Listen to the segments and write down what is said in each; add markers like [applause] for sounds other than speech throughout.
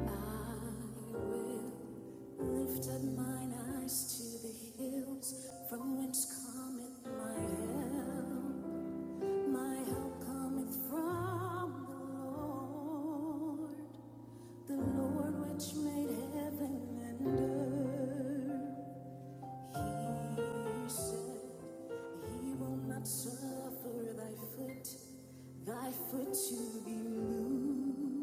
I will lift up mine eyes to the hills from whence cometh my help. My help cometh from the Lord, the Lord which made heaven and earth. He said, He will not suffer thy foot, thy foot to be moved.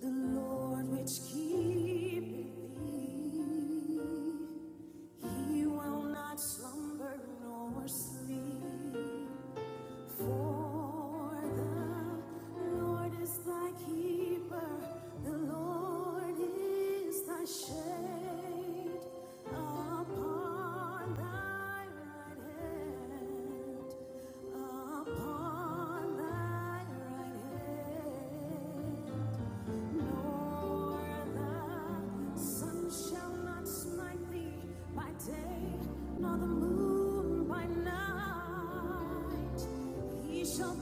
The Lord which keepeth thee, he will not slumber nor sleep. For the Lord is thy keeper, the Lord is thy shade upon thy right hand. Upon thy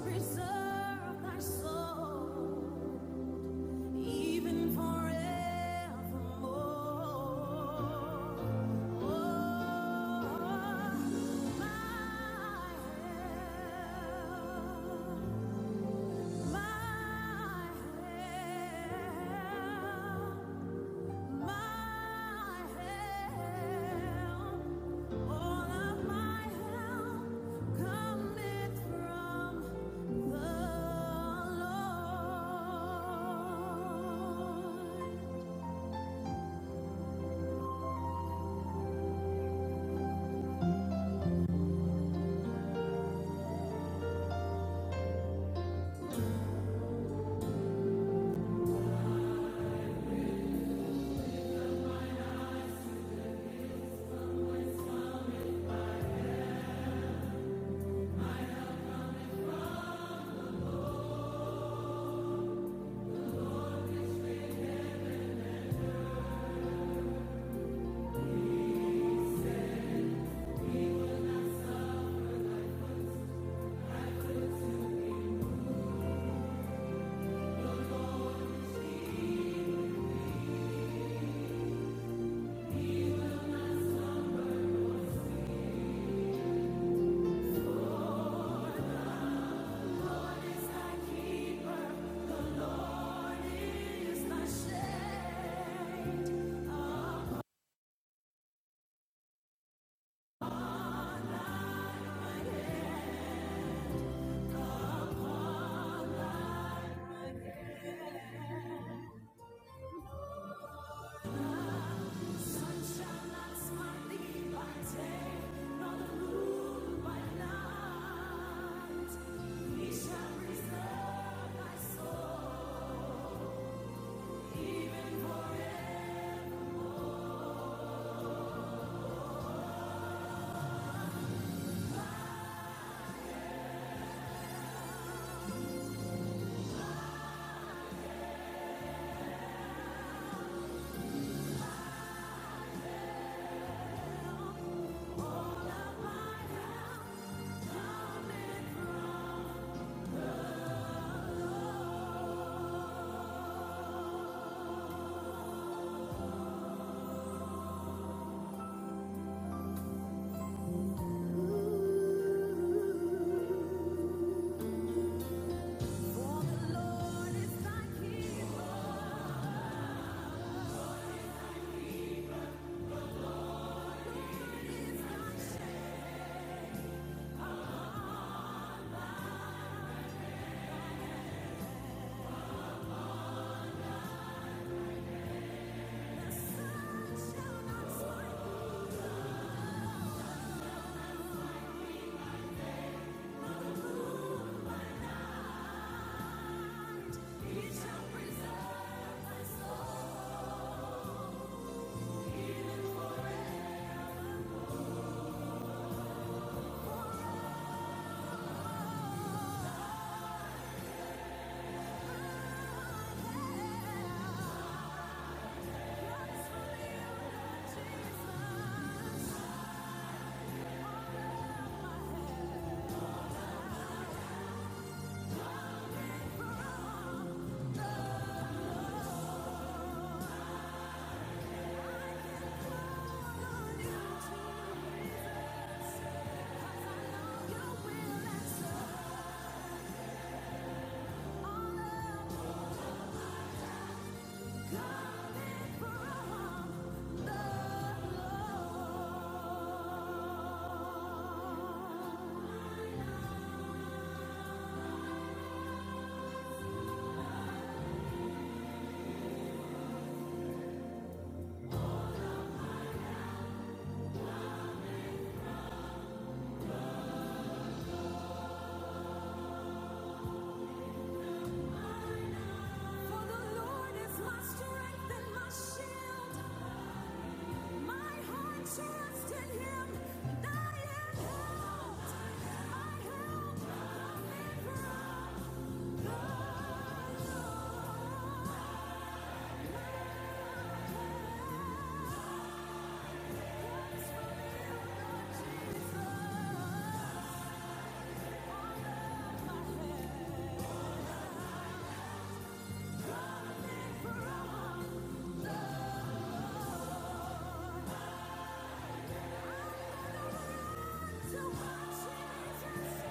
Preserve thy soul even forevermore. Oh, my help. Keeper, he is my shade. Sunshine lights my lead by day, nor the moon by night. He shall preserve my soul, even forever. For the Lord is thy keeper, the sun shall not smite thee night. He shall preserve thy soul. Christ will yield Jesus, my head. Lord, you to To watch it,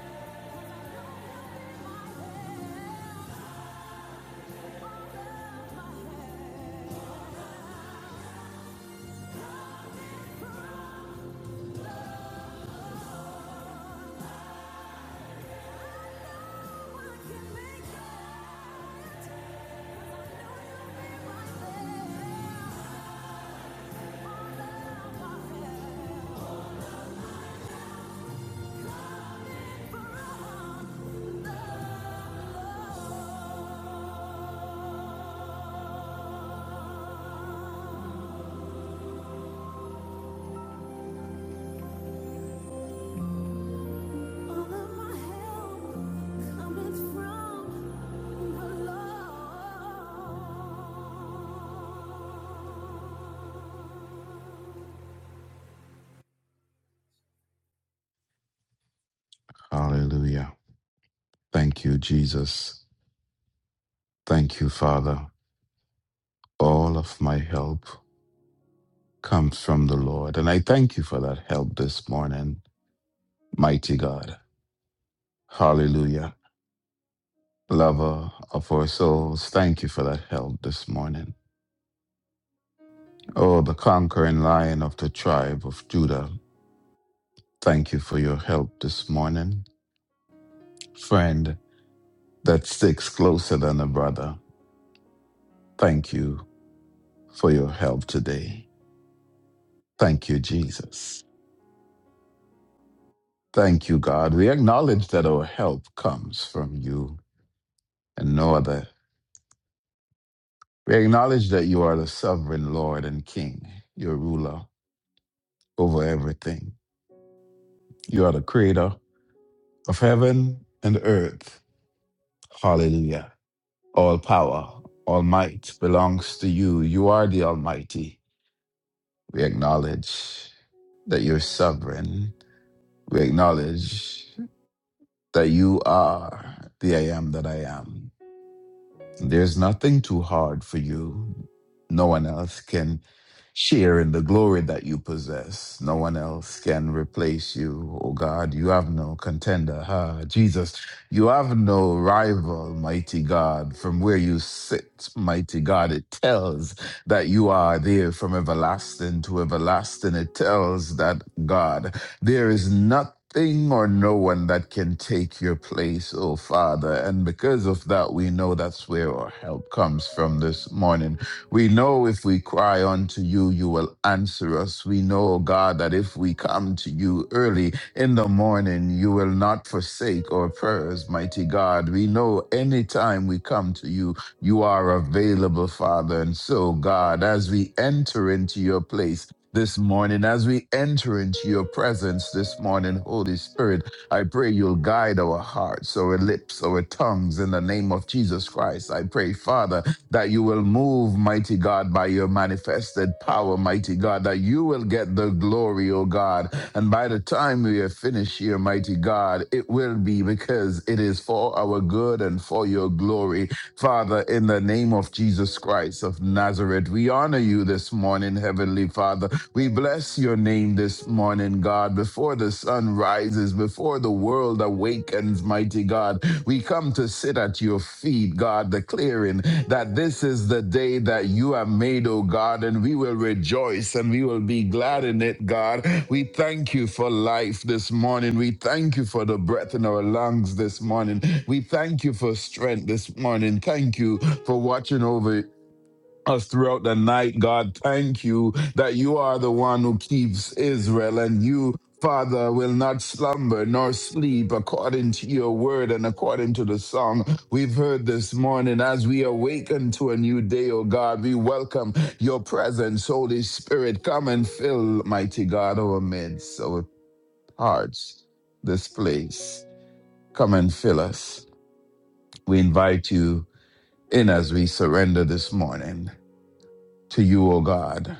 Hallelujah. Thank you, Jesus. Thank you, Father. All of my help comes from the Lord. And I thank you for that help this morning, mighty God. Hallelujah. Lover of our souls, thank you for that help this morning. Oh, the conquering lion of the tribe of Judah, thank you for your help this morning. Friend that sticks closer than a brother, thank you for your help today. Thank you, Jesus. Thank you, God. We acknowledge that our help comes from you and no other. We acknowledge that you are the sovereign Lord and King, your ruler over everything. You are the creator of heaven and earth. Hallelujah. All power, all might belongs to you. You are the Almighty. We acknowledge that you're sovereign. We acknowledge that you are the I am that I am. There's nothing too hard for you. No one else can share in the glory that you possess. No one else can replace you. Oh God, you have no contender. Ah, Jesus, you have no rival, mighty God. From where you sit, mighty God, it tells that you are there from everlasting to everlasting. It tells that God. There is nothing or no one that can take your place, oh Father. And because of that, we know that's where our help comes from this morning. We know if we cry unto you, you will answer us. We know, oh God, that if we come to you early in the morning, you will not forsake our prayers, mighty God. We know anytime we come to you, you are available, Father. And so, God, as we enter into your place, this morning. As we enter into your presence this morning, Holy Spirit, I pray you'll guide our hearts, our lips, our tongues in the name of Jesus Christ. I pray, Father, that you will move, mighty God, by your manifested power, mighty God, that you will get the glory, O God. And by the time we are finished here, mighty God, it will be because it is for our good and for your glory. Father, in the name of Jesus Christ of Nazareth, we honor you this morning, Heavenly Father. We bless your name this morning, God, before the sun rises, before the world awakens, mighty God. We come to sit at your feet, God, declaring that this is the day that you have made, O God, and we will rejoice and we will be glad in it, God. We thank you for life this morning. We thank you for the breath in our lungs this morning. We thank you for strength this morning. Thank you for watching over us throughout the night. God, thank you that you are the one who keeps Israel and you. Father will not slumber nor sleep according to your word and according to the song we've heard this morning. As we awaken to a new day, O God, we welcome your presence, Holy Spirit. Come and fill, mighty God, our midst, our hearts, this place. Come and fill us. We invite you in as we surrender this morning to you, O God.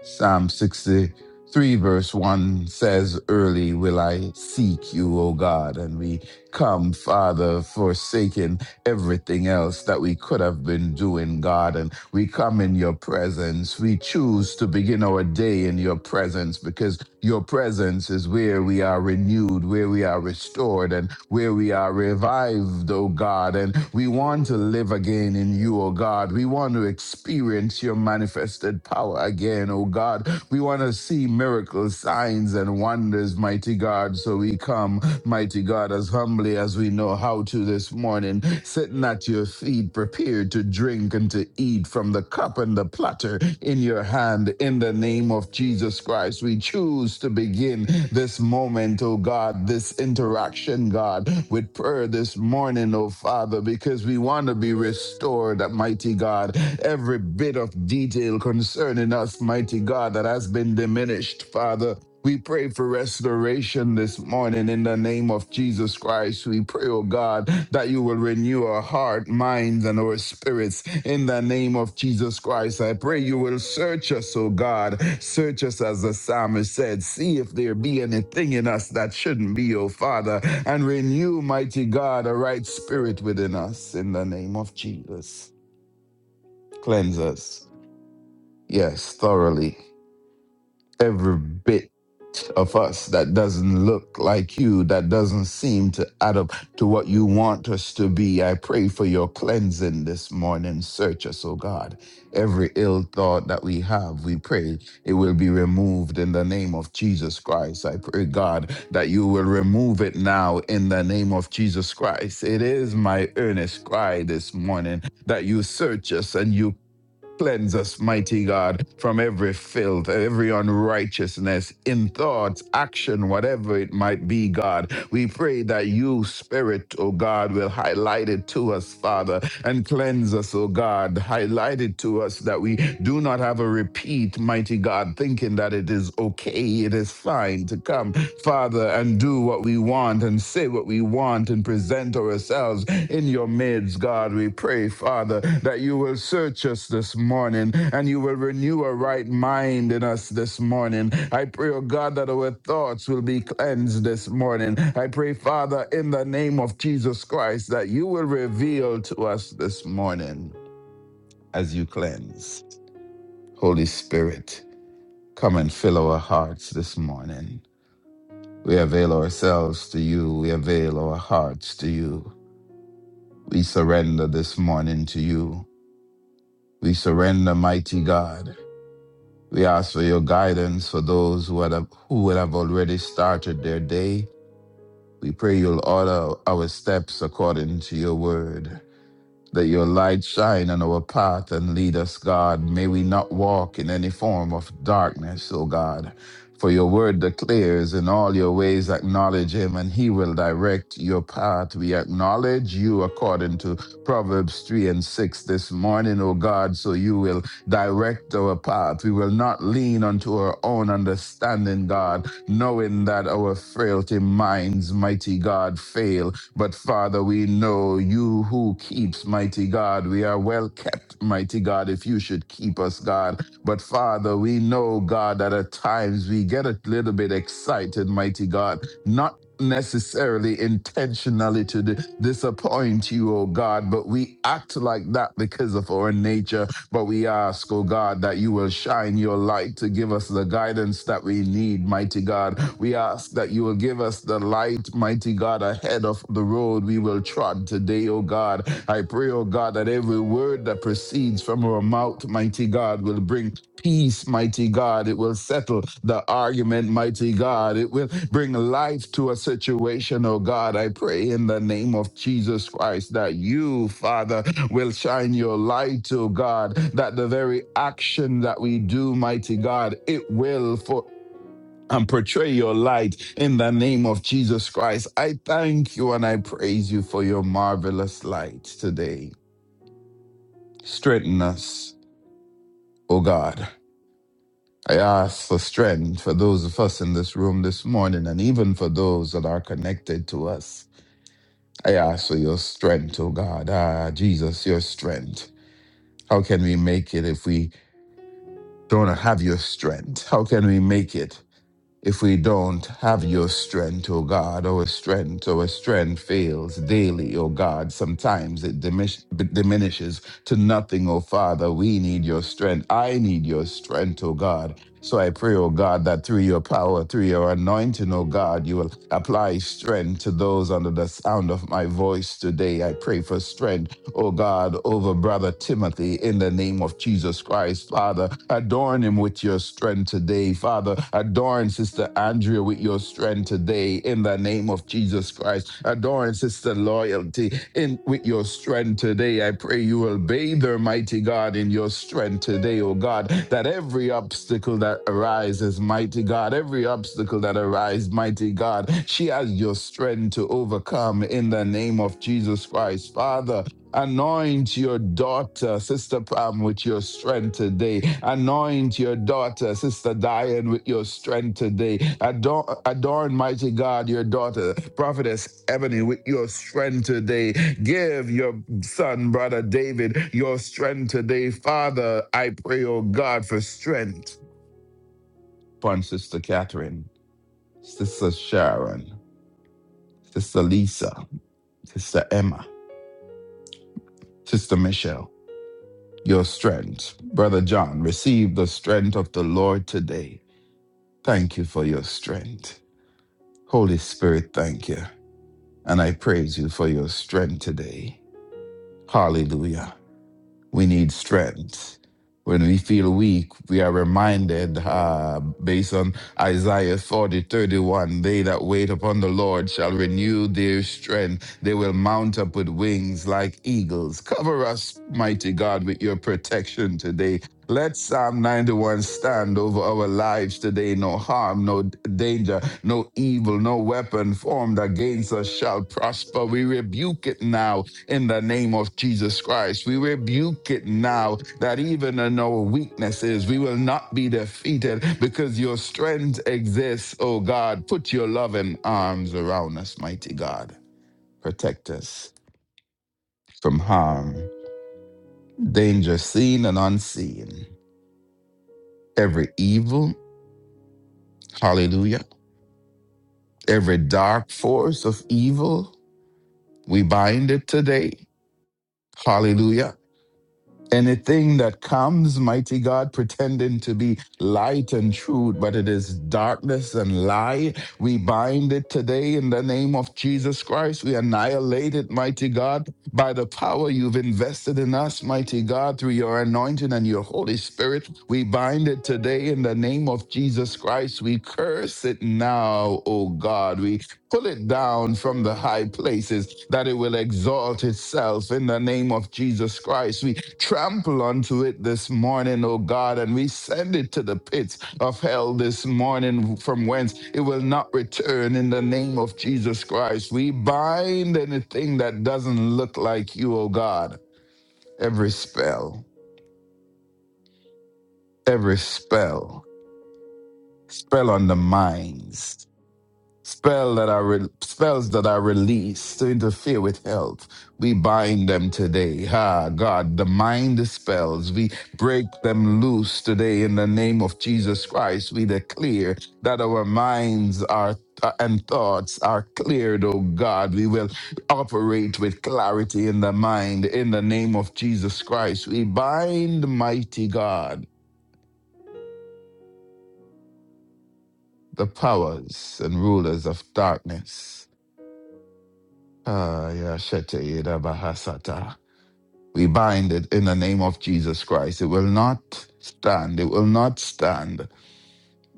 Psalm 63, verse 1 says, Early will I seek you, O God. And we come, Father, forsaking everything else that we could have been doing, God. And we come in your presence. We choose to begin our day in your presence because your presence is where we are renewed, where we are restored, and where we are revived, O God. And we want to live again in you, O God. We want to experience your manifested power again, O God. We want to see miracles, signs, and wonders, mighty God. So we come, mighty God, as humbly as we know how to this morning, sitting at your feet feet, prepare to drink and to eat from the cup and the platter in your hand. In the name of Jesus Christ, we choose to begin this moment, oh God, this interaction, God, with prayer this morning, oh Father, because we want to be restored, mighty God. Every bit of detail concerning us, mighty God, that has been diminished, Father. We pray for restoration this morning in the name of Jesus Christ. We pray, oh God, that you will renew our heart, minds, and our spirits in the name of Jesus Christ. I pray you will search us, oh God. Search us, as the psalmist said. See if there be anything in us that shouldn't be, oh Father, and renew, mighty God, a right spirit within us in the name of Jesus. Cleanse us, yes, thoroughly every bit of us that doesn't look like you, that doesn't seem to add up to what you want us to be. I pray for your cleansing this morning. Search us, O God. Every ill thought that we have, we pray it will be removed in the name of Jesus Christ. I pray, God, that you will remove it now in the name of Jesus Christ. It is my earnest cry this morning that you search us and you Cleanse us, mighty God, from every filth, every unrighteousness in thoughts, action, whatever it might be, God. We pray that you, Spirit, O God, will highlight it to us, Father, and cleanse us, O God. Highlight it to us that we do not have a repeat, mighty God, thinking that it is okay, it is fine to come, Father, and do what we want and say what we want and present ourselves in your midst, God, we pray, Father, that you will search us this morning and you will renew a right mind in us this morning. I pray, oh God, that our thoughts will be cleansed this morning. I pray, Father, in the name of Jesus Christ, that you will reveal to us this morning as you cleanse. Holy Spirit, come and fill our hearts this morning. We avail ourselves to you. We avail our hearts to you. We surrender this morning to you. We surrender, mighty God. We ask for your guidance for those who, had, who would have already started their day. We pray you'll order our steps according to your word. Let your light shine on our path and lead us, God. May we not walk in any form of darkness, O God. For your word declares, in all your ways acknowledge him, and he will direct your path. We acknowledge you according to Proverbs 3 and 6 this morning, O God, so you will direct our path. We will not lean unto our own understanding, God, knowing that our frailty minds, mighty God, fail but Father, we know you who keeps, mighty God. We are well kept, mighty God, if you should keep us, God. But Father, we know, God, that at times we get a little bit excited, mighty God, not necessarily intentionally to di- disappoint you, oh God, but we act like that because of our nature but we ask, oh God, that you will shine your light to give us the guidance that we need, mighty God. We ask that you will give us the light, mighty God, ahead of the road we will trod today, oh God. I pray, oh God, that every word that proceeds from our mouth, mighty God, will bring peace, mighty God. It will settle the argument, mighty God. It will bring life to a situation, oh God. I pray in the name of Jesus Christ that you, Father, will shine your light, oh God, that the very action that we do, mighty God, it will for and portray your light in the name of Jesus Christ. I thank you and I praise you for your marvelous light today. Strengthen us, oh God. I ask for strength for those of us in this room this morning and even for those that are connected to us. I ask for your strength, oh God. Ah, Jesus, your strength. How can we make it if we don't have your strength. How can we make it if we don't have your strength, O God? Our strength, our strength fails daily, O God. Sometimes it dimish- diminishes to nothing, O Father. We need your strength. I need your strength, O God. So I pray, O God, that through your power, through your anointing, O God, you will apply strength to those under the sound of my voice today. I pray for strength oh God, over brother Timothy in the name of Jesus Christ, Father. Adorn him with your strength today, Father. Adorn Sister Andrea with your strength today in the name of Jesus Christ. Adorn Sister Loyalty in with your strength today. I pray you will bathe her, mighty God, in your strength today, oh God, that every obstacle that arises, mighty God, every obstacle that arises, mighty God, she has your strength to overcome in the name of Jesus Christ, Father. Anoint your daughter, Sister Pam, with your strength today. Anoint your daughter, Sister Diane, with your strength today. Adorn, adorn mighty God, your daughter, Prophetess Ebony, with your strength today. Give your son, Brother David, your strength today. Father, I pray, oh God, for strength upon Sister Catherine, Sister Sharon, Sister Lisa, Sister Emma, Sister Michelle. your strength. Brother John, receive the strength of the Lord today. Thank you for your strength. Holy Spirit, thank you. And I praise you for your strength today. Hallelujah we need strength. When we feel weak, we are reminded, uh, based on Isaiah 40 31, they that wait upon the Lord shall renew their strength. They will mount up with wings like eagles. Cover us, mighty God, with your protection today. Let Psalm 91 stand over our lives today. No harm, no danger, no evil, no weapon formed against us shall prosper. We rebuke it now in the name of Jesus Christ. We rebuke it now that even in our weaknesses, we will not be defeated because your strength exists, oh God. Put your loving arms around us, mighty God. Protect us from harm, danger seen and unseen, every evil, hallelujah, every dark force of evil, we bind it today. Hallelujah Anything that comes, mighty God, pretending to be light and truth, but it is darkness and lie, we bind it today in the name of Jesus Christ. We annihilate it, mighty God, by the power you've invested in us, mighty God, through your anointing and your Holy Spirit. We bind it today in the name of Jesus Christ. We curse it now, O God. We Pull it down from the high places that it will exalt itself in the name of Jesus Christ. We trample onto it this morning, O God, and we send it to the pits of hell this morning from whence it will not return in the name of Jesus Christ. We bind anything that doesn't look like you, O God. Every spell, every spell, spell on the minds. Spell that are re- spells that are released to interfere with health. We bind them today. Ha, God, the mind spells. We break them loose today in the name of Jesus Christ. We declare that our minds are uh, and thoughts are cleared, oh God. We will operate with clarity in the mind in the name of Jesus Christ. We bind, mighty God, the powers and rulers of darkness Ah, yeah, shete yeda bahasata. We bind it in the name of Jesus Christ. It will not stand. It will not stand.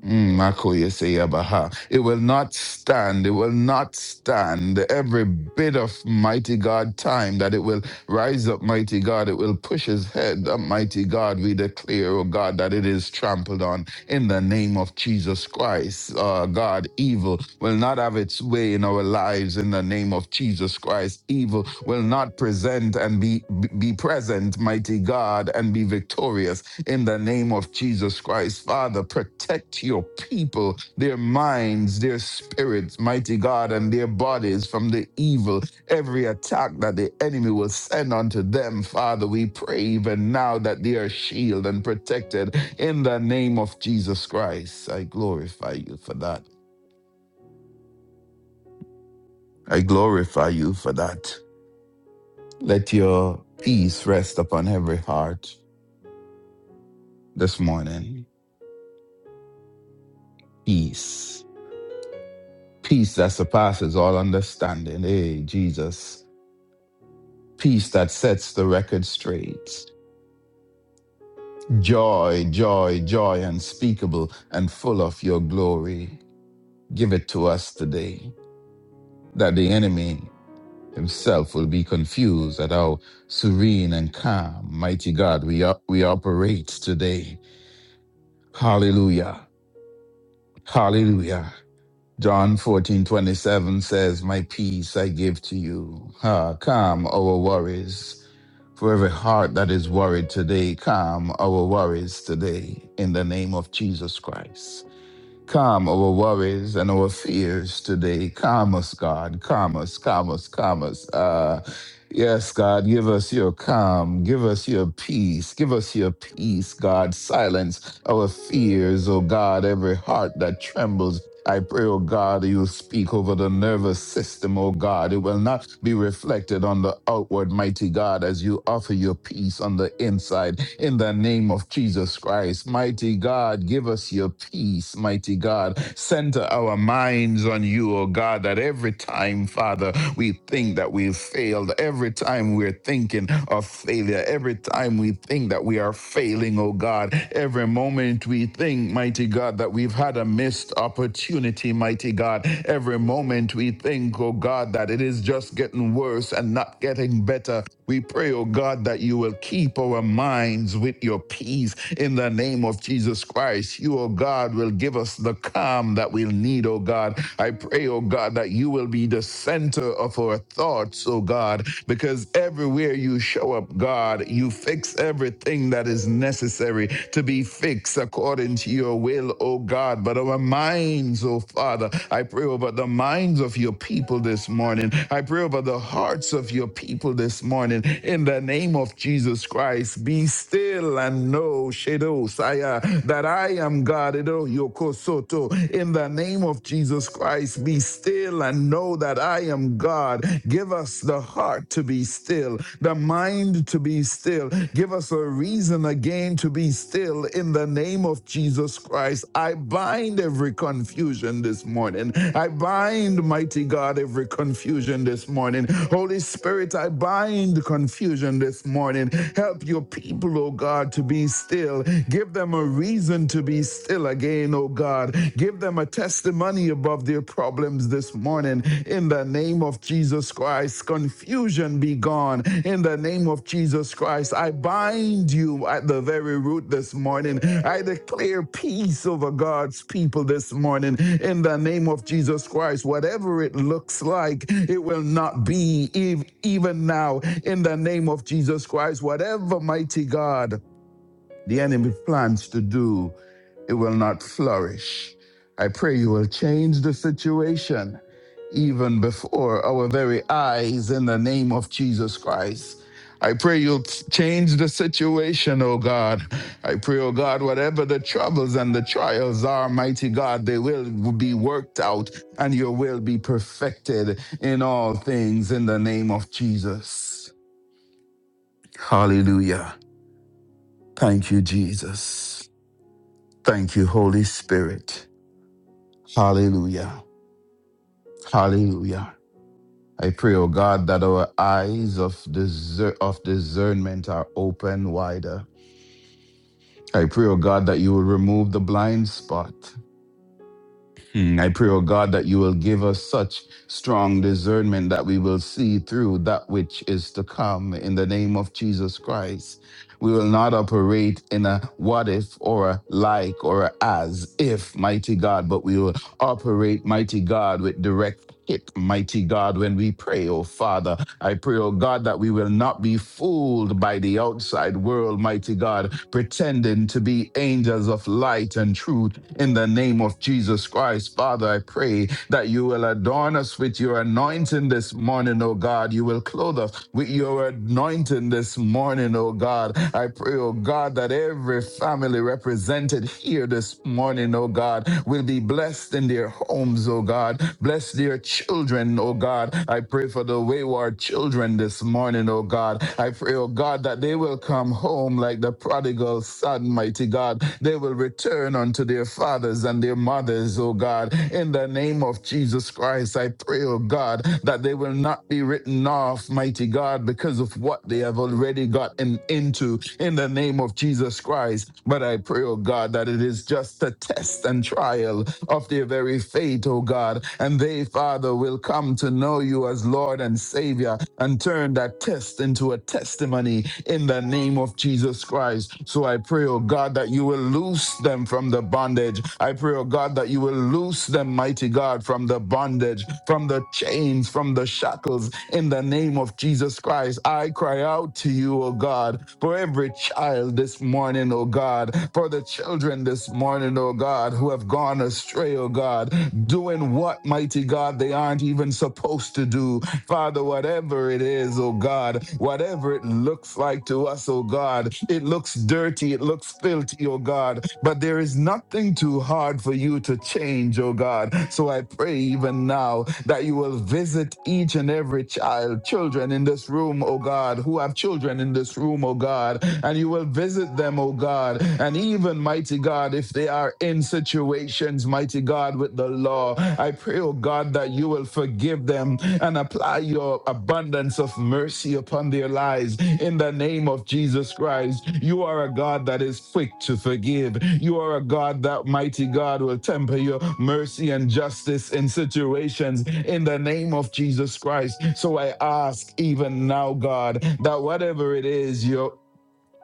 Mm, Makoye say Abaha. It will not stand. It will not stand. Every bit of mighty God time that it will rise up, mighty God, it will push his head up, mighty God. We declare, oh God, that it is trampled on in the name of Jesus Christ. Uh, God, evil will not have its way in our lives in the name of Jesus Christ. Evil will not present and be, be present, mighty God, and be victorious in the name of Jesus Christ. Father, protect your people, their minds, their spirits, mighty God, and their bodies from the evil, every attack that the enemy will send unto them. Father, we pray even now that they are shielded and protected in the name of Jesus Christ. I glorify you for that. I glorify you for that. Let your peace rest upon every heart this morning. Peace Peace that surpasses all understanding. Hey, Jesus. Peace that sets the record straight. Joy, joy, joy unspeakable and full of your glory. Give it to us today that the enemy himself will be confused at how serene and calm, mighty God, we, op- we operate today. Hallelujah. Hallelujah. John fourteen twenty seven says, My peace I give to you. Ah, calm our worries. For every heart that is worried today, calm our worries today in the name of Jesus Christ. Calm our worries and our fears today. Calm us, God. Calm us, calm us, calm us. Uh, yes, God, give us your calm. Give us your peace. Give us your peace, God. Silence our fears, oh God. Every heart that trembles I pray, O God, that you speak over the nervous system, O God. It will not be reflected on the outward, mighty God, as you offer your peace on the inside. In the name of Jesus Christ, mighty God, give us your peace, mighty God. Center our minds on you, O God, that every time time, Father, we think that we've failed. Every time we're thinking of failure, every time we think that we are failing, oh God, every moment we think, mighty God, that we've had a missed opportunity, mighty God, every moment we think, oh God, that it is just getting worse and not getting better, we pray, oh God, that you will keep our minds with your peace in the name of Jesus Christ. You, oh God, will give us the calm that we'll need, oh God. I pray, oh God, that you will be the center of our thoughts, oh God, because everywhere you show up, God, you fix everything that is necessary to be fixed according to your will, oh God. But our minds, minds, oh Father. I pray over the minds of your people this morning. I pray over the hearts of your people this morning. In the name of Jesus Christ, be still and know, Shadow Saya, that I am God. Edo Yoko Soto. In the name of Jesus Christ, be still and know that I am God. Give us the heart to be still, the mind to be still still. Give us a reason again to be still in the name of Jesus Christ. I bind every confusion this morning. I bind, mighty God, every confusion this morning. Holy Spirit, I bind confusion this morning. Help your people, oh God, to be still. Give them a reason to be still again, oh God. Give them a testimony above their problems problems this morning in the name of Jesus Christ. Confusion be gone in the name of Jesus Christ. I bind you at the very root this morning. I declare peace over God's people this morning in the name of Jesus Christ. Whatever it looks like, it will not be ev- even now in the name of Jesus Christ. Whatever, mighty God the enemy plans to do, it will not flourish. I pray you will change the situation even before our very eyes in the name of Jesus Christ. I pray you'll change the situation, oh God. I pray, oh God, whatever the troubles and the trials are, mighty God, they will be worked out and your will be perfected in all things in the name of Jesus. Hallelujah. Thank you, Jesus. Thank you, Holy Spirit. Hallelujah. Hallelujah. I pray, oh God, that our eyes of, discer- of discernment are open wider. I pray, oh God, that you will remove the blind spot. Mm, I pray, O God, that you will give us such strong discernment that we will see through that which is to come in the name of Jesus Christ. We will not operate in a what if or a like or a as if, mighty God, but we will operate, mighty God, with direct it, mighty God, when we pray, oh Father. I pray, oh God, that we will not be fooled by the outside world, mighty God, pretending to be angels of light and truth in the name of Jesus Christ. Father, I pray that you will adorn us with your anointing this morning, oh God. You will clothe us with your anointing this morning, oh God. I pray, oh God, that every family represented here this morning, oh God, will be blessed in their home homes, oh God. Bless their children, oh God. I pray for the wayward children this morning, oh God. I pray, oh God, that they will come home like the prodigal son, mighty God. They will return unto their fathers and their mothers, oh God. In the name of Jesus Christ, I pray, oh God, that they will not be written off, mighty God, because of what they have already gotten into in the name of Jesus Christ. But I pray, oh God, that it is just a test and trial of their very faith, O God. And they, Father, will come to know you as Lord and Savior and turn that test into a testimony in the name of Jesus Christ. So I pray, O God, that you will loose them from the bondage. I pray, O God, that you will loose them, mighty God, from the bondage, from the chains, from the shackles, in the name of Jesus Christ. I cry out to you, O God, for every child this morning, O God, for the children children this morning, oh God, who have gone astray, oh God, doing what, mighty God, they aren't even supposed to do. Father, whatever it is, oh God, whatever it looks like to us, oh God, it looks dirty, it looks filthy, oh God, but there is nothing too hard for you to change, oh God. So I pray even now that you will visit each and every child, children in this room, oh God, who have children in this room, oh God, and you will visit them, oh them, oh God, and even, mighty God, if they are in situations, mighty God, with the law, I pray, oh God, that you will forgive them and apply your abundance of mercy upon their lives in the name of Jesus Christ. You are a God that is quick to forgive. You are a God that, mighty God, will temper your mercy and justice in situations in the name of Jesus Christ. So I ask even now, God, that whatever it is your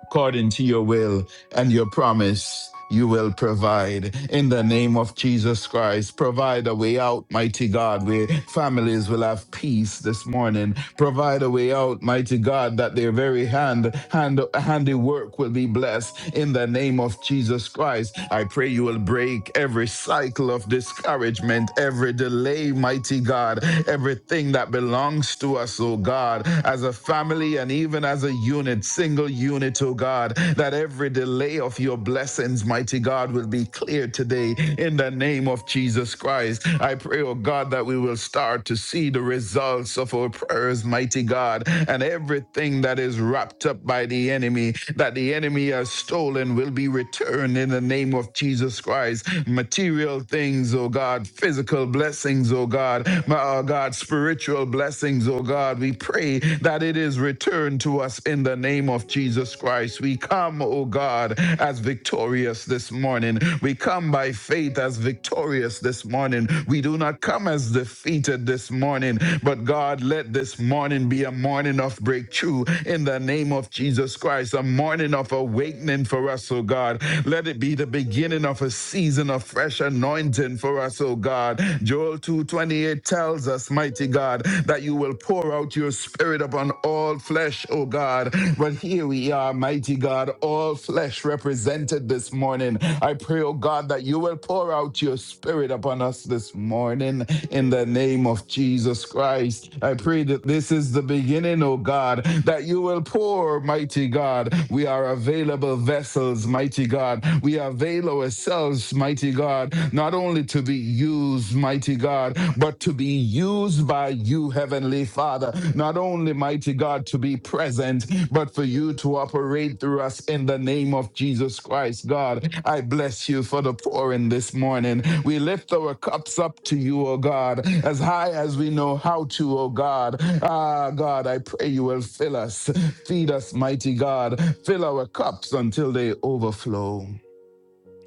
according to your will and your promise, you will provide. In the name of Jesus Christ, provide a way out, mighty God, where families will have peace this morning. Provide a way out, mighty God, that their very hand, hand handiwork will be blessed. In the name of Jesus Christ, I pray you will break every cycle of discouragement, every delay, mighty God, everything that belongs to us, oh God, as a family and even as a unit unit, single unit, oh God, that every delay of your blessings, mighty God, will be clear today in the name of Jesus Christ. I pray, oh God, that we will start to see the results of our prayers, mighty God, and everything that is wrapped up by the enemy, that the enemy has stolen, will be returned in the name of Jesus Christ. Material things, oh God, physical blessings, oh God, my oh God, spiritual blessings, oh God. God, we pray that it is returned to us in the name of Jesus Christ. We come, O God, as victorious this morning. We come by faith as victorious this morning. We do not come as defeated this morning, but God, let this morning be a morning of breakthrough in the name of Jesus Christ, a morning of awakening for us, O God. Let it be the beginning of a season of fresh anointing for us, O God. Joel 2:28 28 tells us, mighty God, that you will pour out your spirit upon all flesh, oh God. But here we are, mighty God, all flesh represented this morning. I pray, oh God, that you will pour out your spirit upon us this morning in the name of Jesus Christ. I pray that this is the beginning, oh God, that you will pour, mighty God. We are available vessels, mighty God. We avail ourselves, mighty God, not only to be used, mighty God, but to be used by you, Heavenly Father. Not only, mighty God, to be present, but for you to operate through us in the name of Jesus Christ, God. I bless you for the pouring this morning. We lift our cups up to you, O God, as high as we know how to, O God. Ah, God, I pray you will fill us, feed us, mighty God. Fill our cups until they overflow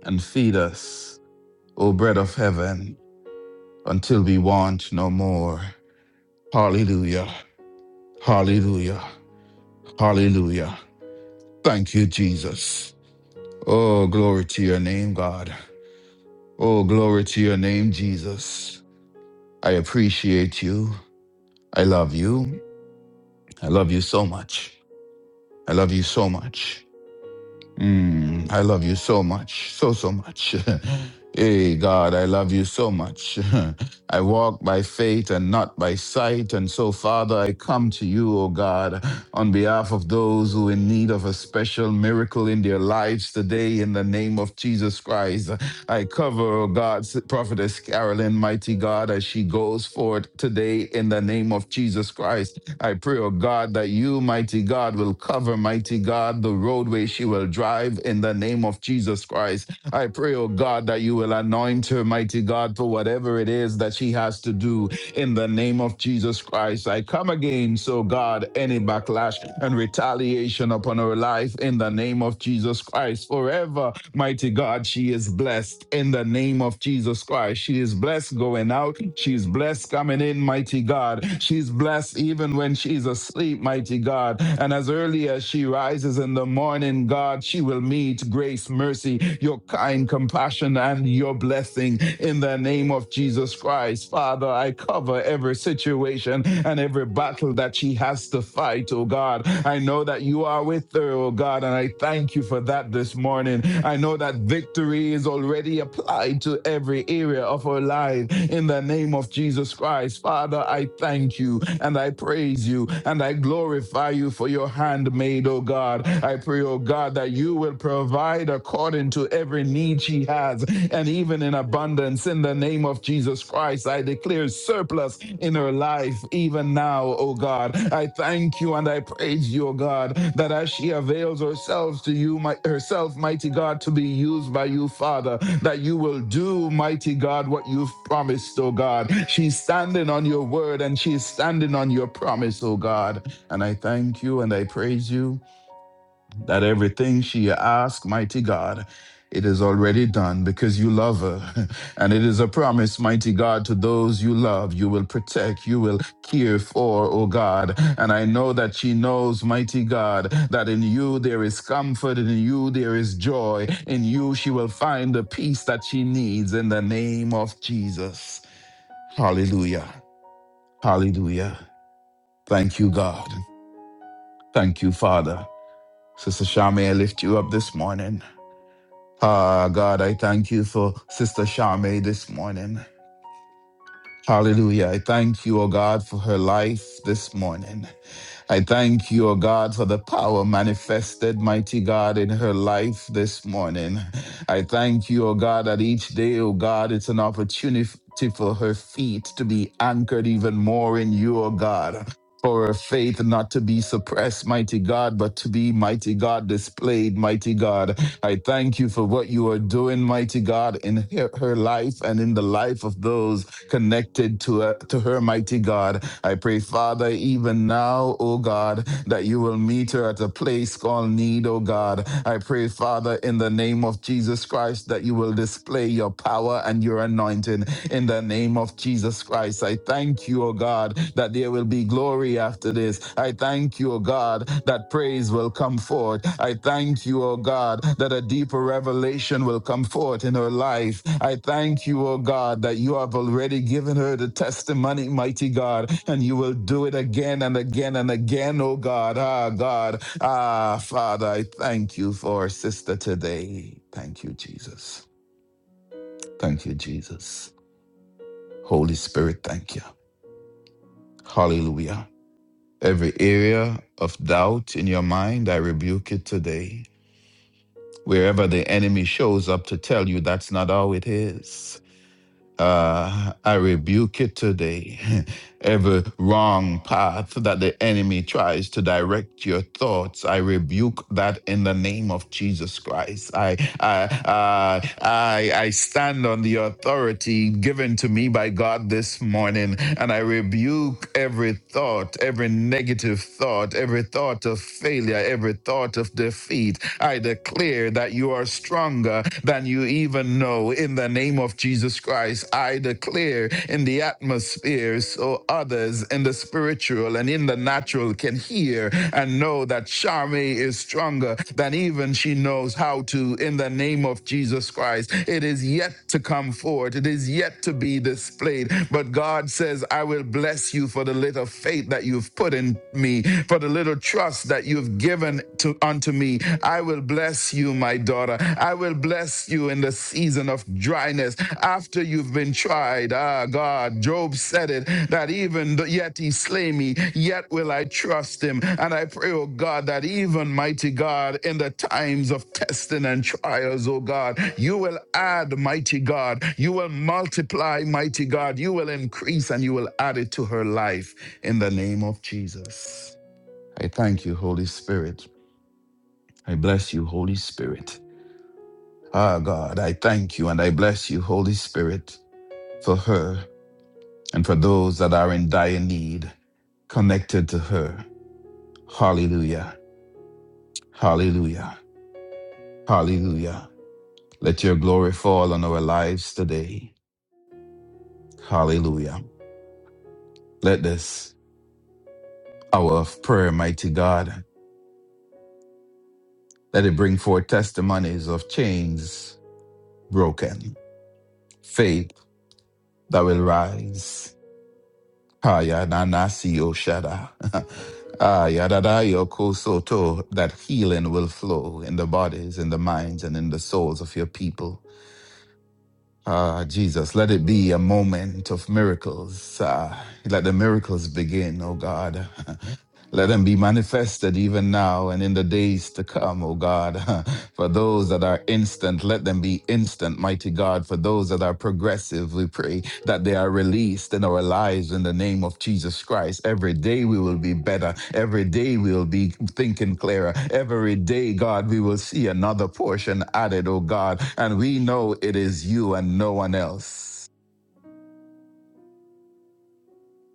and feed us O bread of heaven, until we want no more. Hallelujah. Hallelujah. Hallelujah. Thank you, Jesus. Oh, glory to your name, God. Oh, glory to your name, Jesus. I appreciate you. I love you. I love you so much. I love you so much. Mm, I love you so much, so, so much. [laughs] hey, God, I love you so much. [laughs] I walk by faith and not by sight. And so, Father, I come to you, O God, on behalf of those who are in need of a special miracle in their lives today, in the name of Jesus Christ. I cover, O God, Prophetess Carolyn, mighty God, as she goes forth today, in the name of Jesus Christ. I pray, O God, that you, mighty God, will cover, mighty God, the roadway she will drive in the name of Jesus Christ. I pray, O God, that you will anoint her, mighty God, for whatever it is that she has to do in the name of Jesus Christ, I come against, oh God, any backlash and retaliation upon her life in the name of Jesus Christ. Forever, mighty God, she is blessed in the name of Jesus Christ. She is blessed going out. She is blessed coming in, mighty God. She is blessed even when she is asleep, mighty God. And as early as she rises in the morning, God, she will meet grace, mercy, your kind compassion, and your blessing in the name of Jesus Christ. Father, I cover every situation and every battle that she has to fight, oh God. I know that you are with her, oh God, and I thank you for that this morning. I know that victory is already applied to every area of her life in the name of Jesus Christ. Father, I thank you and I praise you and I glorify you for your handmaid, oh God. I pray, oh God, that God, that you will provide according to every need she has and even in abundance. In the name of Jesus Christ, I declare surplus in her life, even now, oh God. I thank you and I praise you, oh God, that as she avails herself to you, my, herself, mighty God, to be used by you, Father, that you will do, mighty God, what you've promised, oh God. She's standing on your word and she's standing on your promise, oh God. And I thank you and I praise you that everything she asks, mighty God, it is already done because you love her. [laughs] And it is a promise, mighty God, to those you love, you will protect, you will care for, O God. And I know that she knows, mighty God, that in you there is comfort, in you there is joy, in you she will find the peace that she needs in the name of Jesus. Hallelujah. Hallelujah. Thank you, God. Thank you, Father. Sister Shami, I lift you up this morning. Ah, God, I thank you for Sister Charmaine this morning. Hallelujah. I thank you, oh God, for her life this morning. I thank you, O God, for the power manifested, mighty God, in her life this morning. I thank you, O God, that each day, O God, it's an opportunity for her feet to be anchored even more in you, O God. For her faith not to be suppressed, mighty God, but to be, mighty God, displayed, mighty God. I thank you for what you are doing, mighty God, in her her life and in the life of those connected to, uh, to her, mighty God. I pray, Father, even now, oh God, that you will meet her at a place called need, oh God. I pray, Father, in the name of Jesus Christ, that you will display your power and your anointing in the name of Jesus Christ. I thank you, oh God, that there will be glory after this. I thank you, oh God that praise will come forth. I thank you, O God, that a deeper revelation will come forth in her life. I thank you, O God, that you have already given her the testimony, mighty God, and you will do it again and again and again, O God. Ah, God. Ah, Father, I thank you for our sister today. Thank you, Jesus. Thank you, Jesus. Holy Spirit, thank you. Hallelujah. Every area of doubt in your mind, I rebuke it today. wherever the enemy shows up to tell you that's not how it is. Uh, I rebuke it today. [laughs] Every wrong path that the enemy tries to direct your thoughts, I rebuke that in the name of Jesus Christ. I, I, uh, I, I stand on the authority given to me by God this morning, and I rebuke every thought, every negative thought, every thought of failure, every thought of defeat. I declare that you are stronger than you even know in the name of Jesus Christ, I declare in the atmosphere so others in the spiritual and in the natural can hear and know that Charme is stronger than even she knows how to in the name of Jesus Christ. It is yet to come forth, it is yet to be displayed. But God says, I will bless you for the little faith that you've put in me, for the little trust that you've given to to me. I will bless you, my daughter. I will bless you in the season of dryness after you've been tried. Ah, God, Job said it that even th- yet he slay me, yet will I trust him. And I pray, oh God, that even mighty God, in the times of testing and trials, oh God, you will add, mighty God, you will multiply, mighty God, you will increase and you will add it to her life in the name of Jesus. I thank you, Holy Spirit. I bless you, Holy Spirit. Ah, God, I thank you and I bless you, Holy Spirit, for her and for those that are in dire need connected to her. Hallelujah. Hallelujah. Hallelujah. Let your glory fall on our lives today. Hallelujah. Let this hour of prayer, mighty God, let it bring forth testimonies of chains broken, faith that will rise, Hayananasi Oshada. Ayadadayo Soto, [laughs] that healing will flow in the bodies, in the minds, and in the souls of your people. Ah, Jesus, let it be a moment of miracles. Ah, let the miracles begin, oh God. [laughs] Let them be manifested even now and in the days to come, O God. [laughs] For those that are instant, let them be instant, mighty God. For those that are progressive, we pray that they are released in our lives in the name of Jesus Christ. Every day we will be better. Every day we will be thinking clearer. Every day, God, we will see another portion added, O God. And we know it is you and no one else.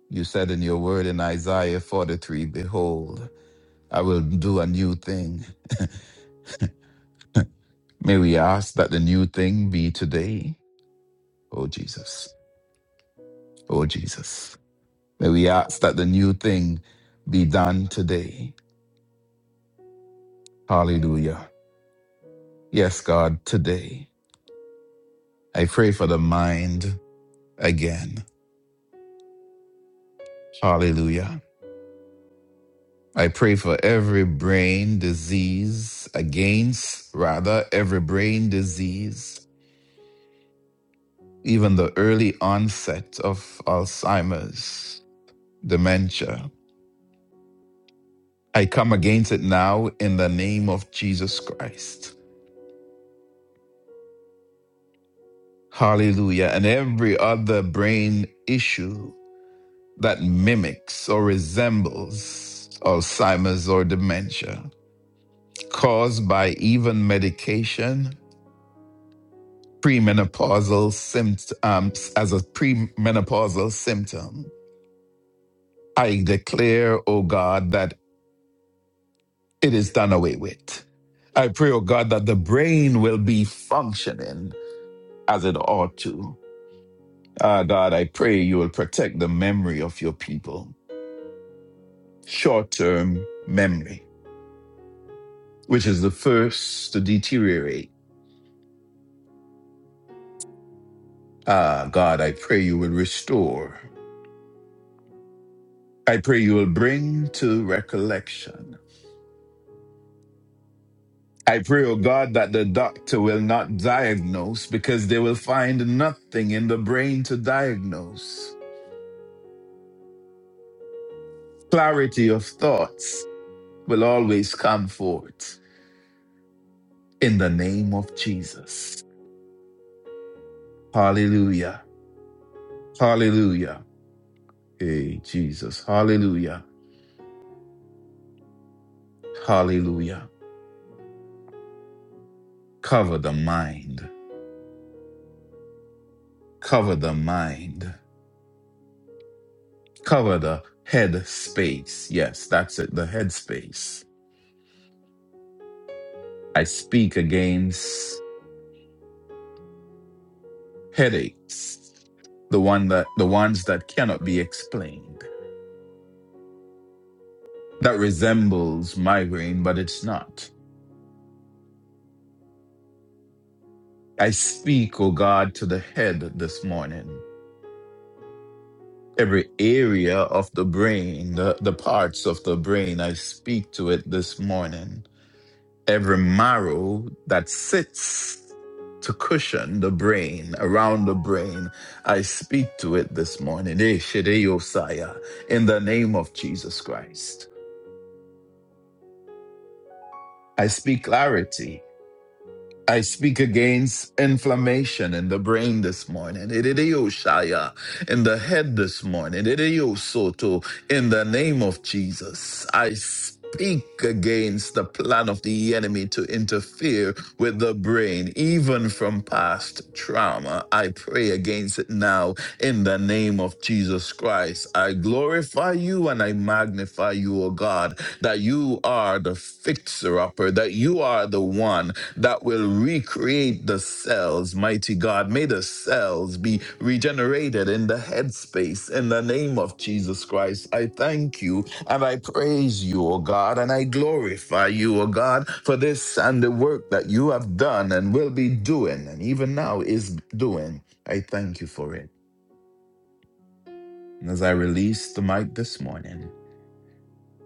You said in your word in Isaiah 43, Behold, I will do a new thing. May we ask that the new thing be today, O Jesus, O Jesus. May we ask that the new thing be done today. Hallelujah. Yes, God, today. I pray for the mind again. Hallelujah. I pray for every brain disease against, rather, every brain disease, even the early onset of Alzheimer's, dementia, I come against it now in the name of Jesus Christ. Hallelujah. And every other brain issue that mimics or resembles Alzheimer's or dementia caused by even medication, premenopausal symptoms, as a premenopausal symptom, I declare, O God, that it is done away with. I pray, O God, that the brain will be functioning as it ought to Ah, God, I pray you will protect the memory of your people, short term memory, which is the first to deteriorate. Ah, God, I pray you will restore. I pray you will bring to recollection. I pray, oh God, that the doctor will not diagnose because they will find nothing in the brain to diagnose. Clarity of thoughts will always come forth in the name of Jesus. Hallelujah. Hallelujah. Hey, Jesus. Hallelujah. Hallelujah. Cover the mind. Cover the mind. Cover the head space. Yes, that's it. The head space. I speak against headaches. The one that the ones that cannot be explained. That resembles migraine, but it's not. I speak, O God, to the head this morning. Every area of the brain, the, the parts of the brain, I speak to it this morning every marrow that sits to cushion the brain, around the brain. I speak to it this morning. Eh, Shede Yosaya, In the name of Jesus Christ, I speak clarity. I speak against inflammation in the brain this morning. Idiyoshaya, In the head this morning. Idiyosoto, In the name of Jesus. I speak against the plan of the enemy to interfere with the brain, even from past trauma. I pray against it now in the name of Jesus Christ. I glorify you and I magnify you, O God, that you are the fixer upper, that you are the one that will recreate the cells, mighty God. May the cells be regenerated in the headspace in the name of Jesus Christ. I thank you and I praise you, O God, and I glorify you, O God, for this and the work that you have done and will be doing, and even now is doing. I thank you for it. And as I release the mic this morning,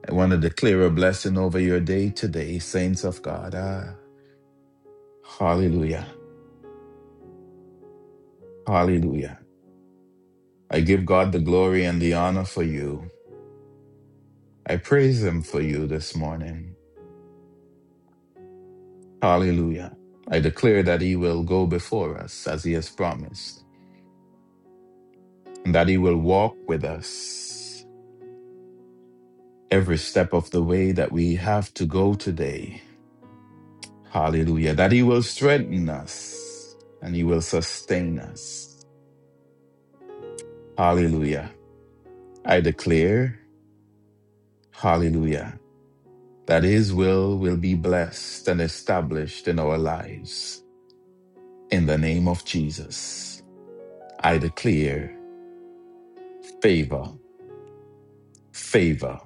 I want to declare a blessing over your day today, saints of God. Ah, hallelujah. Hallelujah. I give God the glory and the honor for you. I praise Him for you this morning. Hallelujah. I declare that He will go before us as He has promised, and that He will walk with us every step of the way that we have to go today. Hallelujah. That He will strengthen us and He will sustain us. Hallelujah. I declare, Hallelujah, that His will will be blessed and established in our lives. In the name of Jesus, I declare favor, favor.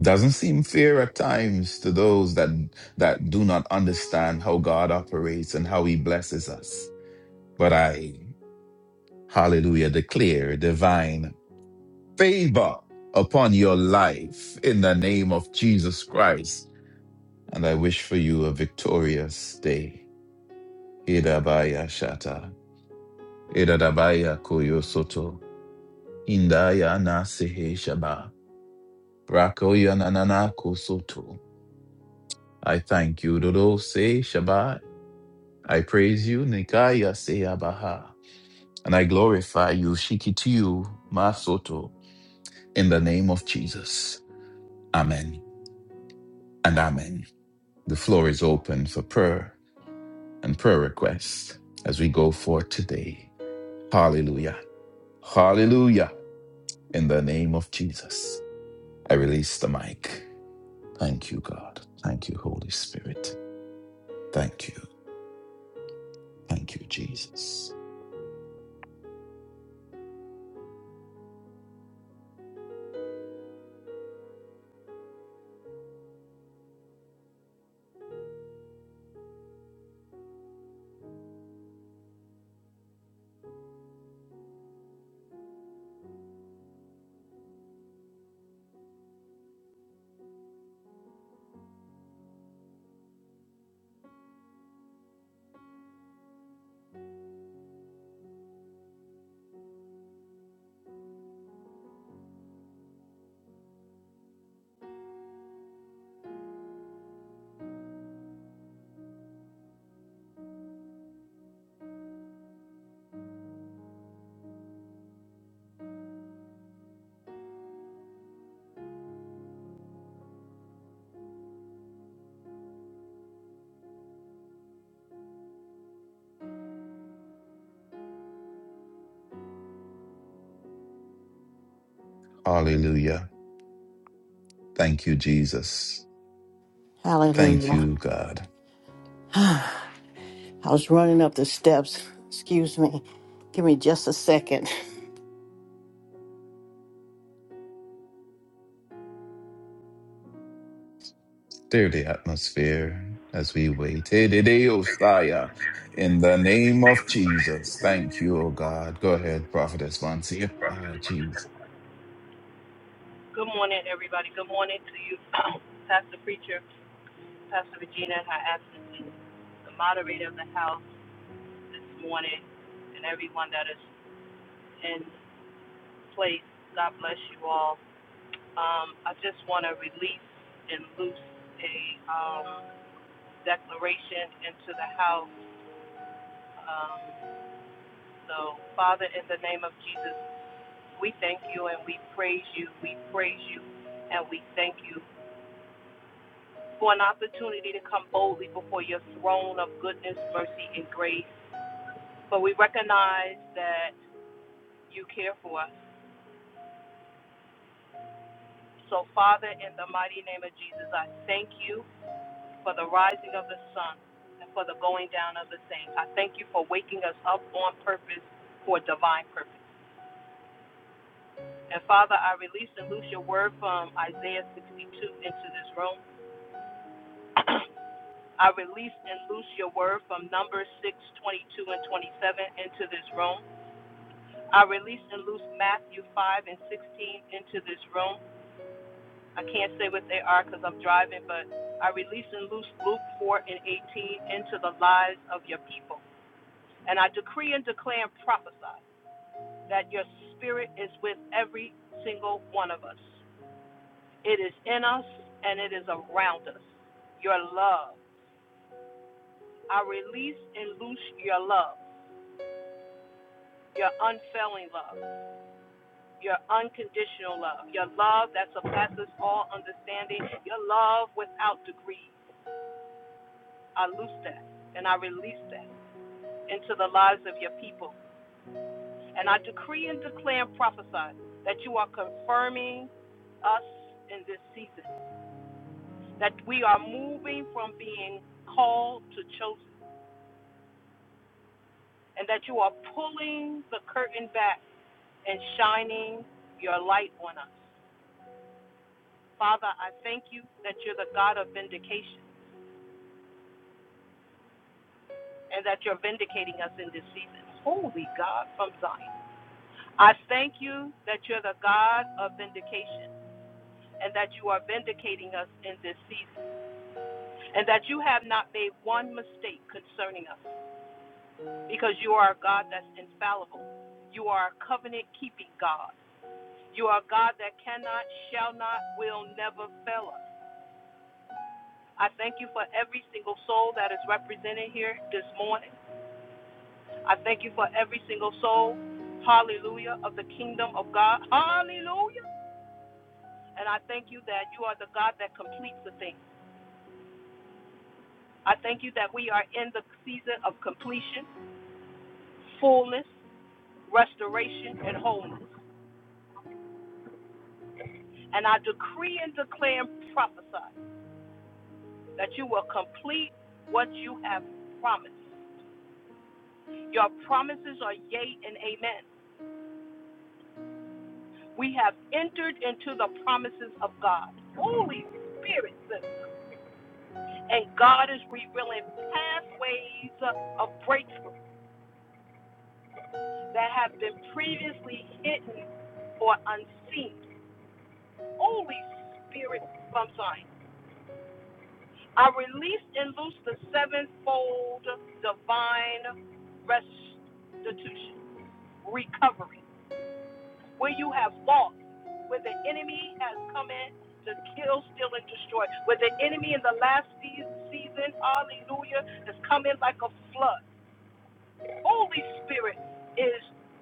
Doesn't seem fair at times to those that that do not understand how God operates and how he blesses us. But I, hallelujah, declare divine favor upon your life in the name of Jesus Christ. And I wish for you a victorious day. Idabaya Shata. Idadabaya Koyo Soto. Indaya na sehe Shaba. Rakoyananana Kosoto. I thank you, Dodo Se Shabbat. I praise you, Nikaya Se Abaha. And I glorify you, Shikitiyu Masoto, in the name of Jesus. Amen and amen. The floor is open for prayer and prayer requests as we go forth today. Hallelujah. Hallelujah. In the name of Jesus. I release the mic. Thank you, God. Thank you, Holy Spirit. Thank you. Thank you, Jesus. Hallelujah. Thank you, Jesus. Thank Hallelujah. you, God. [sighs] I was running up the steps. Excuse me. Give me just a second. Clear the atmosphere as we wait. Hey, de- de- Ostaya. In the name of Jesus. Thank you, oh God. Go ahead, Prophetess Vancia. Ah, jeez. Good morning, everybody. Good morning to you, [coughs] [clears throat] Pastor Preacher, Pastor Regina, in her absence, and the moderator of the house this morning, and everyone that is in place. God bless you all. Um, I just want to release and loose a um, declaration into the house. Um, so, Father, in the name of Jesus, we thank you and we praise you. We praise you and we thank you for an opportunity to come boldly before your throne of goodness, mercy, and grace. But we recognize that you care for us. So, Father, in the mighty name of Jesus, I thank you for the rising of the sun and for the going down of the same. I thank you for waking us up on purpose for divine purpose. And Father, I release and loose your word from Isaiah 62 into this room. [clears throat] I release and loose your word from Numbers 6:22 and 27 into this room. I release and loose Matthew 5 and 16 into this room. I can't say what they are because I'm driving, but I release and loose Luke 4 and 18 into the lives of your people. And I decree and declare and prophesy that your spirit is with every single one of us. It is in us and it is around us. Your love. I release and loose your love, your unfailing love. your unconditional love, your love that surpasses all understanding, your love without degree. I loose that and I release that into the lives of your people. And I decree and declare and prophesy that you are confirming us in this season, that we are moving from being called to chosen, and that you are pulling the curtain back and shining your light on us. Father, I thank you that you're the God of vindication. and that you're vindicating us in this season. Holy God from Zion. I thank you that you're the God of vindication and that you are vindicating us in this season and that you have not made one mistake concerning us because you are a God that's infallible. You are a covenant keeping God. You are a God that cannot, shall not, will never fail us. I thank you for every single soul that is represented here this morning. I thank you for every single soul, hallelujah, of the kingdom of God, hallelujah. And I thank you that you are the God that completes the thing. I thank you that we are in the season of completion, fullness, restoration, and wholeness. And I decree and declare and prophesy that you will complete what you have promised. Your promises are yea and amen. We have entered into the promises of God. Holy Spirit, and God is revealing pathways of breakthrough that have been previously hidden or unseen. Holy Spirit from Zion, I release and loose the sevenfold divine restitution, recovery, where you have lost, where the enemy has come in to kill, steal, and destroy, where the enemy in the last season, hallelujah, has come in like a flood. Holy Spirit is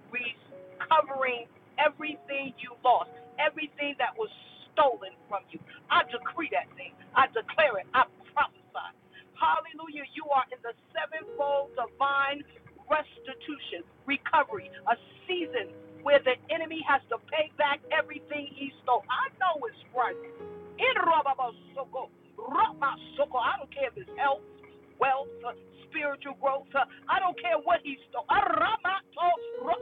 recovering everything you lost, everything that was stolen from you. I decree that thing. I declare it. I prophesy. Hallelujah. You are in the sevenfold divine restitution, recovery, a season where the enemy has to pay back everything he stole. I know it's right. I don't care if it's health wealth, uh, spiritual growth. Uh, I don't care what he stole. Aramato,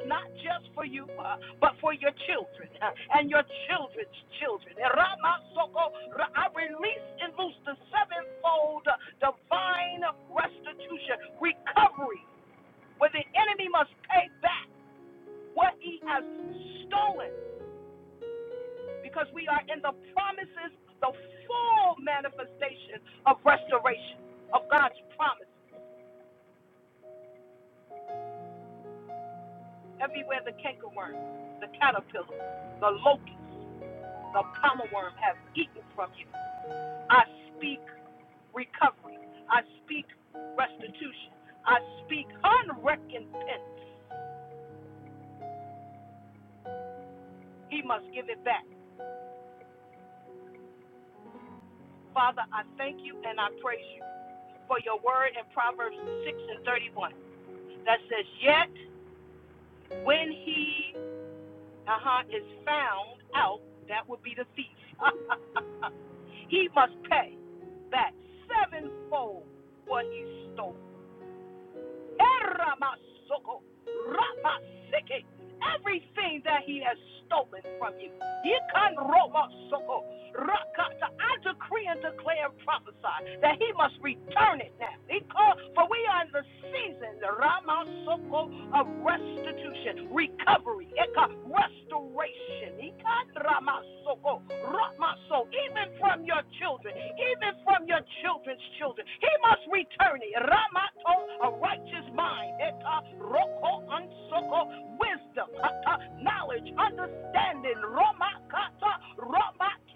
Not just for you, uh, but for your children uh, and your children's children. Eramasoko, I release and loose the sevenfold uh, divine restitution, recovery, where the enemy must pay back what he has stolen because we are in the promises, the full manifestation of restoration of God's promises. Everywhere the cankerworm, the caterpillar, the locust, the palmer worm have eaten from you. I speak recovery. I speak restitution. I speak unrecompense. He must give it back. Father, I thank you and I praise you for your word in Proverbs 6 and 31 that says, Yet when he uh-huh, is found out, that would be the thief. [laughs] he must pay back sevenfold what he stole. Eramasoko, ramaseke, Everything that he has stolen from you. Yikan romasoko, Rakata. I decree and declare and prophesy that he must return it now. He called, for we are in the season, Ramasoko of restitution, recovery, Eka, restoration. Ika Ramasoko, Ramaso, even from your children, even from your children's children. He must return it. Ramato, a righteous mind. Eka Roko Unsoko, wisdom, Hata, knowledge, understanding. Romakata, Romakata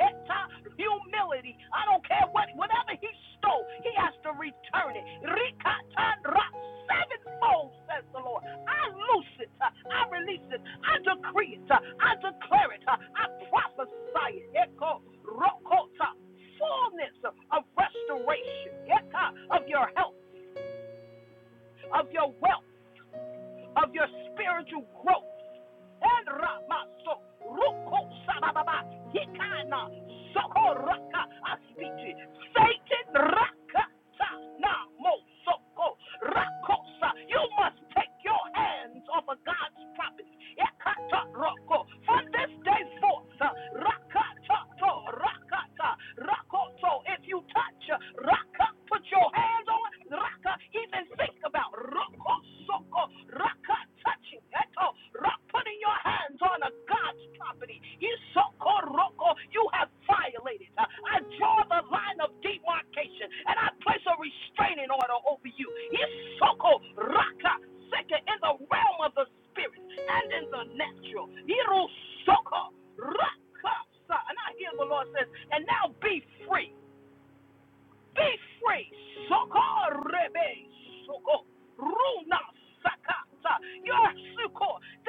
humility. I don't care what, whatever he stole, he has to return it. Rikatandra, sevenfold, says the Lord. I loose it. uh, I release it. I decree it. uh, I declare it. uh, I prophesy it. Eko rokota, fullness of restoration, Eka, of your health, of your wealth, of your spiritual growth and Ramaso, Ruko Sababa, Hikana, Soko Raka, Aspiti, Satan Raka, na mo Soko, Rakosa. You must take your hands off of God's property. Ekata roko. From this day forth, uh, rakata to, rakata, rakoto. If you touch, uh, raka, put your hands on, raka, even think about roko, raka, touching, eto, raka, putting your hands on a God's property. Isoko, roko, you have violated. Uh, I draw the line of demarcation and I place a restraining order over you. Isoko, raka, second in the realm of the spirit and in the natural. Hiroshoko, rakasa. And I hear the Lord says, and now be free. Be free. Soko rebe soko. Runa sakata.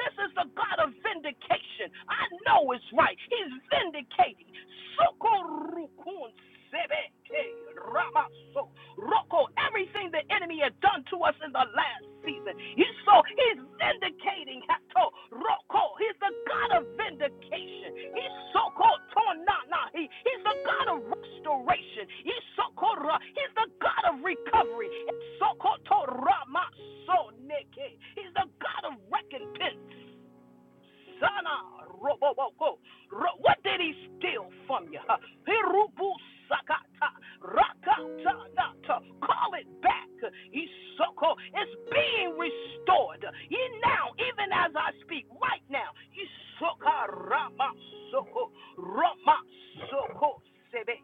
This is the God of vindication. I know it's right. He's vindicating. Soko rukun sebe ke Roko, everything the enemy has done to us in the last season. He's so he's vindicating Hato Roko. He's the God of vindication. He's so called Tonana. He, he's the God of restoration. He's so called He's the God of recovery. It's so called Torama so neke. He's the God of recompense. Sana roboko, Ro- What did he steal from you? huh? Hirubu Sakata. Rakata Nata. Call it back. Isoko. It's being restored. Ye now, even as I speak, right now. Isoka Rama Soko. Rama Soko. sebe.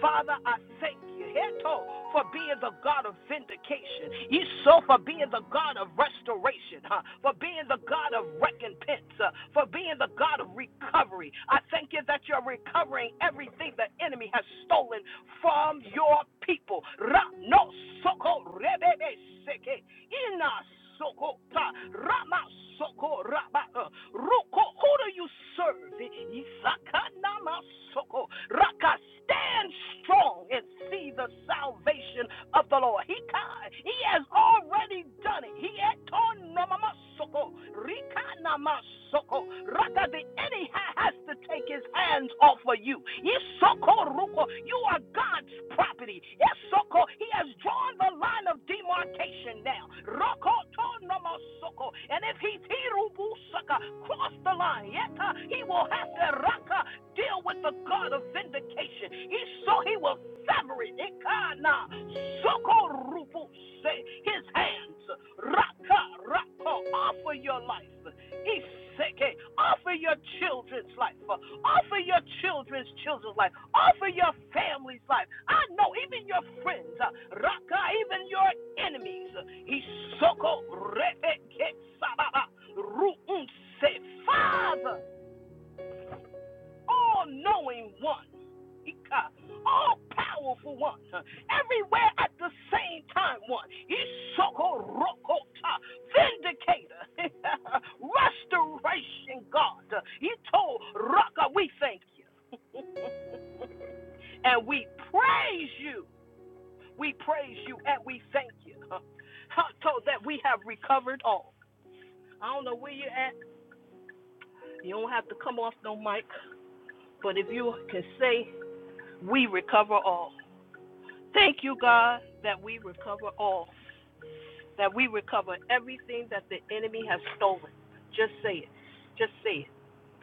Father, I thank you, Heto, for being the God of vindication. Esau, for being the God of restoration, huh? for being the God of recompense, uh, for being the God of recovery. I thank you that you're recovering everything the enemy has stolen from your people. Ra- no, soko, rebebe, seke. Ina soko ta rama soko raba uh, roko. Who do you serve? Isaka nama soko raka. Stand strong and see the salvation of the Lord. He ka- he has already done it. He eton nama soko rika nama soko raka but the enemy has to take his hands off of you. Yisokoruko, You are God's property. Yesoko, He has drawn the line of demarcation now. Rokotonomosoko, And if he tirubusaka, cross the line, yeta, he will have to raka, deal with the God of vindication. Yiso- He will sever it. Ikana, sokorubuse, His hands. Raka, raka, off your life. Iseke. Offer your children's life. uh, Offer your children's children's life. Offer your family's life. I know even your friends, uh, Raka, even your enemies. uh, Isoko Rebeke Sababa Ruunse. Father, all knowing one all powerful one, everywhere at the same time one. Isoko rokota, vindicator, [laughs] restoration God. Ito raka, we thank you and we praise you. We praise you and we thank you. [laughs] So that we have recovered all. I don't know where you're at. You don't have to come off no mic, but if you can say, we recover all. Thank you, God, that we recover all. that we recover everything that the enemy has stolen. Just say it. Just say it.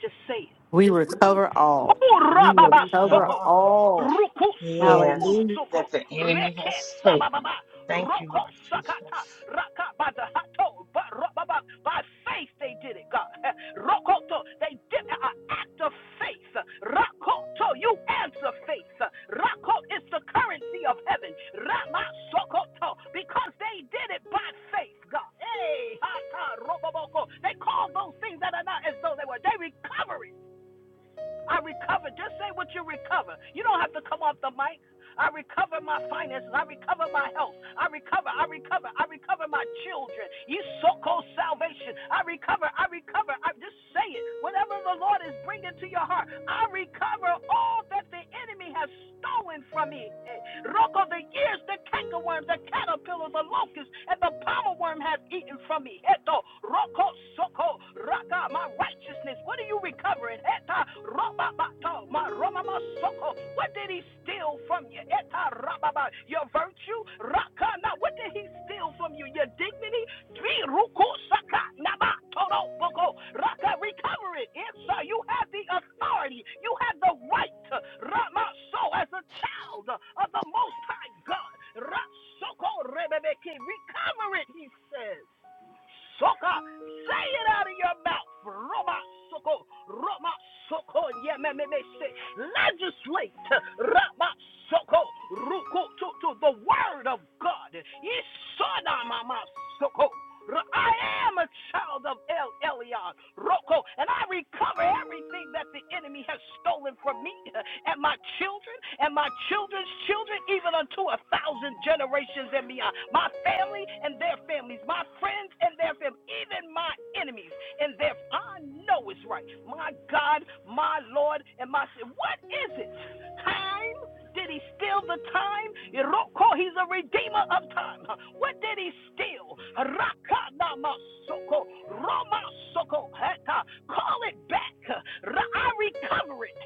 Just say it. We recover all. We Hora baba We recover cover soko. all. all. Ruku sububu Yes, Hallelujah. that soko. the enemy Reke has Sababa, taken. Thank you, Roko Lord sakata. Jesus. Raka bada hato. Ba, baba. By faith they did it, God. [laughs] Rokoto. They did an act of faith. Rakoto. You answer faith. Rako is the currency of heaven. Rama sokoto. Because they did it by faith, God. Hey, hata roboboko. They called those things that are not as though they were. They recovered. I recover. Just say what you recover. You don't have to come off the mic. I recover my finances. I recover my health. I recover. I recover. I recover my children. You so-called salvation. I recover. I recover. I just say it. Whatever the Lord is bringing to your heart, I recover all that the enemy has stolen from me. Eh, Rocco, the years, the cankerworms, the the caterpillar, the locust, and the palmer worm has eaten from me. Eto, roko, soko, raka, my righteousness. What are you recovering? Eta, robabato, my romama, soko. What did he steal from you? Eta, rababa, your virtue? Raka, now what did he steal from you? Your dignity? Three ruku saka naba todo boko raka recover it. Yes, sir. You have the authority. You have the right. Rama so as a child of the Most High God. Rasoko rebebeke recover it. He says. Soka. Say it out of your mouth. Roma Soko. Roma Soko. Yeah, me, me, me, say. Legislate. Roma Soko. Ruku to, to the word of God. Yisona mama Soko. I am a child of of El Elyon, Roko, and I recover everything that the enemy has stolen from me and my children and my children's children, even unto a thousand generations and beyond. My family and their families, my friends and their families, even my enemies and their. I know it's right. My God, my Lord, and my. What is it? Time did he steal the time? He's a redeemer of time. What did he steal? Call it back. I recover it.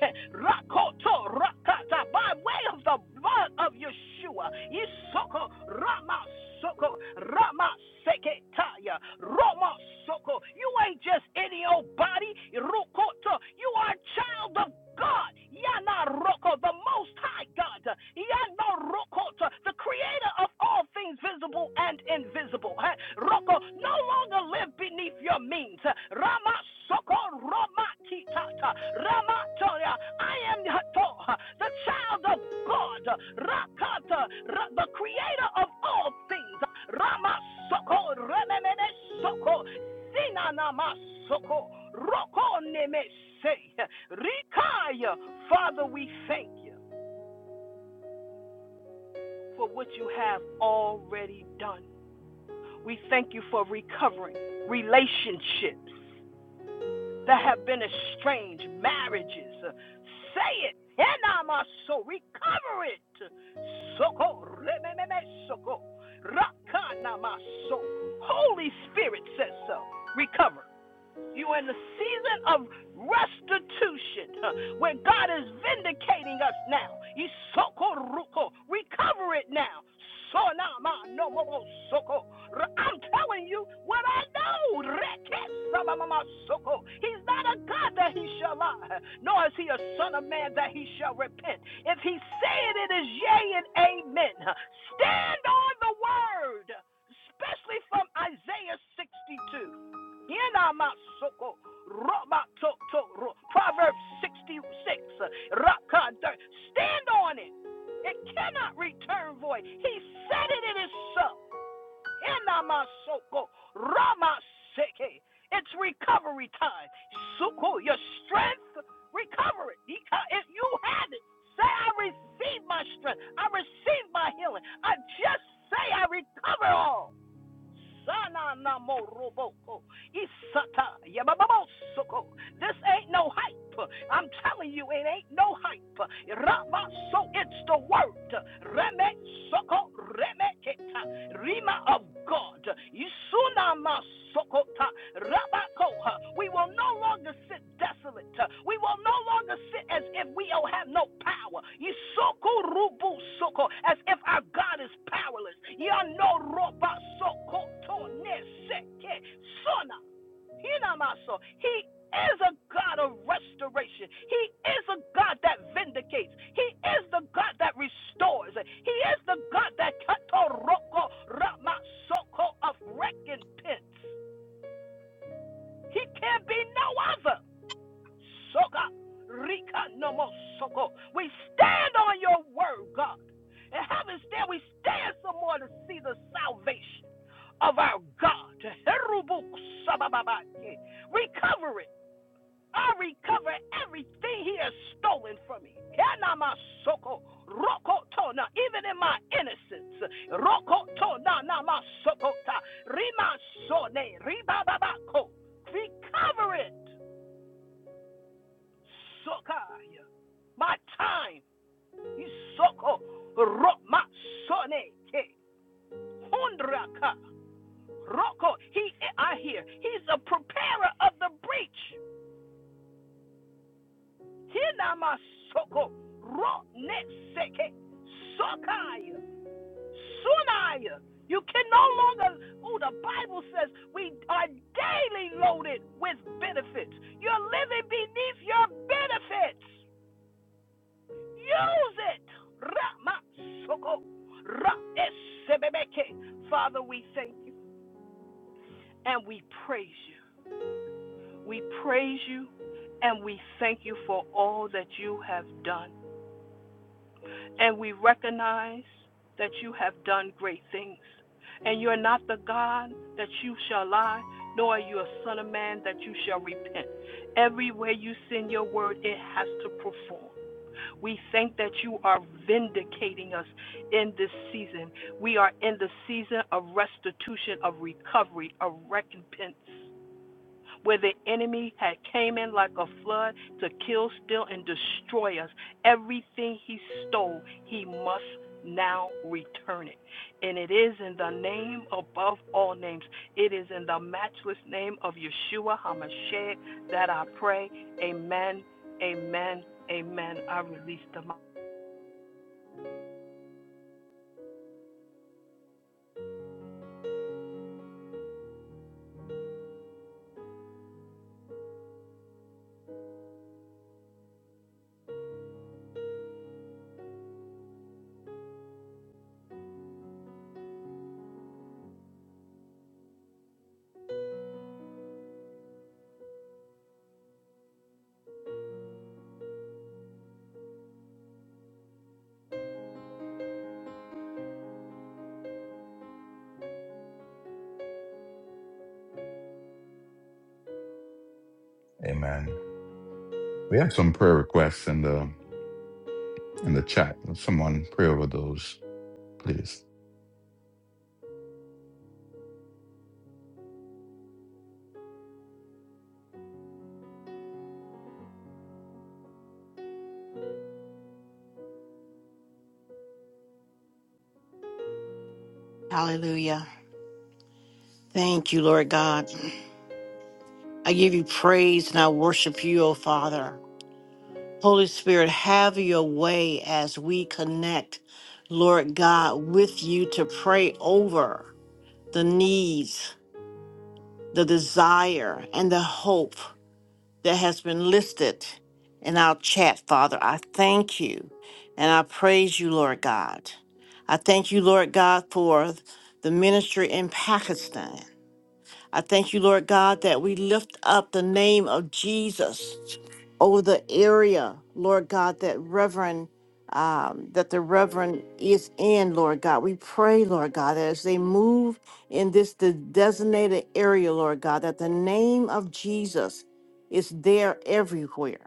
by way of the blood of Yeshua. Isoko, Ramasoko, Ramaseketaya, Romasoko. You ain't just any old body. Rukoto. You are a child of God. Yana Roko, the most high God. Yana Roko, the creator of all things visible and invisible. Eh, Roko, no longer live beneath your means. Rama Soko Rama Kitata. Rama Toya. I am the child of God. Rakata, the creator of all things. Rama Soko Remene Soko. Father, we thank you for what you have already done. We thank you for recovering relationships that have been estranged, marriages. Say it. recover it. Holy Spirit says so. Recover. You are in the season of restitution huh, where God is vindicating us now. Isoko ruko. Recover it now. So now ma no mo mo soko. R- I'm telling you what I know. Reke sama ma ma He's not a God that he shall lie, huh, nor is he a son of man that he shall repent. If he said it is yea and amen. huh. Stand on the word, especially from Isaiah 62. Proverbs 66. uh, Stand on it. It cannot return void. He said it, it is so. Yenamasoko, It's recovery time. your strength, recover it. If you have it, say, I receive my strength. I receive my healing. I just say, I recover all. Sana na mo Isata yabababo This ain't no hype. I'm telling you, it ain't no hype. Rama so it's the word. Reme soko reme keta. Rima of God. Isuna ma sokota. Rabako, huh, we will no longer sit desolate. huh, We will no longer sit as if we don't have no power. Yisoko rubu soko, as if our God is powerless. Yano roba soko to ne seke sona. Hinamaso. He is a God of restoration. He is a God that vindicates. He is the God that restores. He is the God that katoroko ramasoko of recompense. He can be no other. Soka, Rika, no more Soko. We stand on your word, God. And having stand, we stand some more to see the salvation of our God. Herubu sabababake. Recover it. I recover everything he has stolen from me. Yanama even in my innocence. Recover it. Sokaya. My time is soko roma sone ke hundraka roko. He I hear. He's a preparer of the breach. Hinama soko ro ne seke sokaya sunaya. You can no longer. Oh, the Bible says we are daily loaded with benefits. You're living beneath your benefits. Use it. Ramasoko. Ra- esebebeke. Father, we thank you and we praise you. We praise you and we thank you for all that you have done. and we recognize that you have done great things. And you are not the God that you shall lie, nor are you a son of man that you shall repent. Everywhere you send your word, it has to perform. We thank that you are vindicating us in this season. We are in the season of restitution, of recovery, of recompense where the enemy had came in like a flood to kill, steal, and destroy us. Everything he stole, he must now return it. And it is in the name above all names. It is in the matchless name of Yeshua HaMashiach that I pray. Amen. Amen. Amen. I release the mic. Amen. We have some prayer requests in the in the chat. Someone pray over those, please. Hallelujah. Thank you, Lord God. I give you praise and I worship you, O Father. Holy Spirit, have your way as we connect, Lord God, with you to pray over the needs, the desire, and the hope that has been listed in our chat, Father. I thank you and I praise you, Lord God. I thank you, Lord God, for the ministry in Pakistan. I thank you, Lord God, that we lift up the name of Jesus over the area, Lord God, that Reverend, um, that the Reverend is in, Lord God. We pray, Lord God, that as they move in this de- designated area, Lord God, that the name of Jesus is there everywhere.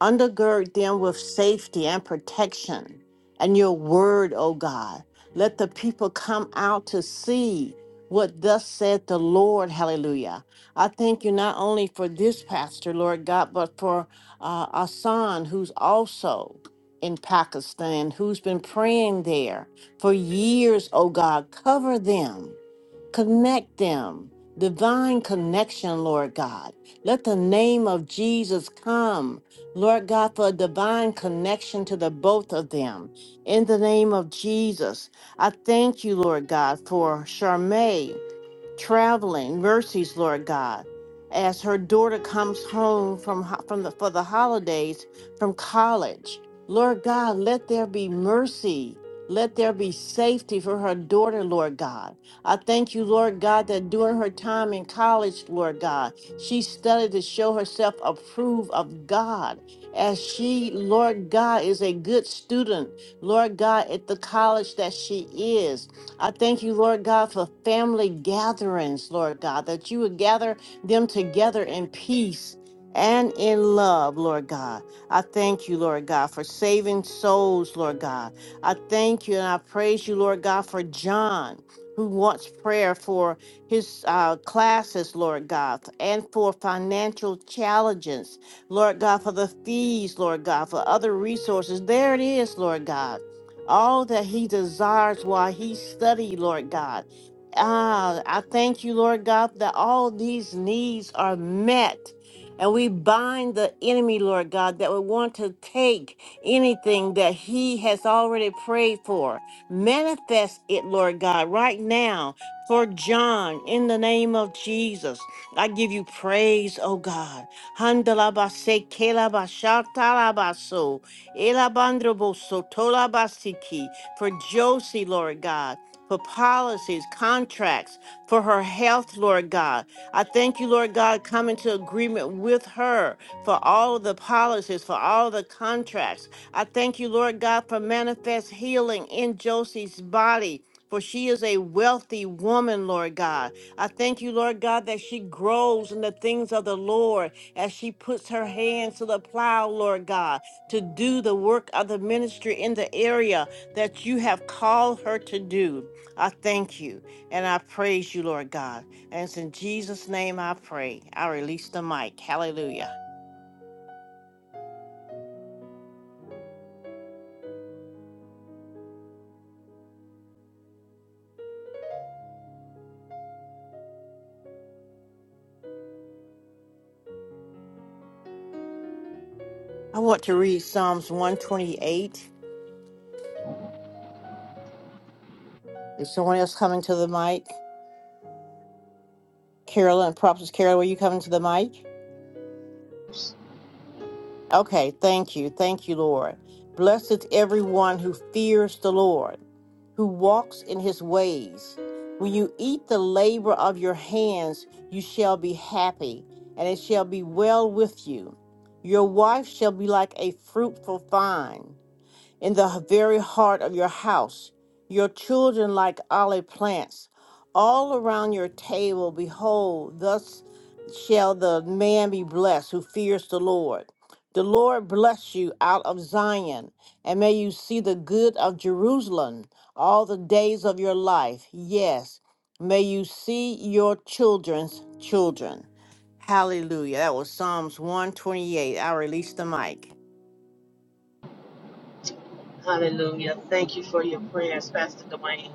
Undergird them with safety and protection and your word, O God. Let the people come out to see what thus said the Lord. Hallelujah. I thank you not only for this pastor, Lord God, but for uh, Asan, who's also in Pakistan, who's been praying there for years, O God. Cover them connect them. Divine connection, Lord God. Let the name of Jesus come. Lord God, for a divine connection to the both of them. In the name of Jesus, I thank you, Lord God, for Charmaine traveling mercies, Lord God, as her daughter comes home from ho- from the for the holidays from college. Lord God, let there be mercy. Let there be safety for her daughter, Lord God. I thank you, Lord God, that during her time in college, Lord God, she studied to show herself approved of God. As she, Lord God, is a good student, Lord God, at the college that she is. I thank you, Lord God, for family gatherings, Lord God, that you would gather them together in peace and in love, Lord God. I thank you, Lord God, for saving souls, Lord God. I thank you and I praise you, Lord God, for John. Who wants prayer for his uh, classes, Lord God, and for financial challenges, Lord God, for the fees, Lord God, for other resources? There it is, Lord God all that he desires while he study, Lord God. Ah, I thank you, Lord God, that all these needs are met. And we bind the enemy, Lord God, that would want to take anything that he has already prayed for. Manifest it, Lord God, right now for John in the name of Jesus. I give you praise, oh God. Handalabase, kelabashatalabaso. Elabandroboso tolabasiki for Josie, Lord God. For policies, contracts, for her health, Lord God. I thank you, Lord God, come into agreement with her for all of the policies, for all the contracts. I thank you, Lord God, for manifest healing in Josie's body. For she is a wealthy woman, Lord God. I thank you, Lord God, that she grows in the things of the Lord as she puts her hands to the plow, Lord God to do the work of the ministry in the area that you have called her to do. I thank you and I praise you, Lord God. And it's in Jesus' name I pray. I release the mic. Hallelujah. I want to read Psalms 128. Is someone else coming to the mic? Carolyn, Prophetess Carolyn, were you coming to the mic? Okay, thank you. Thank you, Lord. Blessed is everyone who fears the Lord, who walks in his ways. When you eat the labor of your hands, you shall be happy, and it shall be well with you. Your wife shall be like a fruitful vine in the very heart of your house, your children like olive plants, all around your table. Behold, thus shall the man be blessed who fears the Lord. The Lord bless you out of Zion, and may you see the good of Jerusalem all the days of your life. Yes, may you see your children's children. Hallelujah. That was Psalms 128. I release the mic. Hallelujah. Thank you for your prayers, Pastor Dwayne.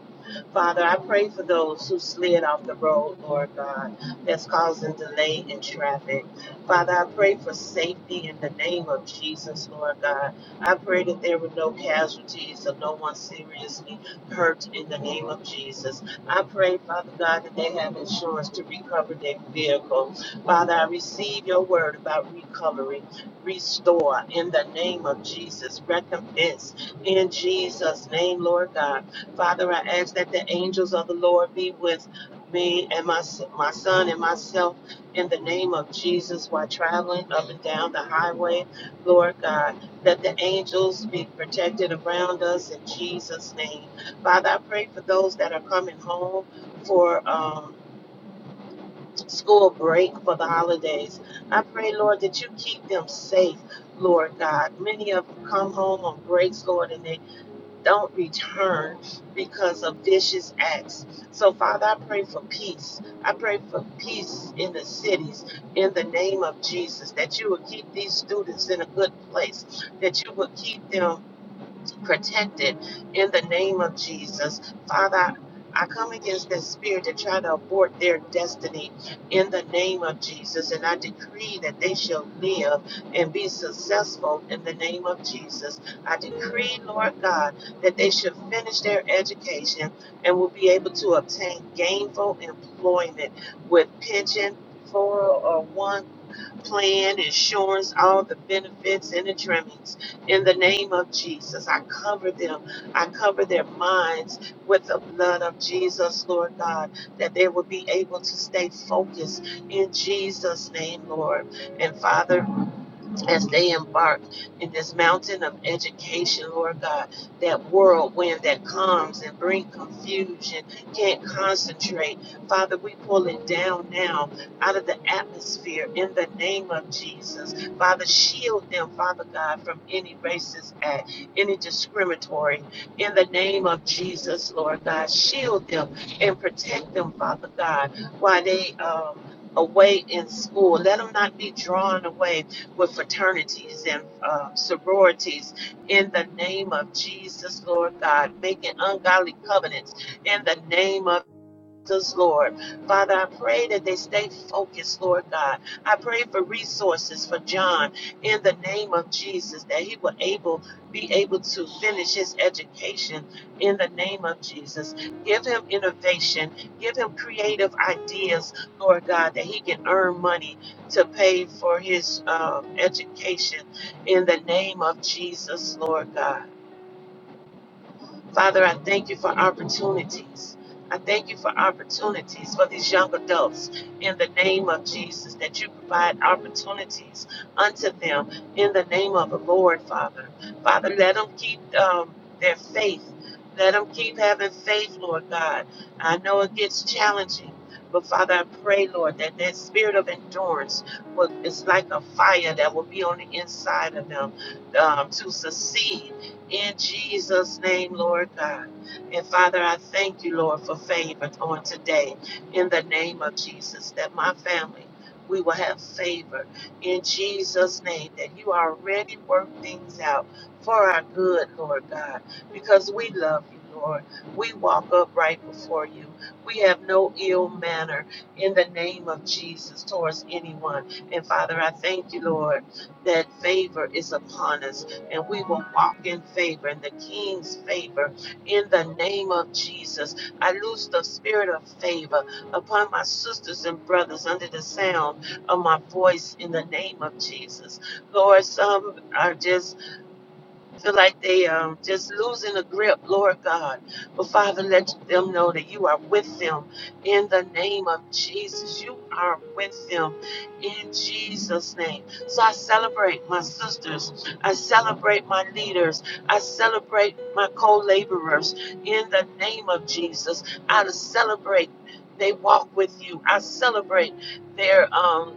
Father, I pray for those who slid off the road, Lord God, that's causing delay in traffic. Father, I pray for safety in the name of Jesus, Lord God. I pray that there were no casualties or no one seriously hurt in the name of Jesus. I pray, Father God, that they have insurance to recover their vehicle. Father, I receive your word about recovery, restore in the name of Jesus, recompense in Jesus' name, Lord God. Father, I ask that the angels of the Lord be with me and my, my son and myself in the name of Jesus while traveling up and down the highway. Lord God, let the angels be protected around us in Jesus' name. Father, I pray for those that are coming home for um, school break for the holidays. I pray, Lord, that you keep them safe. Lord God, many of them come home on breaks, Lord, and they don't return because of vicious acts. So, Father, I pray for peace. I pray for peace in the cities in the name of Jesus, that you will keep these students in a good place, that you will keep them protected in the name of Jesus. Father, I come against this spirit to try to abort their destiny in the name of Jesus. And I decree that they shall live and be successful in the name of Jesus. I decree, Lord God, that they should finish their education and will be able to obtain gainful employment with pension. 401k plan, insurance, all the benefits and the trimmings. In the name of Jesus, I cover them. I cover their minds with the blood of Jesus, Lord God, that they will be able to stay focused in Jesus' name, Lord. And Father, as they embark in this mountain of education, Lord God, that whirlwind that comes and bring confusion, can't concentrate. Father, we pull it down now out of the atmosphere in the name of Jesus. Father, shield them, Father God, from any racist act, any discriminatory. In the name of Jesus, Lord God, shield them and protect them, Father God, while they um away in school. Let them not be drawn away with fraternities and um, sororities in the name of Jesus, Lord God, making ungodly covenants in the name of us, Lord. Father, I pray that they stay focused, Lord God. I pray for resources for John in the name of Jesus, that he will able be able to finish his education in the name of Jesus. Give him innovation, give him creative ideas, Lord God, that he can earn money to pay for his um, education in the name of Jesus, Lord God. Father, I thank you for opportunities. I thank you for opportunities for these young adults in the name of Jesus, that you provide opportunities unto them in the name of the Lord, Father. Father, let them keep um, their faith. Let them keep having faith, Lord God. I know it gets challenging, but Father, I pray, Lord, that that spirit of endurance will, is like a fire that will be on the inside of them um, to succeed in Jesus' name, Lord God. And Father, I thank you, Lord, for favor on today. In the name of Jesus, that my family, we will have favor. In Jesus' name, that you already work things out for our good, Lord God, because we love you. Lord, we walk upright before you. We have no ill manner in the name of Jesus towards anyone. And Father, I thank you, Lord, that favor is upon us and we will walk in favor, in the King's favor, in the name of Jesus. I loose the spirit of favor upon my sisters and brothers under the sound of my voice in the name of Jesus. Lord, some are just feel like they um just losing the grip, Lord God. But Father, let them know that you are with them in the name of Jesus. You are with them in Jesus' name. So I celebrate my sisters. I celebrate my leaders. I celebrate my co-laborers in the name of Jesus. I celebrate they walk with you. I celebrate their um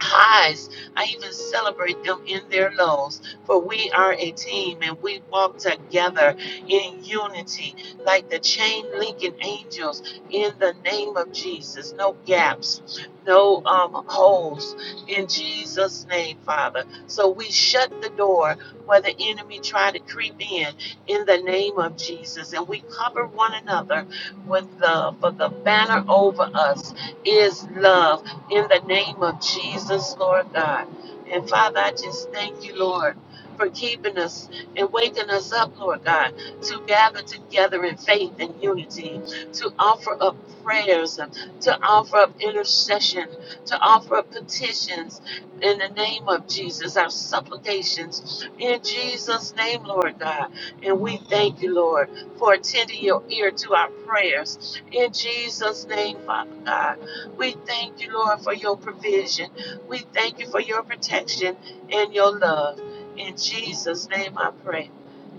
highs. I even celebrate them in their lows. For we are a team and we walk together in unity like the chain linking angels in the name of Jesus. No gaps, no um, holes in Jesus' name, Father. So we shut the door where the enemy try to creep in in the name of Jesus. And we cover one another with love. For the banner over us is love in the name of Jesus, Lord God. And Father, I just thank you, Lord, for keeping us and waking us up, Lord God, to gather together in faith and unity, to offer up prayers, to offer up intercession, to offer up petitions in the name of Jesus, our supplications in Jesus' name, Lord God. And we thank you, Lord, for attending your ear to our prayers in Jesus' name, Father God. We thank you, Lord, for your provision. We thank you for your protection and your love. In Jesus' name I pray.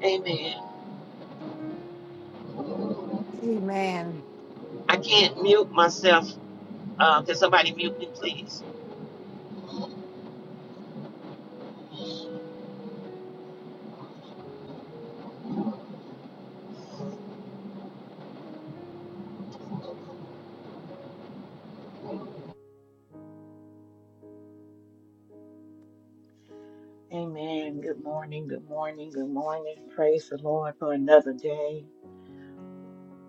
Amen. Amen. I can't mute myself. Uh, can somebody mute me, please? Amen. Good morning, good morning, good morning. Praise the Lord for another day.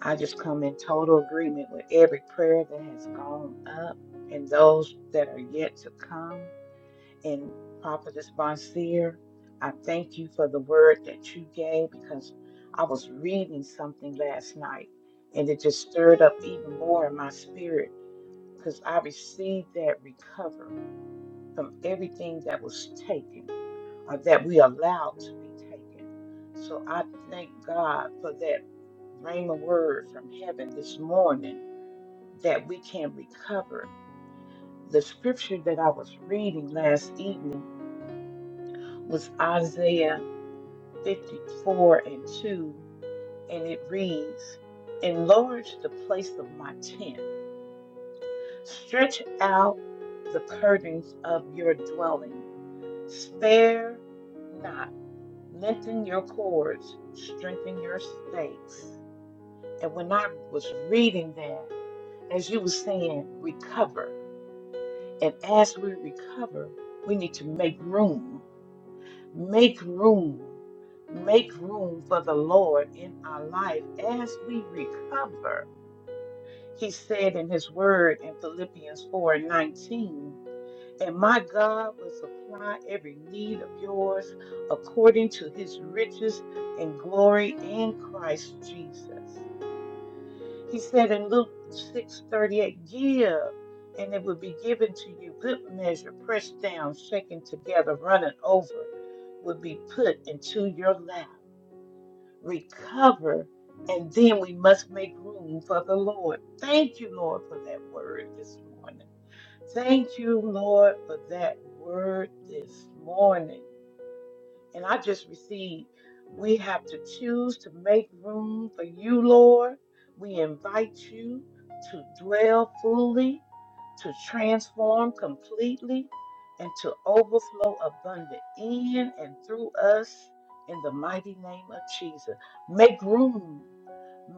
I just come in total agreement with every prayer that has gone up and those that are yet to come. And Prophetess Bonseer, I thank you for the word that you gave because I was reading something last night and it just stirred up even more in my spirit because I received that recovery from everything that was taken or that we allowed to be taken. So I thank God for that rhema word from heaven this morning that we can recover. The scripture that I was reading last evening was Isaiah 54 and 2, and it reads, Enlarge the place of my tent, stretch out the curtains of your dwelling Spare not, lengthen your cords, strengthen your stakes. And when I was reading that, as you were saying, recover. And as we recover, we need to make room, make room, make room for the Lord in our life. As we recover, He said in His word in Philippians 4 and 19. And my God will supply every need of yours according to his riches and glory in Christ Jesus. He said in Luke 6:38, give and it will be given to you good measure, pressed down, shaken together, running over, will be put into your lap. Recover, and then we must make room for the Lord. Thank you, Lord, for that word this morning. Thank you, Lord, for that word this morning. And I just received, we have to choose to make room for you, Lord. We invite you to dwell fully, to transform completely, and to overflow abundant in and through us in the mighty name of Jesus. Make room,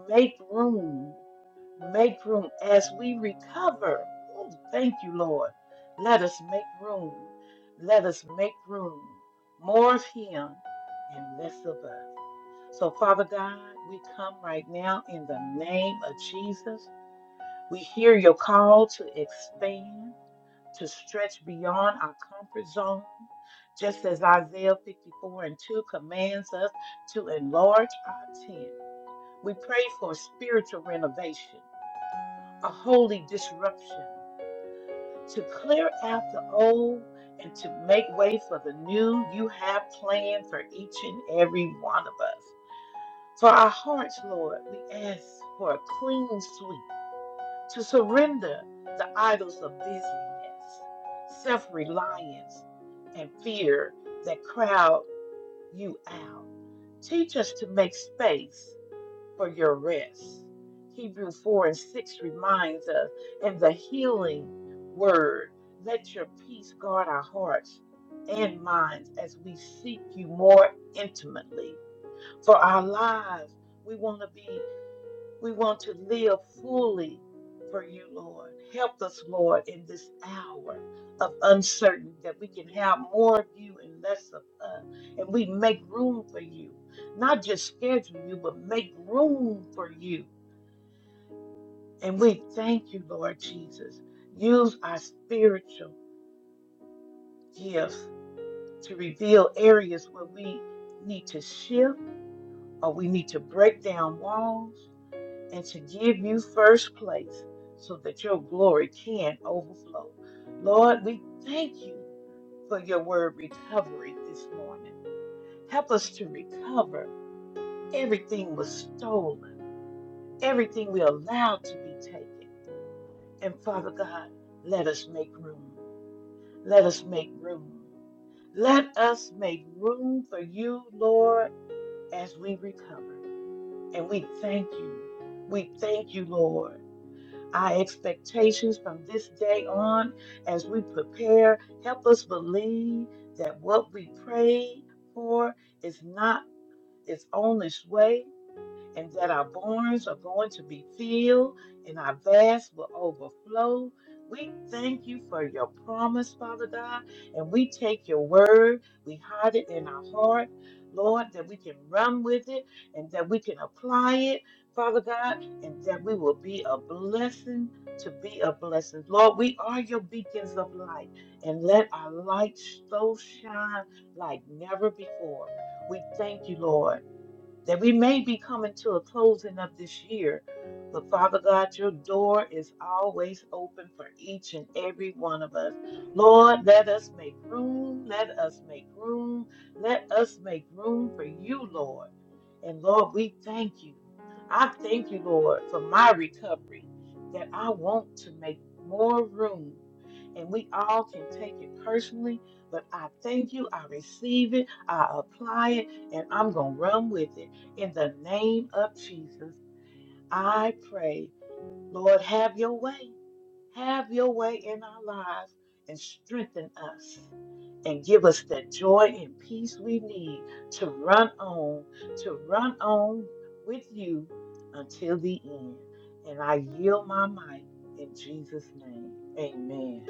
make room, make room as we recover. Oh, thank you, Lord. Let us make room. Let us make room more of Him and less of us. So, Father God, we come right now in the name of Jesus. We hear your call to expand, to stretch beyond our comfort zone, just as Isaiah 54 and 2 commands us to enlarge our tent. We pray for spiritual renovation, a holy disruption. to clear out the old and to make way for the new you have planned for each and every one of us. For our hearts, Lord, we ask for a clean sweep to surrender the idols of busyness, self reliance, and fear that crowd you out. Teach us to make space for your rest. Hebrew 4 and 6 reminds us, and the healing word, let your peace guard our hearts and minds as we seek you more intimately. For our lives, we want to be we want to live fully for you, Lord. Help us, Lord, in this hour of uncertainty that we can have more of you and less of us. And we make room for you, not just schedule you, but make room for you. And we thank you, Lord Jesus. Use our spiritual gifts to reveal areas where we need to shift or we need to break down walls and to give you first place so that your glory can overflow. Lord, we thank you for your word recovery this morning. Help us to recover everything was stolen, everything we allowed to be taken. And Father God, let us make room. Let us make room. Let us make room for you, Lord, as we recover. And we thank you. We thank you, Lord. our expectations from this day on as we prepare. Help us believe that what we pray for is not is on its way and that our barns are going to be filled and our vats will overflow. We thank you for your promise, Father God, and we take your word, we hide it in our heart, Lord, that we can run with it and that we can apply it, Father God, and that we will be a blessing to be a blessing. Lord, we are your beacons of light, and let our light so shine like never before. We thank you, Lord that we may be coming to a closing of this year. But Father God, your door is always open for each and every one of us. Lord, let us make room. Let us make room. Let us make room for you, Lord. And Lord, we thank you. I thank you, Lord, for my recovery, that I want to make more room. And we all can take it personally, but I thank you. I receive it. I apply it and I'm going to run with it. In the name of Jesus, I pray, Lord, have your way. Have your way in our lives and strengthen us and give us the joy and peace we need to run on, to run on with you until the end. And I yield my mic in Jesus' name. Amen.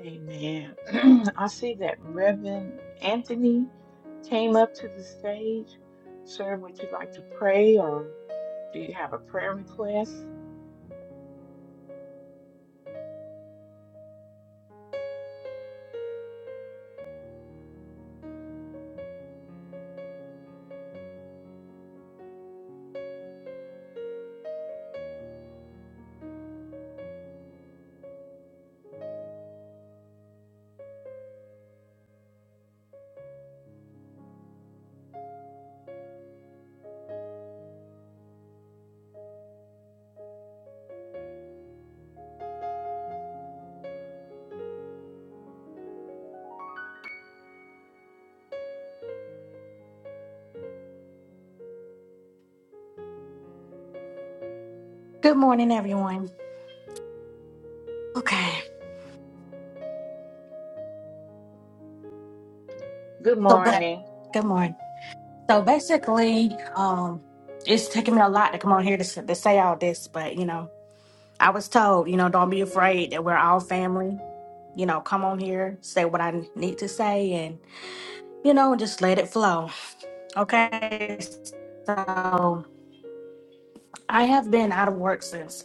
Amen. [clears throat] I see that Reverend Anthony came up to the stage. Sir, would you like to pray or do you have a prayer request? Good morning, everyone. Okay. Good So, but morning. good morning. So basically, um, it's taking me a lot to come on here to, s- to say all this, but you know, I was told, you know, don't be afraid that we're all family. You know, come on here, say what I need to say, and you know, just let it flow. Okay. So I have been out of work since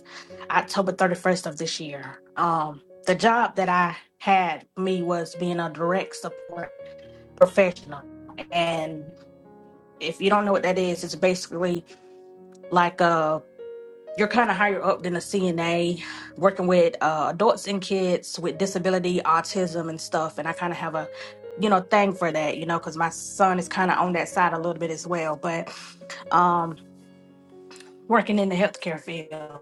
October 31st of this year. Um, the job that I had me was being a direct support professional. And if you don't know what that is, it's basically like uh you're kind of higher up than a CNA, working with uh, adults and kids with disability, autism, and stuff. And I kind of have a you know thing for that, you know, because my son is kind of on that side a little bit as well. But um, working in the healthcare field.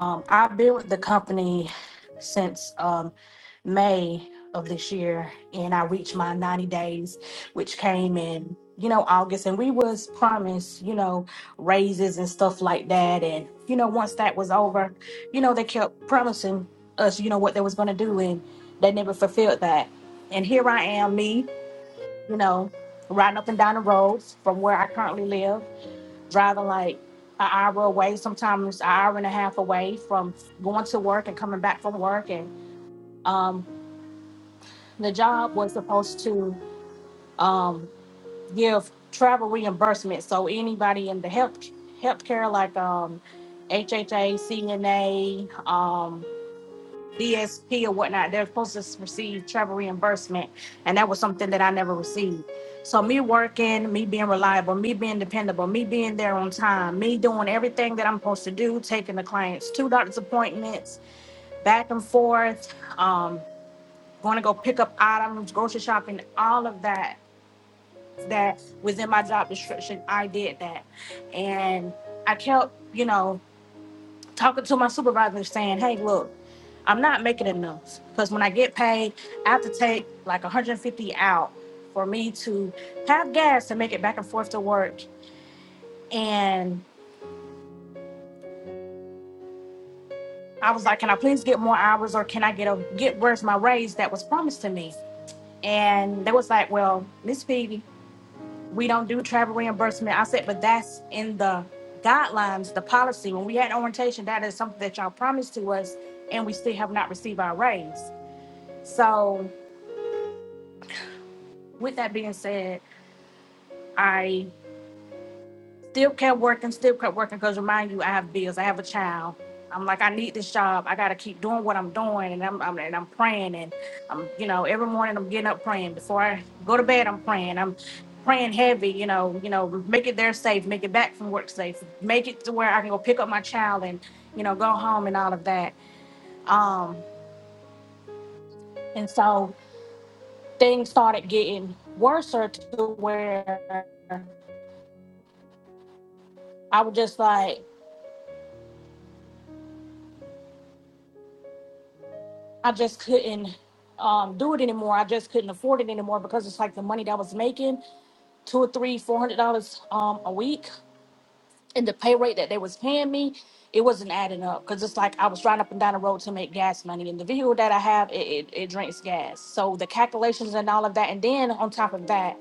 Um, I've been with the company since um, May of this year, and I reached my 90 days, which came in, you know, August. And we was promised, you know, raises and stuff like that. And you know, once that was over, you know, they kept promising us, you know, what they was gonna do, and they never fulfilled that. And here I am, me, you know, riding up and down the roads from where I currently live driving like an hour away, sometimes an hour and a half away from going to work and coming back from work. And um, the job was supposed to um, give travel reimbursement. So anybody in the health healthcare, like um, HHA, CNA, DSP or whatnot, they're supposed to receive travel reimbursement. And that was something that I never received. So me working, me being reliable, me being dependable, me being there on time, me doing everything that I'm supposed to do, taking the clients to doctor's appointments, back and forth, um, going to go pick up items, grocery shopping, all of that that was in my job description. I did that. And I kept, you know, talking to my supervisor and saying, hey, look, I'm not making enough because when I get paid, I have to take like 150 out for me to have gas to make it back and forth to work. And I was like, can I please get more hours or can I get a get where's my raise that was promised to me? And they was like, well, Miss Phoebe, we don't do travel reimbursement. I said, but that's in the guidelines, the policy. When we had orientation, that is something that y'all promised to us and we still have not received our raise. So with that being said, I still kept working, still kept working because remind you, I have bills, I have a child. I'm like, I need this job. I gotta keep doing what I'm doing, and I'm, I'm and I'm praying, and I'm you know every morning I'm getting up praying before I go to bed. I'm praying. I'm praying heavy. You know, you know, make it there safe, make it back from work safe, make it to where I can go pick up my child and you know go home and all of that. Um, and so things started getting worse to where I was just like I just couldn't um, do it anymore. I just couldn't afford it anymore because it's like the money that I was making two or three, four hundred dollars um, a week, and the pay rate that they was paying me, it wasn't adding up. Because it's like I was driving up and down the road to make gas money, and the vehicle that I have, it, it, it drinks gas. So the calculations and all of that, and then on top of that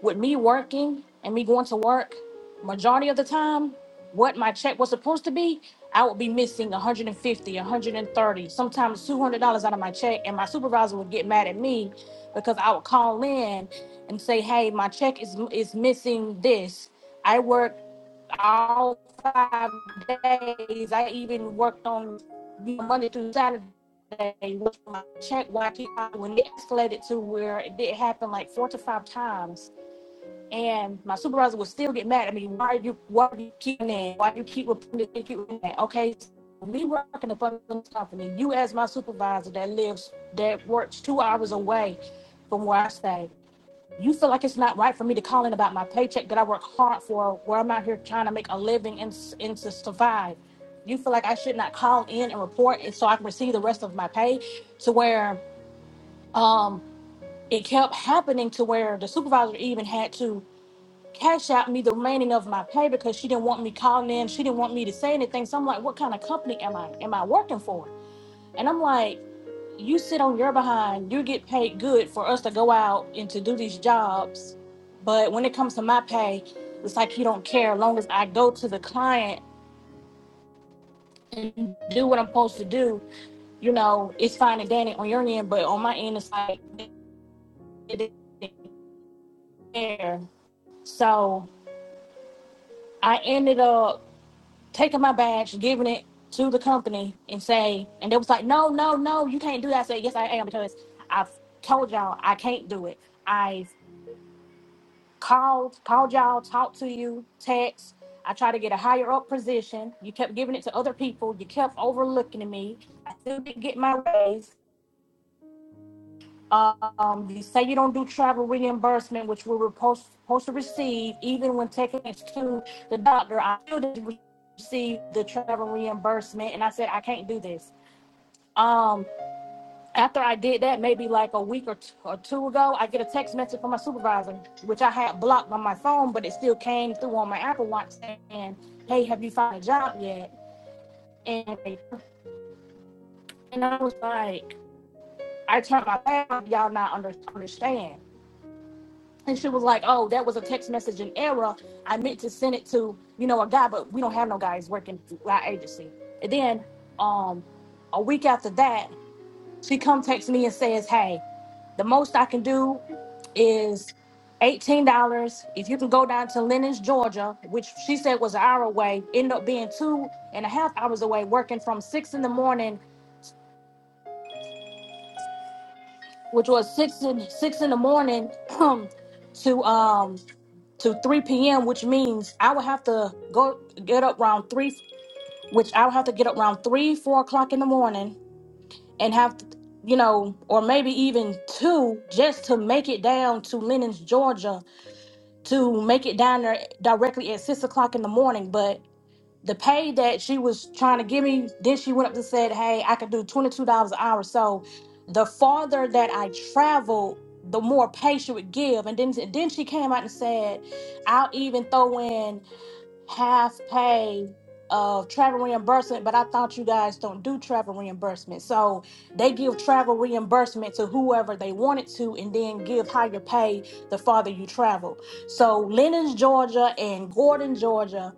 with me working and me going to work majority of the time what my check was supposed to be i would be missing 150 130 sometimes $200 out of my check and my supervisor would get mad at me because i would call in and say hey my check is is missing this i worked all five days i even worked on monday through saturday with my check why I keep- when it escalated to where it did happen like four to five times and my supervisor would still get mad at me. Why are you why are you keeping that? Why do you keep reporting this? keep reporting that? Okay, so me working at a this company, you as my supervisor that lives that works two hours away from where I stay. You feel like it's not right for me to call in about my paycheck that I work hard for, where I'm out here trying to make a living and, and to survive. You feel like I should not call in and report it so I can receive the rest of my pay to where um it kept happening to where the supervisor even had to cash out me the remaining of my pay because she didn't want me calling in. She didn't want me to say anything. So I'm like, what kind of company am I am I working for? And I'm like, you sit on your behind, you get paid good for us to go out and to do these jobs. But when it comes to my pay, it's like you don't care. As long as I go to the client and do what I'm supposed to do, you know, it's fine and dandy on your end, but on my end, it's like they didn't care. So I ended up taking my badge, giving it to the company, and say, and they was like, no, no, no, you can't do that. I said, yes, I am because I've told y'all I can't do it. I've called, called y'all, talked to you, text. I tried to get a higher up position. You kept giving it to other people. You kept overlooking me. I still didn't get my raise. Um, you say you don't do travel reimbursement, which we were supposed, supposed to receive, even when taking it to the doctor. I still didn't receive the travel reimbursement, and I said I can't do this. Um, after I did that, maybe like a week or two, or two ago, I get a text message from my supervisor, which I had blocked on my phone, but it still came through on my Apple Watch saying, "Hey, have you found a job yet?" And and I was like, "I turned my back. Y'all not under, understand." and she was like, "Oh, that was a text message in error. I meant to send it to you know a guy, but we don't have no guys working through our agency." And then, um, a week after that, she come text me and says, "Hey, the most I can do is eighteen dollars. If you can go down to Lenox, Georgia, which she said was an hour away, ended up being two and a half hours away, working from six in the morning, which was six in six in the morning, [clears throat] to um." to 3 p.m., which means I would have to go get up around three, which I would have to get up around three, four o'clock in the morning and have to, you know, or maybe even two just to make it down to Lennon's, Georgia, to make it down there directly at six o'clock in the morning. But the pay that she was trying to give me, then she went up and said, Hey, I could do $22 an hour. So the farther that I traveled, the more pay she would give. And then, then she came out and said, I'll even throw in half pay of travel reimbursement, but I thought you guys don't do travel reimbursement. So they give travel reimbursement to whoever they wanted to and then give higher pay the farther you travel. So Lennon's Georgia and Gordon, Georgia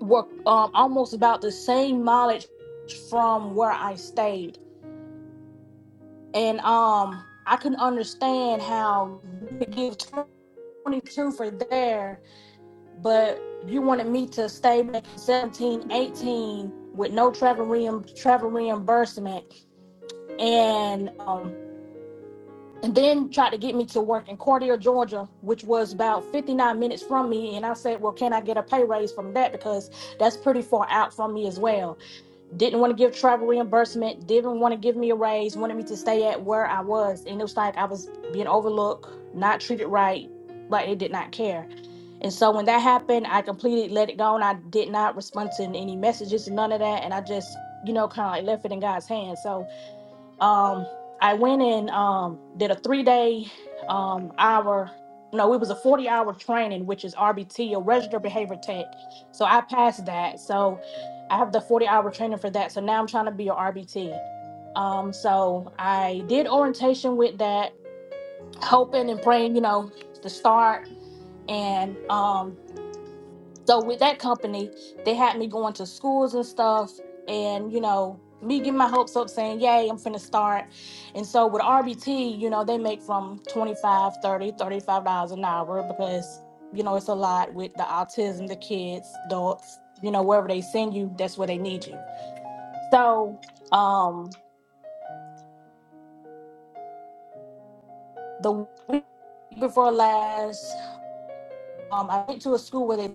were um, almost about the same mileage from where I stayed. And um I couldn't understand how you could give 22 for there but you wanted me to stay making 17 18 with no travel reimb- travel reimbursement and um and then tried to get me to work in Cartier, Georgia, which was about 59 minutes from me. And I said, Well, can I get a pay raise from that? Because that's pretty far out from me as well. Didn't want to give travel reimbursement, didn't want to give me a raise, wanted me to stay at where I was. And it was like I was being overlooked, not treated right, like they did not care. And so when that happened, I completely let it go and I did not respond to any messages and none of that. And I just, you know, kind of like left it in God's hands. So um I went and um did a three day um hour no, it was a 40 hour training, which is RBT or registered behavior tech. So I passed that. So I have the 40 hour training for that. So now I'm trying to be a RBT. Um, so I did orientation with that, hoping and praying, you know, to start. And um so with that company, they had me going to schools and stuff, and you know, me getting my hopes up saying, Yay, I'm finna start. And so with RBT, you know, they make from 25, 30, 35 dollars an hour because, you know, it's a lot with the autism, the kids, adults, you know, wherever they send you, that's where they need you. So um the week before last, um, I went to a school where they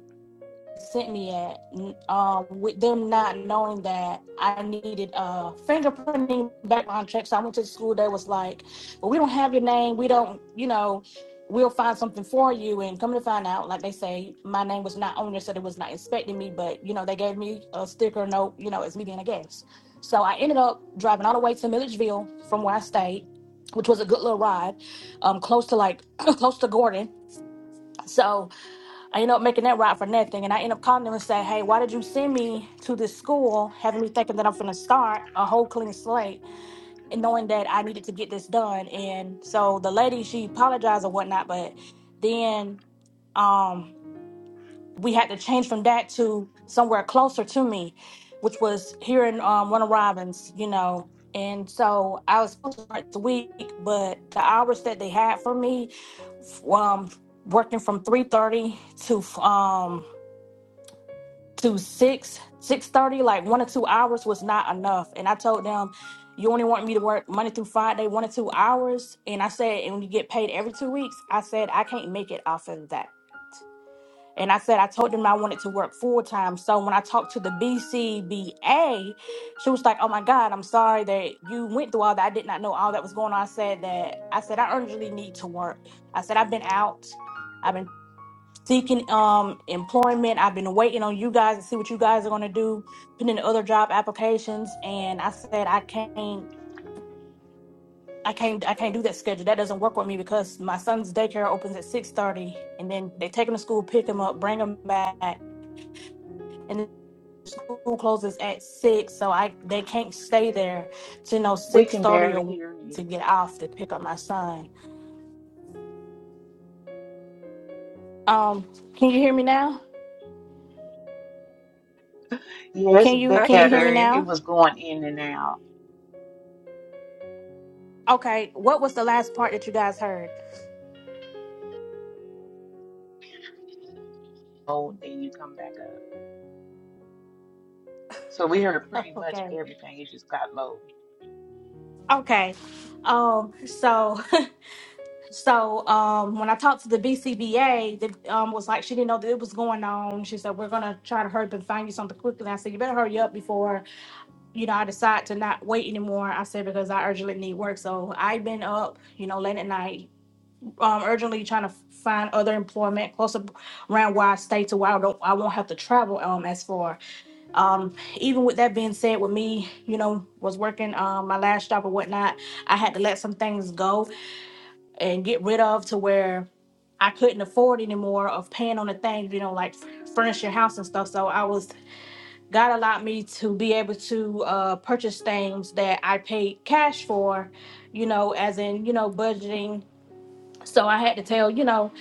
sent me at, um, with them not knowing that I needed uh fingerprinting background check. So I went to the school. They was like, "Well, we don't have your name. We don't, you know, we'll find something for you." And come to find out, like they say, my name was not on there, so they was not expecting me. But you know, they gave me a sticker note, you know, as me being a guest. So I ended up driving all the way to Milledgeville from where I stayed, which was a good little ride, um, close to like [clears throat] close to Gordon. So I end up making that route for nothing. And I end up calling them and say, hey, why did you send me to this school having me thinking that I'm going to start a whole clean slate and knowing that I needed to get this done? And so the lady, she apologized or whatnot, but then um, we had to change from that to somewhere closer to me, which was here in um, Warner Robins, you know. And so I was supposed to start the week, but the hours that they had for me, um, working from 3.30 to um, to six six thirty, like one or two hours was not enough. And I told them, you only want me to work Monday through Friday, one or two hours. And I said, and you get paid every two weeks. I said I can't make it off of that. And I said I told them I wanted to work full time. So when I talked to the BCBA, she was like, "Oh my God, I'm sorry that you went through all that. I did not know all that was going on." I said that I said I urgently need to work. I said I've been out. I've been seeking um employment. I've been waiting on you guys to see what you guys are gonna do, putting in other job applications, and I said I can't. I can't I can't do that schedule. That doesn't work with me because my son's daycare opens at six thirty and then they take him to school, pick him up, bring him back, and then school closes at six. So I they can't stay there to you know We six can thirty barely or hear to you. get off to pick up my son. Um can you hear me now? Yes, Can you I can can you hear me better. hear you. It now? was going in and out. Okay. What was the last part that you guys heard? Oh, then you come back up. So we heard pretty much Okay. everything. It just got low. Okay. Um, so [laughs] so um when I talked to the BCBA, the um was like she didn't know that it was going on. She said, We're gonna try to hurry up and find you something quickly. I said, You better hurry up before, you know, I decide to not wait anymore. I said, because I urgently need work. So I've been up, you know, late at night, um, urgently trying to find other employment closer around where I stay to where I don't I won't have to travel um as far. Um, even with that being said, with me, you know, was working um my last job or whatnot, I had to let some things go and get rid of to where I couldn't afford anymore of paying on the things, you know, like furnish your house and stuff. So I was God allowed me to be able to uh purchase things that I paid cash for, you know, as in, you know, budgeting so I had to tell, you know,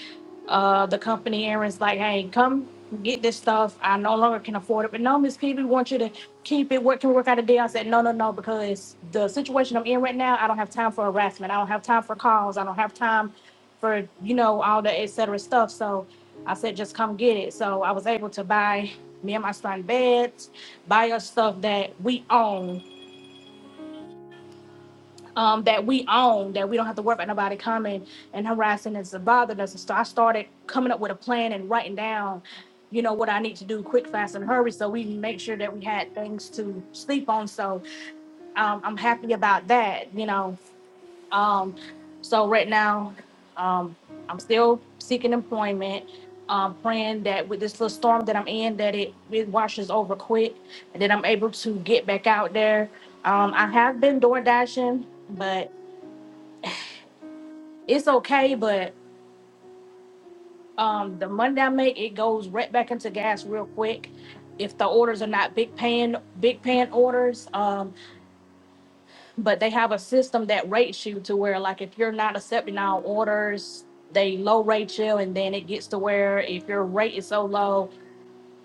uh, the company Aaron's like, hey, come get this stuff. I no longer can afford it. But no, Miss P, we want you to keep it. What can we work out a deal? I said, no, no, no, because the situation I'm in right now, I don't have time for harassment. I don't have time for calls. I don't have time for, you know, all the et cetera stuff. So I said, just come get it. So I was able to buy me and my son beds, buy us stuff that we own um, that we own, that we don't have to worry about nobody coming and harassing us and bothering us. And so I started coming up with a plan and writing down, you know, what I need to do quick, fast, and hurry. So we make sure that we had things to sleep on. So um, I'm happy about that, you know. Um, so right now, um, I'm still seeking employment. Um, praying that with this little storm that I'm in, that it, it washes over quick, and that I'm able to get back out there. Um, I have been door dashing, but it's okay, but um, the money I make, it goes right back into gas real quick. If the orders are not big paying, big paying orders, um, but they have a system that rates you to where, like, if you're not accepting all orders, they low rate you, and then it gets to where if your rate is so low,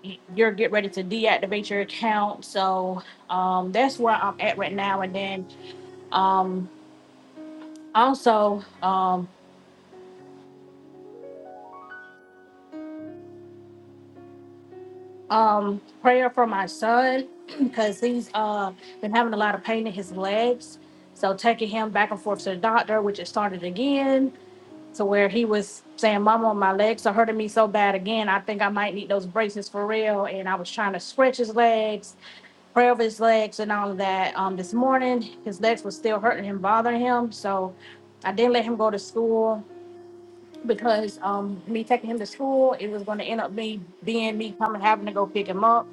y- you're get ready to deactivate your account. So um, that's where I'm at right now. And then um, also, um, um prayer for my son [clears throat] because he's uh been having a lot of pain in his legs so taking him back and forth to the doctor which it started again to where he was saying mama my legs are hurting me so bad again i think i might need those braces for real and i was trying to stretch his legs pray over his legs and all of that um this morning his legs were still hurting him bothering him so i didn't let him go to school because um me taking him to school it was going to end up me being me coming having to go pick him up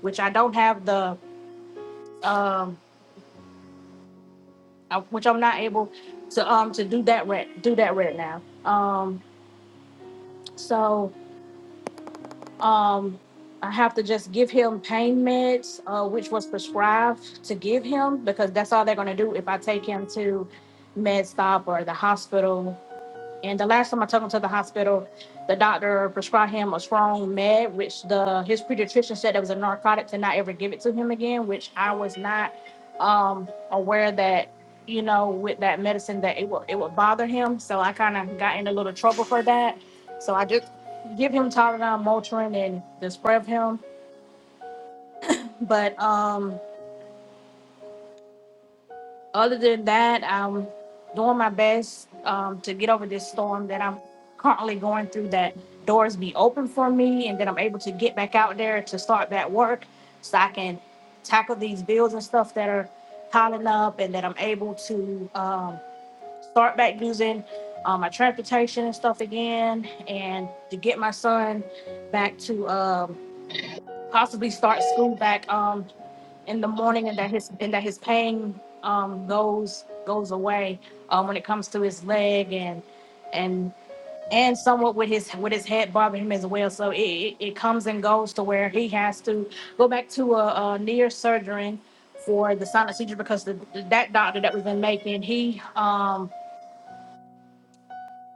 which I don't have the um, I, which I'm not able to um to do that right do that right now. Um, so um, I have to just give him pain meds, uh, which was prescribed to give him because that's all they're gonna do if I take him to Med Stop or the hospital And the last time I took him to the hospital, the doctor prescribed him a strong med, which the his pediatrician said that was a narcotic to not ever give it to him again, which I was not um aware that, you know, with that medicine that it will it would bother him. So I kind of got in a little trouble for that. So I just give him Tylenol, Motrin, and the spray of him. But um Other than that, I'm doing my best um, to get over this storm that I'm currently going through. That doors be open for me, and that I'm able to get back out there to start that work, so I can tackle these bills and stuff that are piling up, and that I'm able to um, start back using um, my transportation and stuff again, and to get my son back to um, possibly start school back. Um, in the morning and that his and that his pain um goes goes away um when it comes to his leg and and and somewhat with his with his head bothering him as well so it, it, it comes and goes to where he has to go back to a, a near surgery for the sinus seizure because the, that doctor that we've been making he um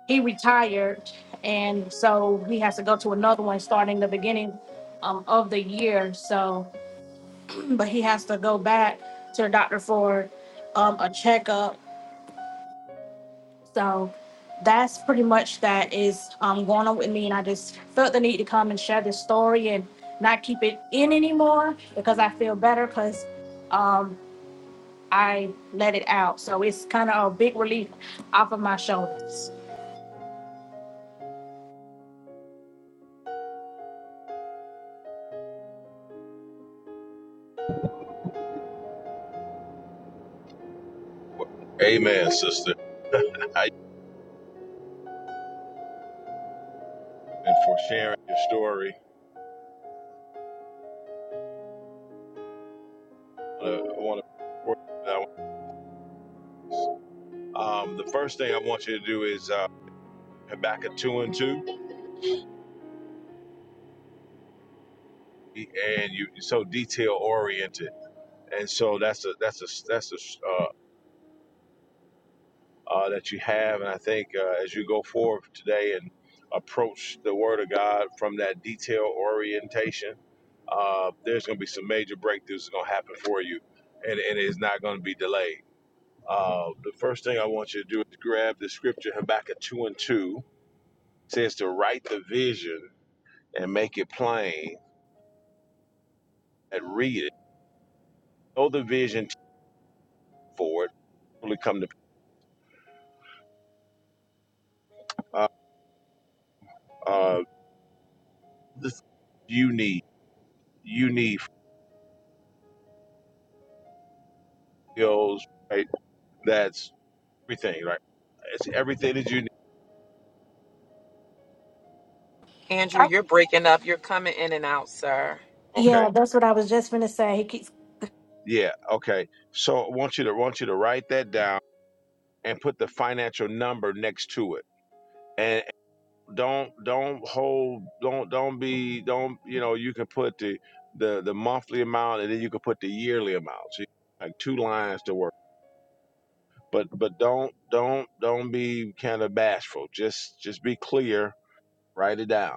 he retired and so he has to go to another one starting the beginning um, of the year so but he has to go back to the doctor for um, a checkup. So that's pretty much that is um, going on with me, and I just felt the need to come and share this story and not keep it in anymore because I feel better because um, I let it out. So it's kind of a big relief off of my shoulders. Amen, sister. [laughs] I, and for sharing your story, I want to. Um, the first thing I want you to do is uh, Habakkuk two and two, and you you're so detail oriented, and so that's a that's a that's a uh, uh, that you have, and I think uh, as you go forward today and approach the Word of God from that detail orientation, uh, there's going to be some major breakthroughs going to happen for you, and and it's not going to be delayed. Uh, the first thing I want you to do is grab the scripture Habakkuk 2 and 2 It says to write the vision and make it plain and read it. Know the vision for it. Really come to uh, uh, this you need you need skills right. That's everything right. It's everything that you need. Andrew, I, you're breaking up. You're coming in and out, sir. Okay. yeah, that's what I was just gonna say. He keeps, Yeah. Okay. So I want you to want you to write that down and put the financial number next to it and. don't don't hold don't don't be don't you know you can put the the the monthly amount and then you can put the yearly amount so you like two lines to work but but don't don't don't be kind of bashful just just be clear write it down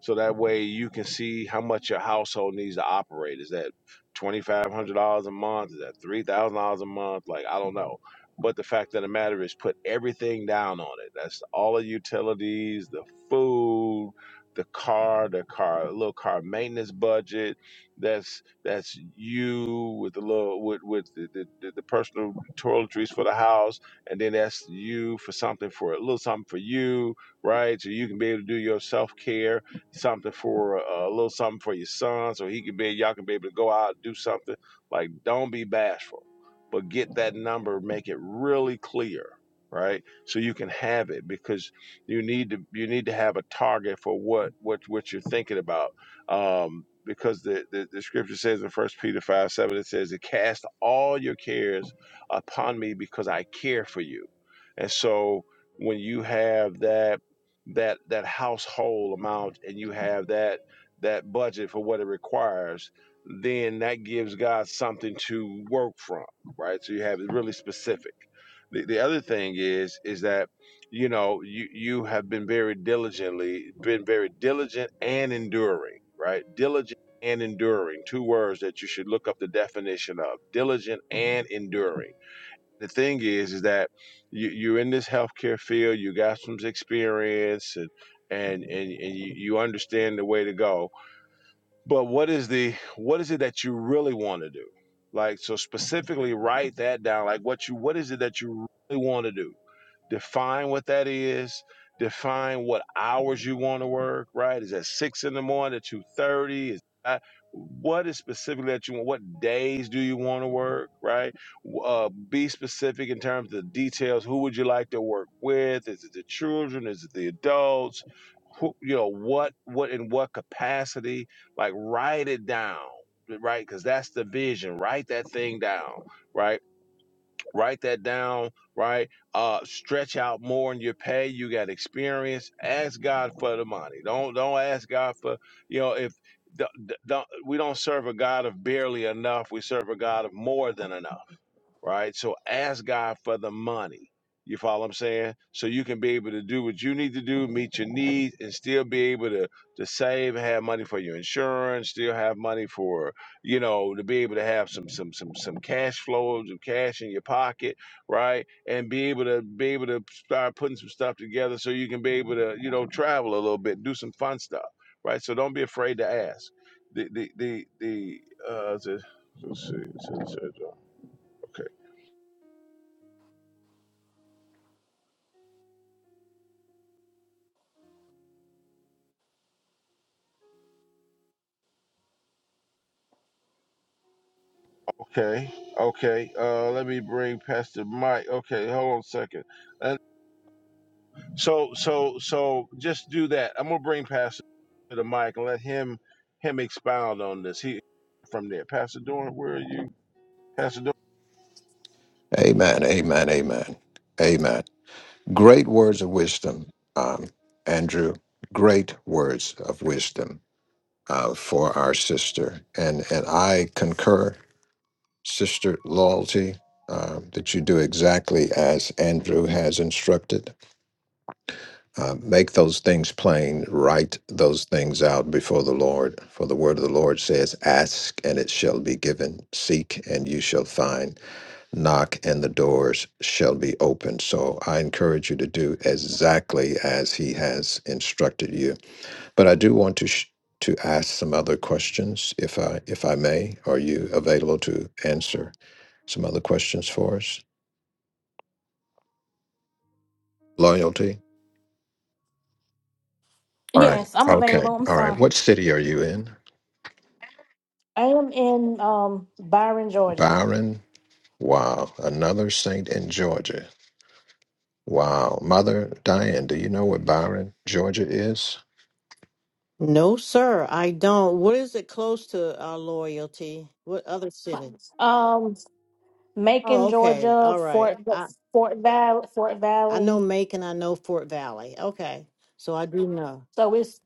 so that way you can see how much your household needs to operate. Is that twenty five hundred dollars a month? Is that three thousand dollars a month? Like I don't know. But the fact of the matter is put everything down on it. That's all the utilities, the food, the car, the car little car maintenance budget. That's that's you with the little with, with the, the, the the personal toiletries for the house and then that's you for something for a little something for you, right? So you can be able to do your self care something for uh, a little something for your son so he can be y'all can be able to go out and do something like don't be bashful but get that number make it really clear right so you can have it because you need to you need to have a target for what what what you're thinking about um because the, the, the scripture says in first peter 5 7 it says to cast all your cares upon me because i care for you and so when you have that that that household amount and you have that that budget for what it requires then that gives god something to work from right so you have it really specific the, the other thing is is that you know you you have been very diligently been very diligent and enduring right diligent and enduring two words that you should look up the definition of diligent and enduring the thing is is that you, you're in this healthcare field you got some experience and and and, and you, you understand the way to go but what is the what is it that you really want to do like so specifically write that down like what you what is it that you really want to do define what that is define what hours you want to work right is that six in the morning two thirty? is that, what is specifically that you want what days do you want to work right uh, be specific in terms of the details who would you like to work with is it the children is it the adults who, you know what what in what capacity like write it down right because that's the vision write that thing down right Write that down, right? Uh stretch out more in your pay. You got experience. Ask God for the money. Don't don't ask God for, you know, if don't, don't, we don't serve a God of barely enough. We serve a God of more than enough right? So ask God for the money. You follow what I'm saying? So you can be able to do what you need to do, meet your needs, and still be able to to save, have money for your insurance, still have money for, you know, to be able to have some some some some cash flows some cash in your pocket, right? And be able to be able to start putting some stuff together so you can be able to, you know, travel a little bit, do some fun stuff, right? So don't be afraid to ask. The the the the uh, the, let's see, let's see, let's see, okay. Okay, okay. Uh, let me bring Pastor Mike. Okay, hold on a second. And so, so, so, just do that. I'm gonna bring Pastor to the mic and let him him expound on this. He from there. Pastor Dorn, where are you? Pastor Dorn. Amen. Amen. Amen. Amen. Great words of wisdom, um, Andrew. Great words of wisdom uh, for our sister, and and I concur, Sister Loyalty, um, that you do exactly as Andrew has instructed. Uh, make those things plain. Write those things out before the Lord. For the word of the Lord says, "Ask and it shall be given; seek and you shall find." knock and the doors shall be opened. So I encourage you to do exactly as he has instructed you. But I do want to sh- to ask some other questions if I if I may. Are you available to answer some other questions for us? Loyalty? All right. yes, I'm Okay. available. I'm All right. sorry. What city are you in? I am in um, Byron, Georgia. Byron? Wow. Another saint in Georgia. Wow. Mother Diane, do you know where Byron, Georgia is? No, sir, I don't. What is it close to our loyalty? What other cities? Um, Oh, Macon, okay. Georgia, All right. Fort I Fort Valley, Fort I know Valley. Macon, I know Fort Valley. Okay. So I do know. So it's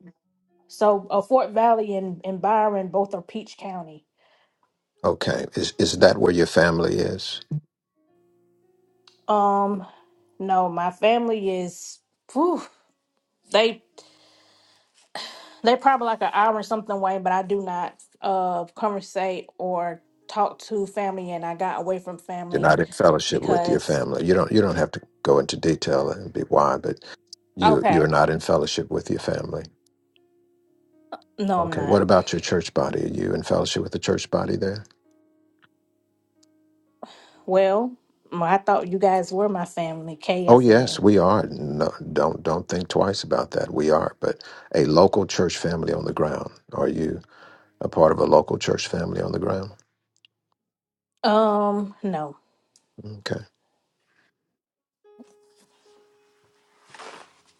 so uh, Fort Valley and, and Byron both are Peach County. Okay. Is is that where your family is? Um, no, my family is whew, they they probably like an hour or something away, but I do not uh conversate or talk to family, and I got away from you're family not in fellowship with your because family. You don't you don't have to go into detail and be why, but you you okay, are not in fellowship with your family. no, I'm Okay. What not. about your church body? Are you in fellowship with the church body there? Well, I thought you guys were my family, Oh yes, KFN. we are. No, don't don't think twice about that. We are, but a local church family on the ground. Are you a part of a local church family on the ground? Um, no. Okay.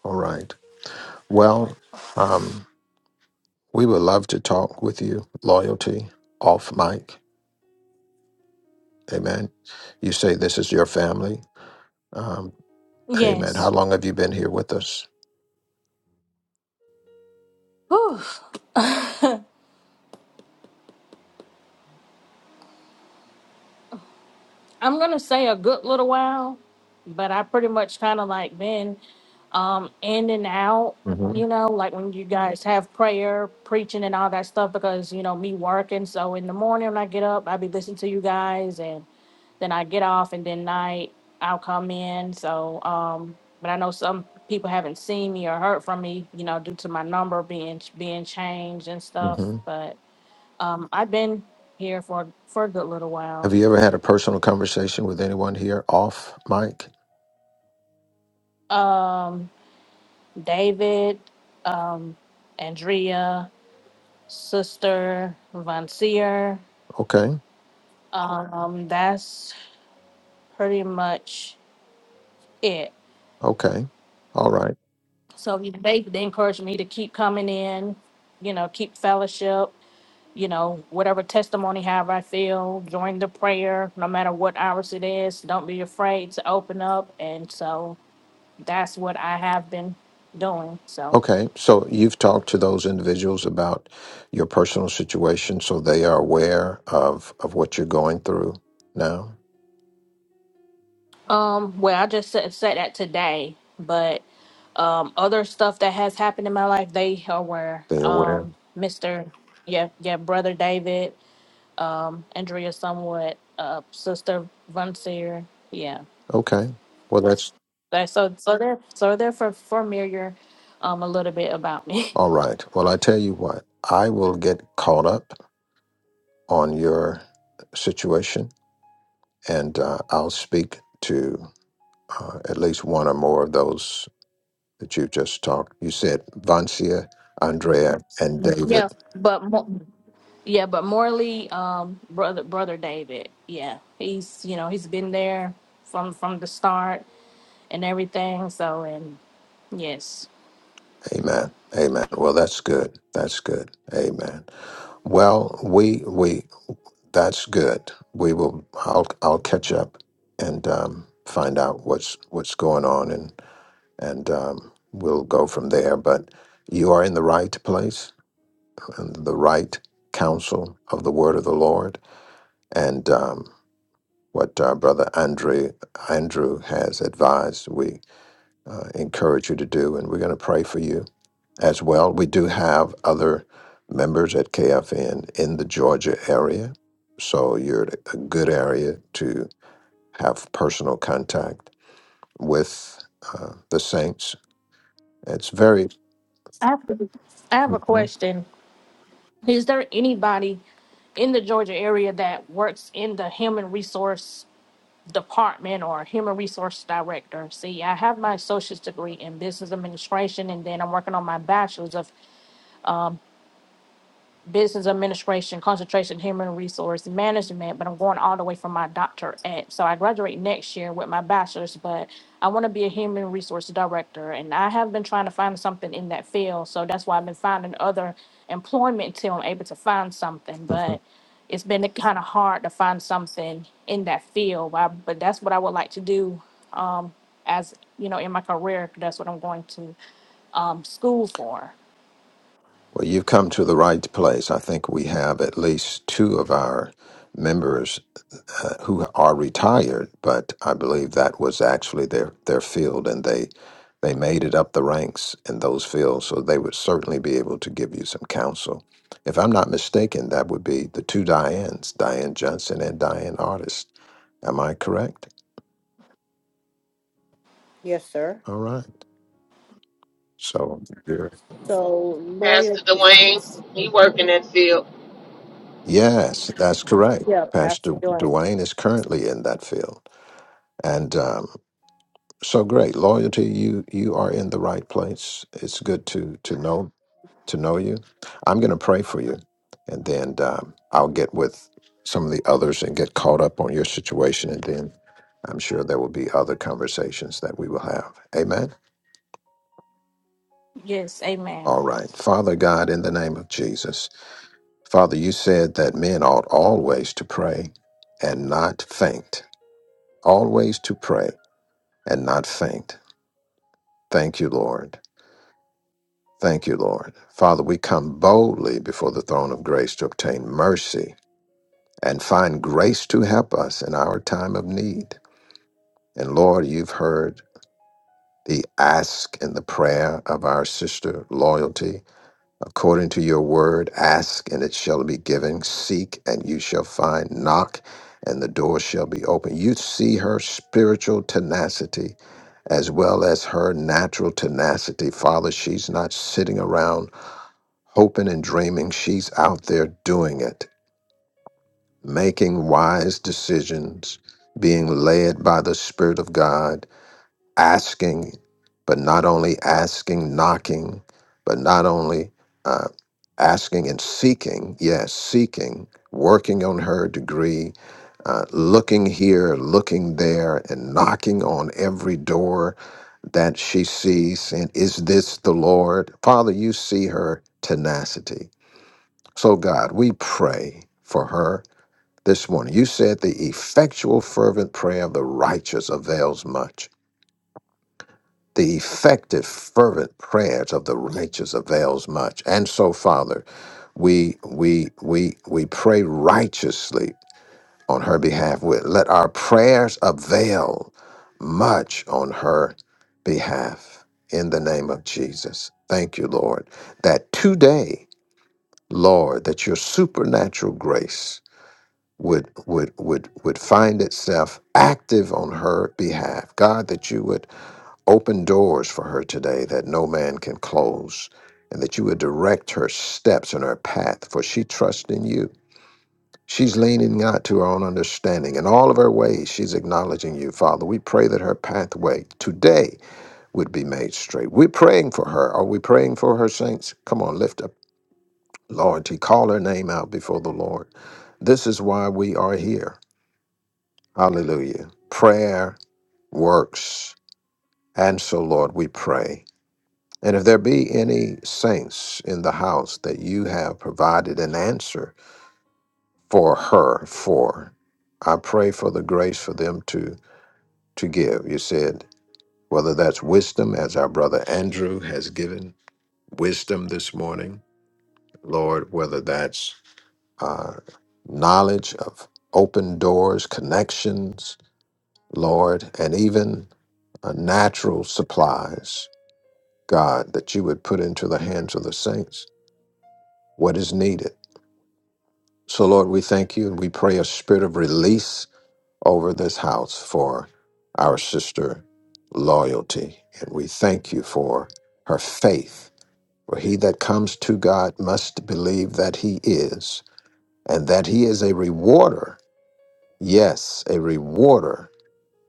All right. Well, um, we would love to talk with you. Loyalty off mic. Amen. You say this is your family. Um. Amen. Yes. How long have you been here with us? Whew. [sighs] [laughs] I'm gonna say a good little while, but I pretty much kind of like been um in and out, hmm you know, like when you guys have prayer, preaching, and all that stuff. Because you know me working, so in the morning when I get up, I be listening to you guys, and then I get off, and then night I'll come in. So, um, but I know some people haven't seen me or heard from me, you know, due to my number being being changed and stuff. hmm But um, I've been here for for a good little while. Have you ever had a personal conversation with anyone here off mic? um, David, um, Andrea, sister, Von Seer. Okay. Um, that's pretty much it. Okay. All right. So you- they, they encouraged me to keep coming in, you know, keep fellowship, you know, whatever testimony, however I feel, join the prayer, no matter what hours it is. Don't be afraid to open up. And so that's what I have been doing. So. Okay. So you've talked to those individuals about your personal situation so they are aware of, of what you're going through now? Um, well, I just said, said that today, but um, other stuff that has happened in my life, they are aware. They're aware. Um, Mister, yeah, yeah, brother David, um, Andrea, somewhat, uh, sister Vonseer, yeah. Okay. Well, that's That, so, so they're so they're for familiar, um, a little bit about me. [laughs] all right. Well, I tell you what, I will get caught up on your situation and uh, I'll speak to uh, at least one or more of those that you just talked. You said Vancia, Andrea, and yeah, David. but mo- yeah, but Morley, um, brother brother David, yeah, he's you know he's been there from from the start and everything. So, and yes, Amen. Amen. Well, that's good. That's good. Amen. Well, we we that's good. We will. I'll I'll catch up and um, find out what's what's going on and and um, we'll go from there. But you are in the right place and the right counsel of the word of the Lord. And um, what uh, Brother Andrew Andrew has advised. We uh, encourage you to do, and we're going to pray for you as well. We do have other members at KFN in the Georgia area, so you're at a good area to have personal contact with uh, the saints. It's very I have, I have a Mhm. question. Is there anybody in the Georgia area that works in the human resource department or human resource director? See, I have my associate's degree in business administration, and then I'm working on my bachelor's of business administration, concentration, human resource management, but I'm going all the way from my doctorate. So I graduate next year with my bachelor's, but I want to be a human resource director. And I have been trying to find something in that field. So that's why I've been finding other employment until I'm able to find something. [laughs] But it's been kind of hard to find something in that field. But, but that's what I would like to do um, as, you know, in my career. That's what I'm going to um, school for. Well, you've come to the right place. I think we have at least two of our members uh, who are retired, but I believe that was actually their, their field, and they they made it up the ranks in those fields, so they would certainly be able to give you some counsel. If I'm not mistaken, that would be the two Dianes, Diane Johnson and Diane Artist. Am I correct? Yes, sir. All right. So you're- So Pastor loyalty. Dwayne, he work in that field. yes, that's correct. Yeah, Pastor Pastor Dwayne. Duane is currently in that field, and um, So great. Loyalty, you you are in the right place. It's good to to know to know you. I'm going to pray for you, and then um, I'll get with some of the others and get caught up on your situation, and then I'm sure there will be other conversations that we will have. Amen. Yes, amen. All right. Father God, in the name of Jesus, Father, you said that men ought always to pray and not faint. Always to pray and not faint. Thank you, Lord. Thank you, Lord. Father, we come boldly before the throne of grace to obtain mercy and find grace to help us in our time of need. And Lord, you've heard the ask and the prayer of our sister, Loyalty. According to your word, ask and it shall be given, seek and you shall find, knock and the door shall be open. You see her spiritual tenacity as well as her natural tenacity. Father, she's not sitting around hoping and dreaming. She's out there doing it, making wise decisions, being led by the Spirit of God, asking, but not only asking, knocking, but not only uh, asking and seeking, yes, seeking, working on her degree. Uh, looking here, looking there, and knocking on every door that she sees, and is this the Lord? Father, you see her tenacity so, God, we pray for her this morning. You said the effectual, fervent prayer of the righteous avails much. The effective, fervent prayers of the righteous avails much. And so, Father, we we we we pray righteously on her behalf. We- Let our prayers avail much on her behalf. In the name of Jesus. Thank you, Lord, that today, Lord, that your supernatural grace would would would would find itself active on her behalf. God, that you would open doors for her today that no man can close, and that you would direct her steps and her path, for she trusts in you. She's leaning not to her own understanding. In all of her ways, she's acknowledging you, Father. We pray that her pathway today would be made straight. We're praying for her. Are we praying for her saints? Come on, lift up loyalty. Call her name out before the Lord. This is why we are here. Hallelujah. Prayer works. And so, Lord, we pray. And if there be any saints in the house that you have provided an answer for her for, I pray for the grace for them to to give. You said whether that's wisdom, as our brother Andrew has given wisdom this morning, Lord, whether that's uh, knowledge of open doors, connections, Lord, and even uh, natural supplies, God, that you would put into the hands of the saints what is needed. So, Lord, we thank you and we pray a spirit of release over this house for our sister loyalty. And we thank you for her faith. For he that comes to God must believe that he is, and that he is a rewarder. Yes, a rewarder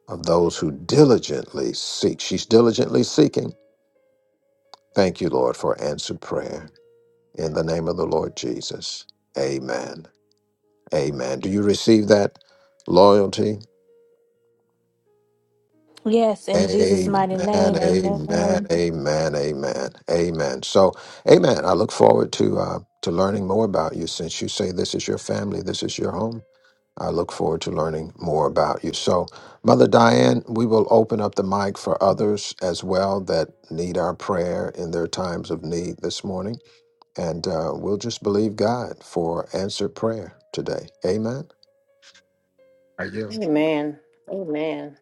of those who diligently seek. She's diligently seeking. Thank you, Lord, for answered prayer. In the name of the Lord Jesus. Amen. Amen. Do you receive that loyalty? Yes, in Jesus' mighty Amen. name, Amen. amen. Amen. Amen. Amen. So, amen. I look forward to uh, to learning more about you. Since you say this is your family, this is your home. I look forward to learning more about you. So, Mother Diane, we will open up the mic for others as well that need our prayer in their times of need this morning. And uh, we'll just believe God for answered prayer today. Amen. I do. Amen. Amen.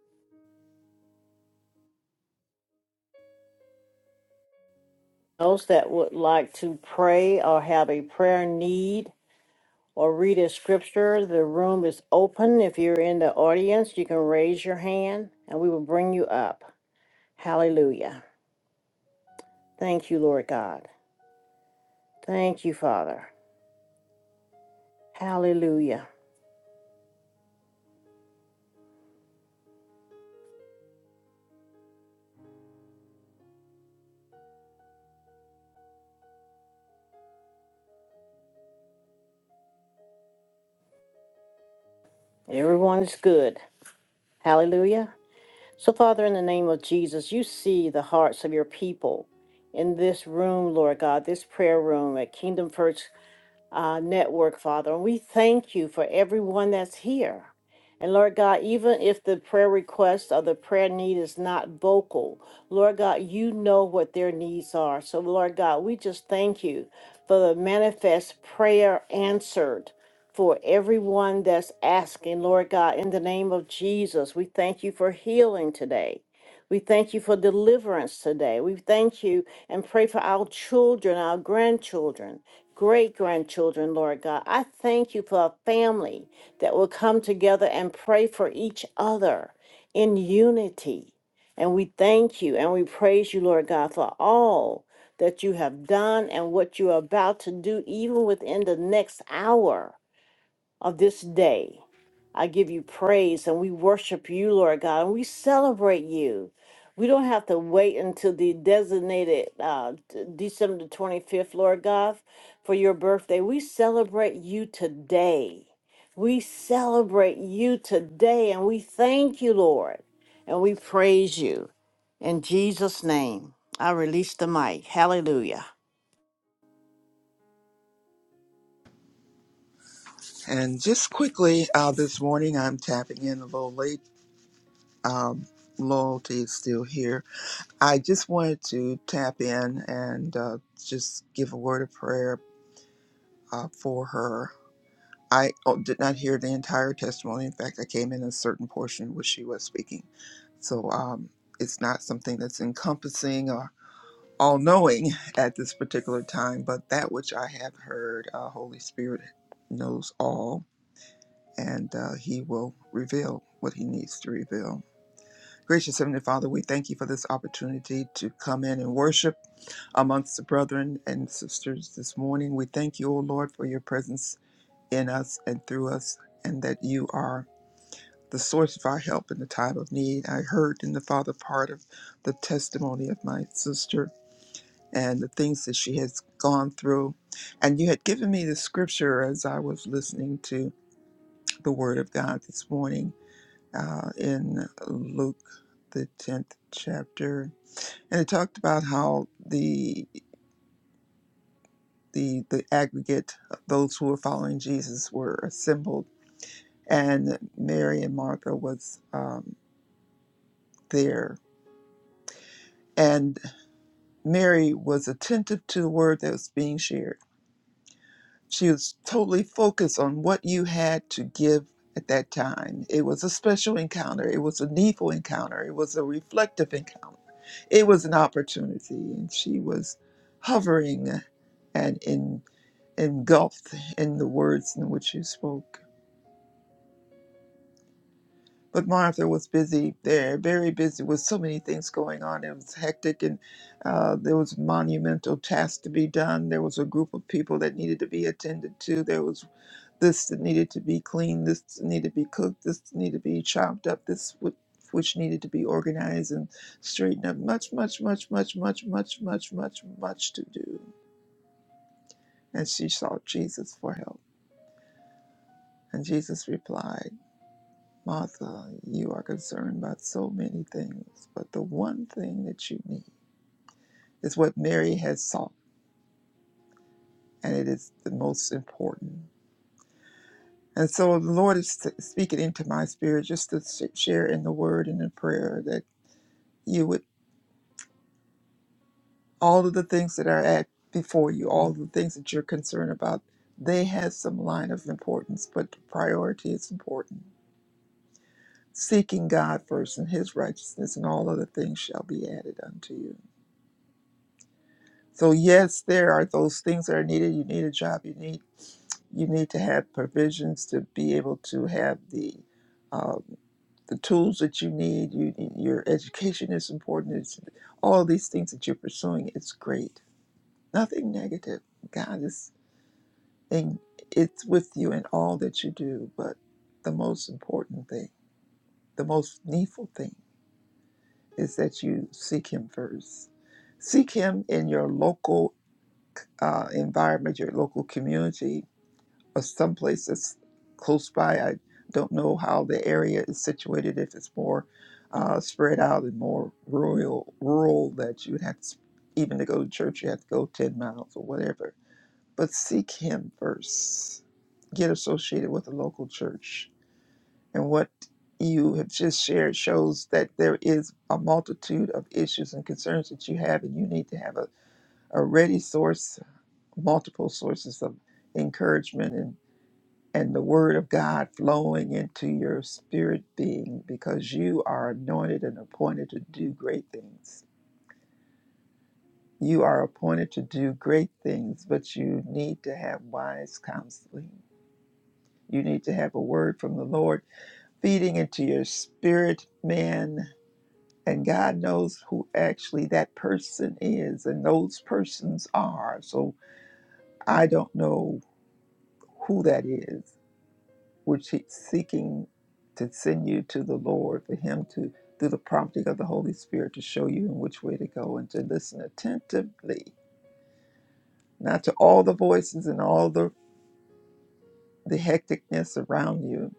Those that would like to pray or have a prayer need or read a scripture, the room is open. If you're in the audience, you can raise your hand and we will bring you up. Hallelujah. Thank you, Lord God. Thank you, Father. Hallelujah. Everyone is good. Hallelujah. So, Father, in the name of Jesus, you see the hearts of your people in this room, Lord God, this prayer room at Kingdom First uh, network, Father. And we thank you for everyone that's here. And Lord God, even if the prayer request or the prayer need is not vocal, Lord God, you know what their needs are. So, Lord God, we just thank you for the manifest prayer answered for everyone that's asking, Lord God, in the name of Jesus. We thank you for healing today. We thank you for deliverance today. We thank you and pray for our children, our grandchildren, great grandchildren, Lord God. I thank you for a family that will come together and pray for each other in unity. And we thank you and we praise you, Lord God, for all that you have done and what you are about to do, even within the next hour of this day. I give you praise and we worship you, Lord God, and we celebrate you. We don't have to wait until the designated uh, d- December 25th, Lord God, for your birthday. We celebrate you today. We celebrate you today and we thank you, Lord, and we praise you. In Jesus' name, I release the mic. Hallelujah. And just quickly, uh, this morning I'm tapping in a little late. Um, loyalty is still here. I just wanted to tap in and uh, just give a word of prayer uh, for her. I oh, did not hear the entire testimony. In fact, I came in a certain portion where she was speaking. So um, it's not something that's encompassing or all knowing at this particular time, but that which I have heard, uh, Holy Spirit knows all and uh, He will reveal what He needs to reveal. Gracious Heavenly Father, we thank you for this opportunity to come in and worship amongst the brethren and sisters this morning. We thank you, O Lord, for your presence in us and through us, and that you are the source of our help in the time of need. I heard in the Father part of the testimony of my sister and the things that she has gone through. And you had given me the scripture as I was listening to the Word of God this morning uh, in Luke, the tenth chapter, and it talked about how the the the aggregate of those who were following Jesus were assembled, and Mary and Martha was um, there, and Mary was attentive to the word that was being shared She was totally focused on what you had to give at that time. It was a special encounter, it was a needful encounter, it was a reflective encounter, it was an opportunity, and she was hovering and in, engulfed in the words in which you spoke. But Martha was busy there, very busy with so many things going on. It was hectic, and uh, there was monumental tasks to be done. There was a group of people that needed to be attended to. There was this that needed to be cleaned, this that needed to be cooked, this that needed to be chopped up, this whi- which needed to be organized and straightened up. Much, much, much, much, much, much, much, much, much to do. And she sought Jesus for help. And Jesus replied, Martha, you are concerned about so many things, but the one thing that you need is what Mary has sought, and it is the most important. And so the Lord is speaking into my spirit just to share in the word and in prayer that you would. all of the things that are at before you, all the things that you're concerned about, they have some line of importance, but priority is important. Seeking God first and his righteousness and all other things shall be added unto you. So yes, there are those things that are needed. You need a job, you need you need to have provisions to be able to have the uh, the tools that you need. You your education is important. It's all these things that you're pursuing. It's great. Nothing negative. God is and it's with you in all that you do. But the most important thing, the most needful thing, is that you seek Him first. Seek Him in your local uh, environment, your local community, or someplace that's close by. I don't know how the area is situated. If it's more uh, spread out and more rural, rural, that you would have to, even to go to church, you have to go ten miles or whatever but seek Him first. Get associated with a local church. And what you have just shared shows that there is a multitude of issues and concerns that you have, and you need to have a, a ready source, multiple sources of encouragement and, and the Word of God flowing into your spirit being because you are anointed and appointed to do great things. You are appointed to do great things, but you need to have wise counseling You need to have a word from the Lord feeding into your spirit, man. And God knows who actually that person is and those persons are. So I don't know who that is, which He's seeking to send you to the Lord for Him to, through the prompting of the Holy Spirit, to show you in which way to go and to listen attentively, not to all the voices and all the, the hecticness around you,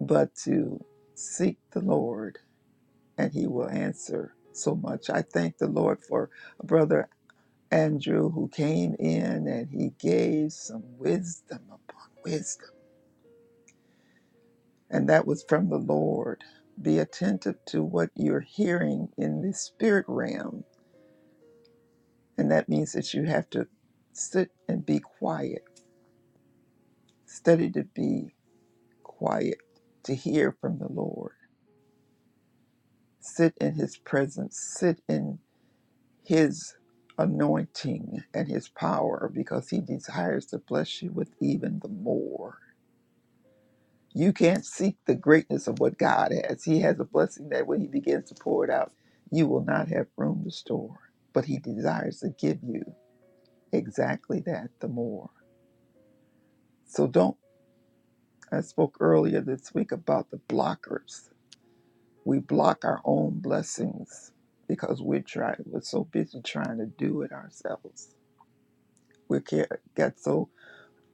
but to seek the Lord and he will answer so much. I thank the Lord for Brother Andrew who came in and he gave some wisdom upon wisdom. And that was from the Lord. Be attentive to what you're hearing in the spirit realm. And that means that you have to sit and be quiet, study to be quiet, to hear from the Lord. Sit in his presence, sit in his anointing and his power because he desires to bless you with even the more. You can't seek the greatness of what God has. He has a blessing that when he begins to pour it out, you will not have room to store. But he desires to give you exactly that, the more. So don't, I spoke earlier this week about the blockers. We block our own blessings because we're trying, we're so busy trying to do it ourselves. We get so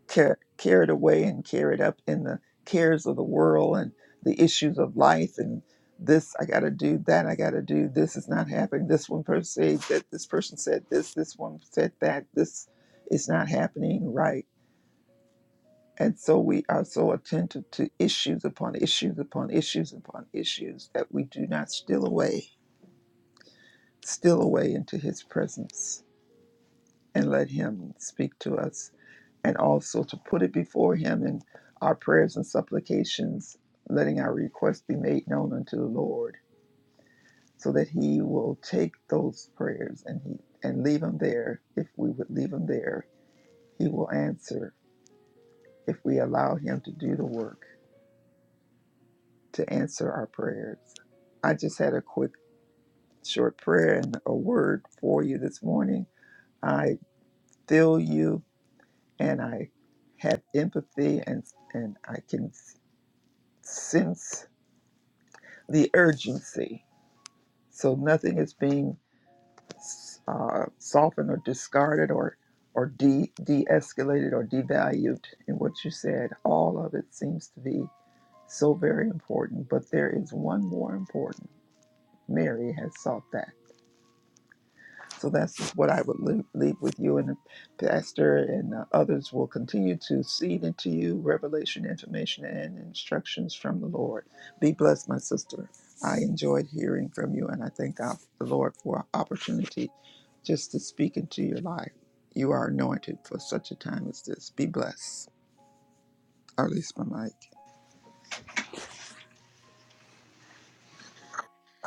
car- carried away and carried up in the cares of the world and the issues of life and this I got to do that I got to do this is not happening this one person said that this person said this this one said that this is not happening right and so we are so attentive to issues upon issues upon issues upon issues that we do not steal away steal away into his presence and let him speak to us and also to put it before him in our prayers and supplications, letting our requests be made known unto the Lord, so that he will take those prayers and he and leave them there. If we would leave them there, he will answer if we allow him to do the work to answer our prayers. I just had a quick short prayer and a word for you this morning. I feel you and I have empathy and and I can sense the urgency. So nothing is being uh, softened or discarded or or de de escalated or devalued in what you said. All of it seems to be so very important, but there is one more important. Mary has sought that. So that's what I would leave, leave with you. And the Pastor and uh, others will continue to seed into you revelation, information, and instructions from the Lord. Be blessed, my sister. I enjoyed hearing from you, and I thank God, the Lord for opportunity just to speak into your life. You are anointed for such a time as this. Be blessed. I release my mic.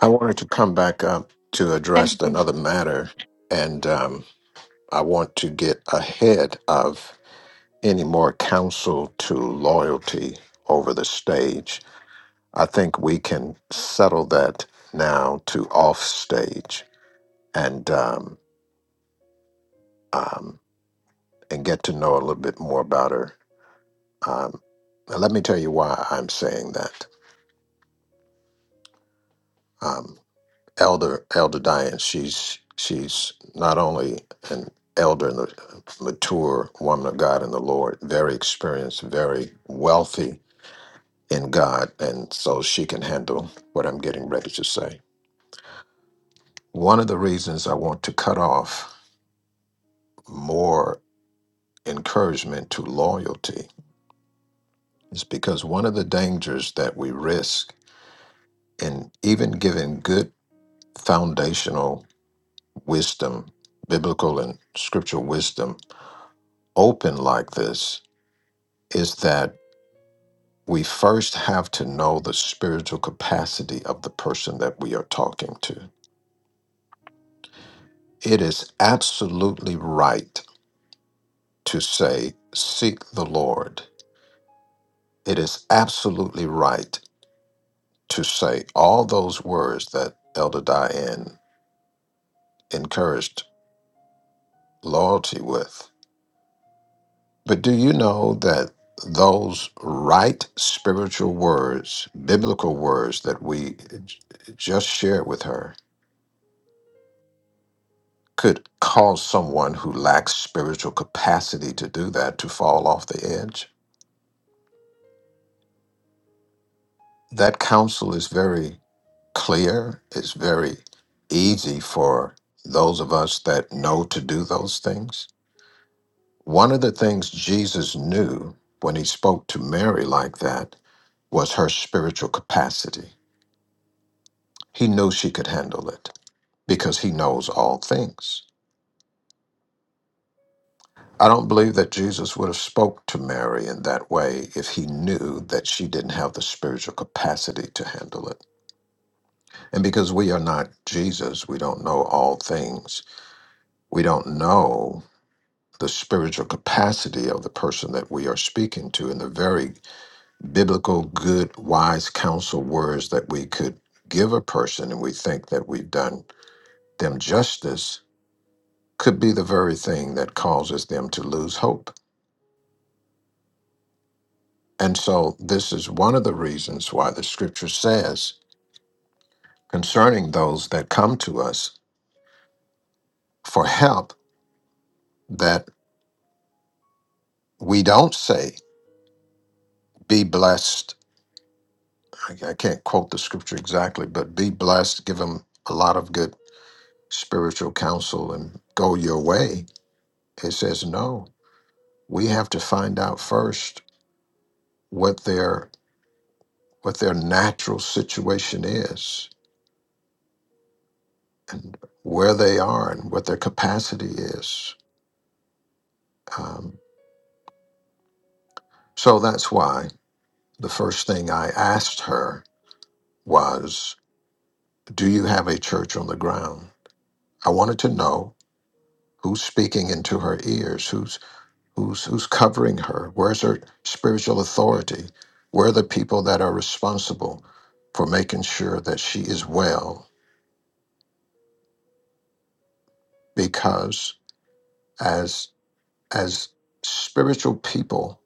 I wanted to come back up to Thank address you. another matter, and um, I want to get ahead of any more counsel to loyalty over the stage. I think we can settle that now to off stage and um, um, and get to know a little bit more about her. Um, now let me tell you why I'm saying that. Um, elder elder diane she's she's not only an elder and a mature woman of god in the lord very experienced very wealthy in god and so she can handle what i'm getting ready to say one of the reasons i want to cut off more encouragement to loyalty is because one of the dangers that we risk in even giving good foundational wisdom biblical and scriptural wisdom open like this is that we first have to know the spiritual capacity of the person that we are talking to. It is absolutely right to say, Seek the Lord. It is absolutely right to say all those words that Elder Diane encouraged loyalty with. But do you know that those right spiritual words, biblical words that we j- just shared with her, could cause someone who lacks spiritual capacity to do that to fall off the edge. That counsel is very clear, it's very easy for those of us that know to do those things. One of the things Jesus knew when he spoke to Mary like that was her spiritual capacity. He knew she could handle it because he knows all things. I don't believe that Jesus would have spoke to Mary in that way if he knew that she didn't have the spiritual capacity to handle it. And because we are not Jesus, we don't know all things. We don't know the spiritual capacity of the person that we are speaking to and the very biblical, good, wise counsel words that we could give a person and we think that we've done them justice could be the very thing that causes them to lose hope And so, this is one of the reasons why the scripture says concerning those that come to us for help that we don't say, be blessed. I I can't quote the scripture exactly, but be blessed, give them a lot of good spiritual counsel and go your way. It says, no, we have to find out first what their what their natural situation is, where they are, and what their capacity is. Um, so that's why. the first thing I asked her was, Do you have a church on the ground? I wanted to know who's speaking into her ears, who's who's who's covering her, where's her spiritual authority? Where are the people that are responsible for making sure that she is well? Because as as spiritual people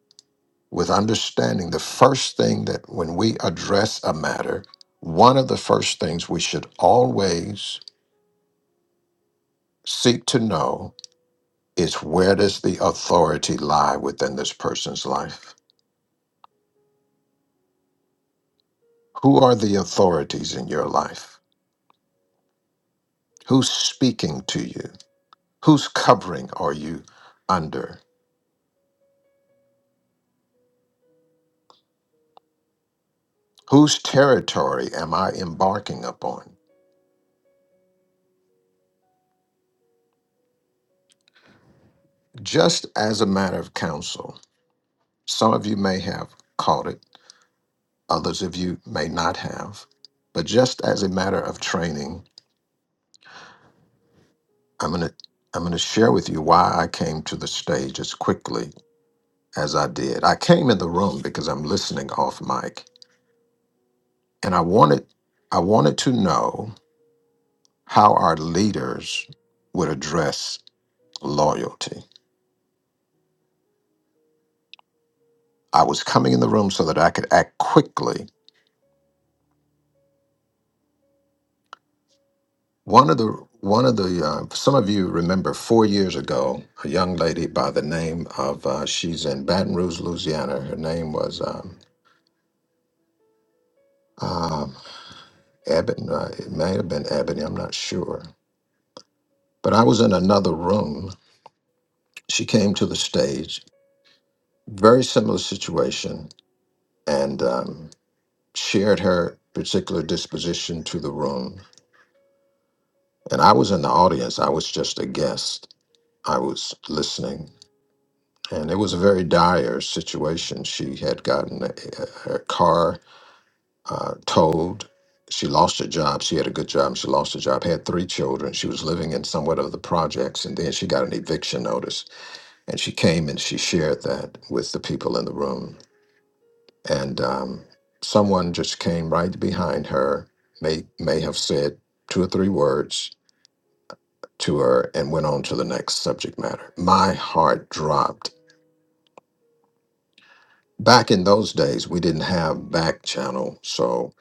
with understanding, the first thing that when we address a matter, one of the first things we should always seek to know Is where does the authority lie within this person's life? Who are the authorities in your life? Who's speaking to you? Whose covering are you under? Whose territory am I embarking upon? Just as a matter of counsel, some of you may have caught it, others of you may not have, but just as a matter of training, I'm going to I'm going to share with you why I came to the stage as quickly as I did. I came in the room because I'm listening off mic, and I wanted I wanted to know how our leaders would address loyalty. I was coming in the room so that I could act quickly. One of the one of the uh, some of you remember four years ago, a young lady by the name of uh, she's in Baton Rouge, Louisiana. Her name was um, um, Ebony. Uh, it may have been Ebony. I'm not sure. But I was in another room she came to the stage very similar situation and um, shared her particular disposition to the room. And I was in the audience, I was just a guest. I was listening. And it was a very dire situation. She had gotten a, a- her car uh, towed. She lost her job. She had a good job. She lost her job, had three children. She was living in somewhat of the projects. And then she got an eviction notice. And she came and she shared that with the people in the room and um, someone just came right behind her may may have said two or three words to her and went on to the next subject matter my heart dropped back in those days we didn't have back channel so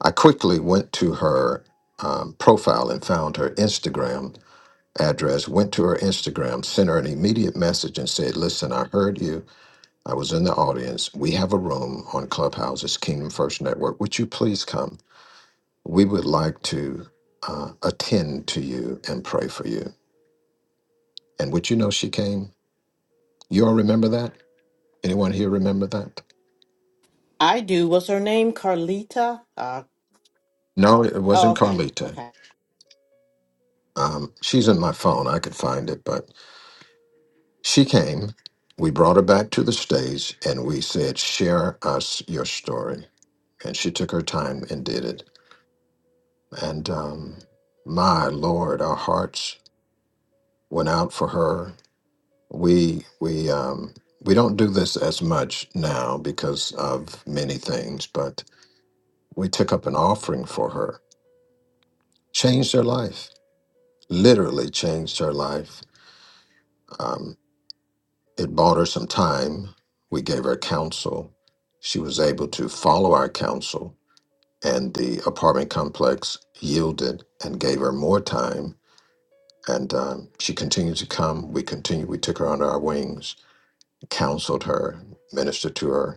i quickly went to her um, profile and found her instagram address went to her instagram sent her an immediate message and said listen i heard you i was in the audience we have a room on clubhouses kingdom first network would you please come we would like to uh, attend to you and pray for you. And would you know she came? You all remember that? Anyone here remember that? I do. What's her name? Carlita? Uh, No, it oh, wasn't okay. Carlita. Okay. Um, she's in my phone. I could find it, but she came. We brought her back to the stage and we said, Share us your story. And she took her time and did it. And um, my Lord, our hearts went out for her we we um we don't do this as much now because of many things but we took up an offering for her changed her life literally changed her life um, it bought her some time we gave her counsel she was able to follow our counsel and the apartment complex yielded and gave her more time and um, she continued to come we continued we took her under our wings counseled her ministered to her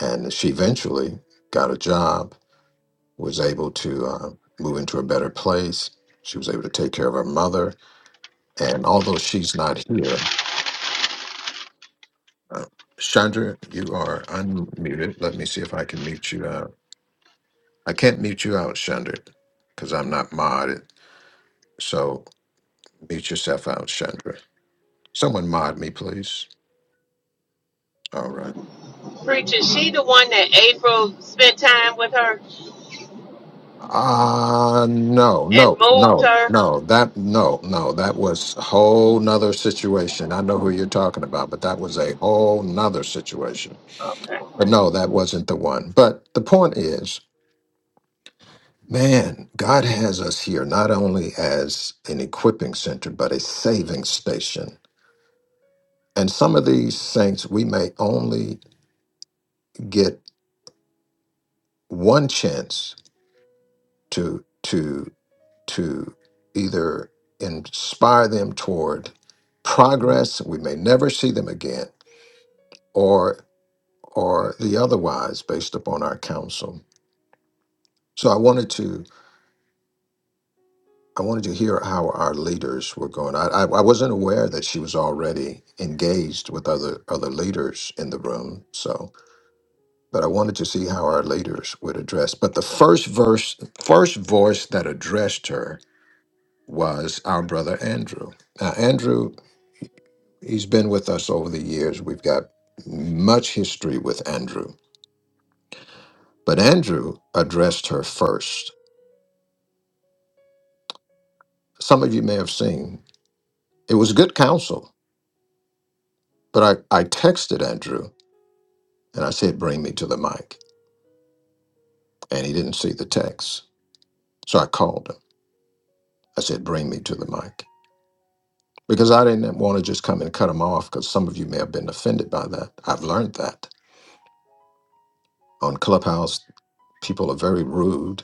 and she eventually got a job, was able to uh, move into a better place. She was able to take care of her mother. And although she's not here, uh, Chandra, you are unmuted. Let me see if I can mute you out. I can't mute you out, Chandra, because I'm not modded. So mute yourself out, Chandra. Someone mod me, please. All right. Preacher, she the one that April spent time with her Uh no, and no, moved no, her. no. That no, no. That was a whole nother situation. I know who you're talking about, but that was a whole nother situation. Okay. But no, that wasn't the one. But the point is, man, God has us here not only as an equipping center, but a saving station. And some of these saints we may only get one chance to to to either inspire them toward progress we may never see them again or or the otherwise based upon our counsel so i wanted to i wanted to hear how our leaders were going i i, I wasn't aware that she was already engaged with other other leaders in the room so but i wanted to see how our leaders would address but the first verse first voice that addressed her was our brother andrew now andrew He's been with us over the years. We've got much history with Andrew. But Andrew addressed her first. Some of you may have seen. It was good counsel. But I, I texted Andrew and I said, Bring me to the mic. And he didn't see the text. So I called him. I said, Bring me to the mic. Because I didn't want to just come and cut him off because some of you may have been offended by that. I've learned that. On Clubhouse, people are very rude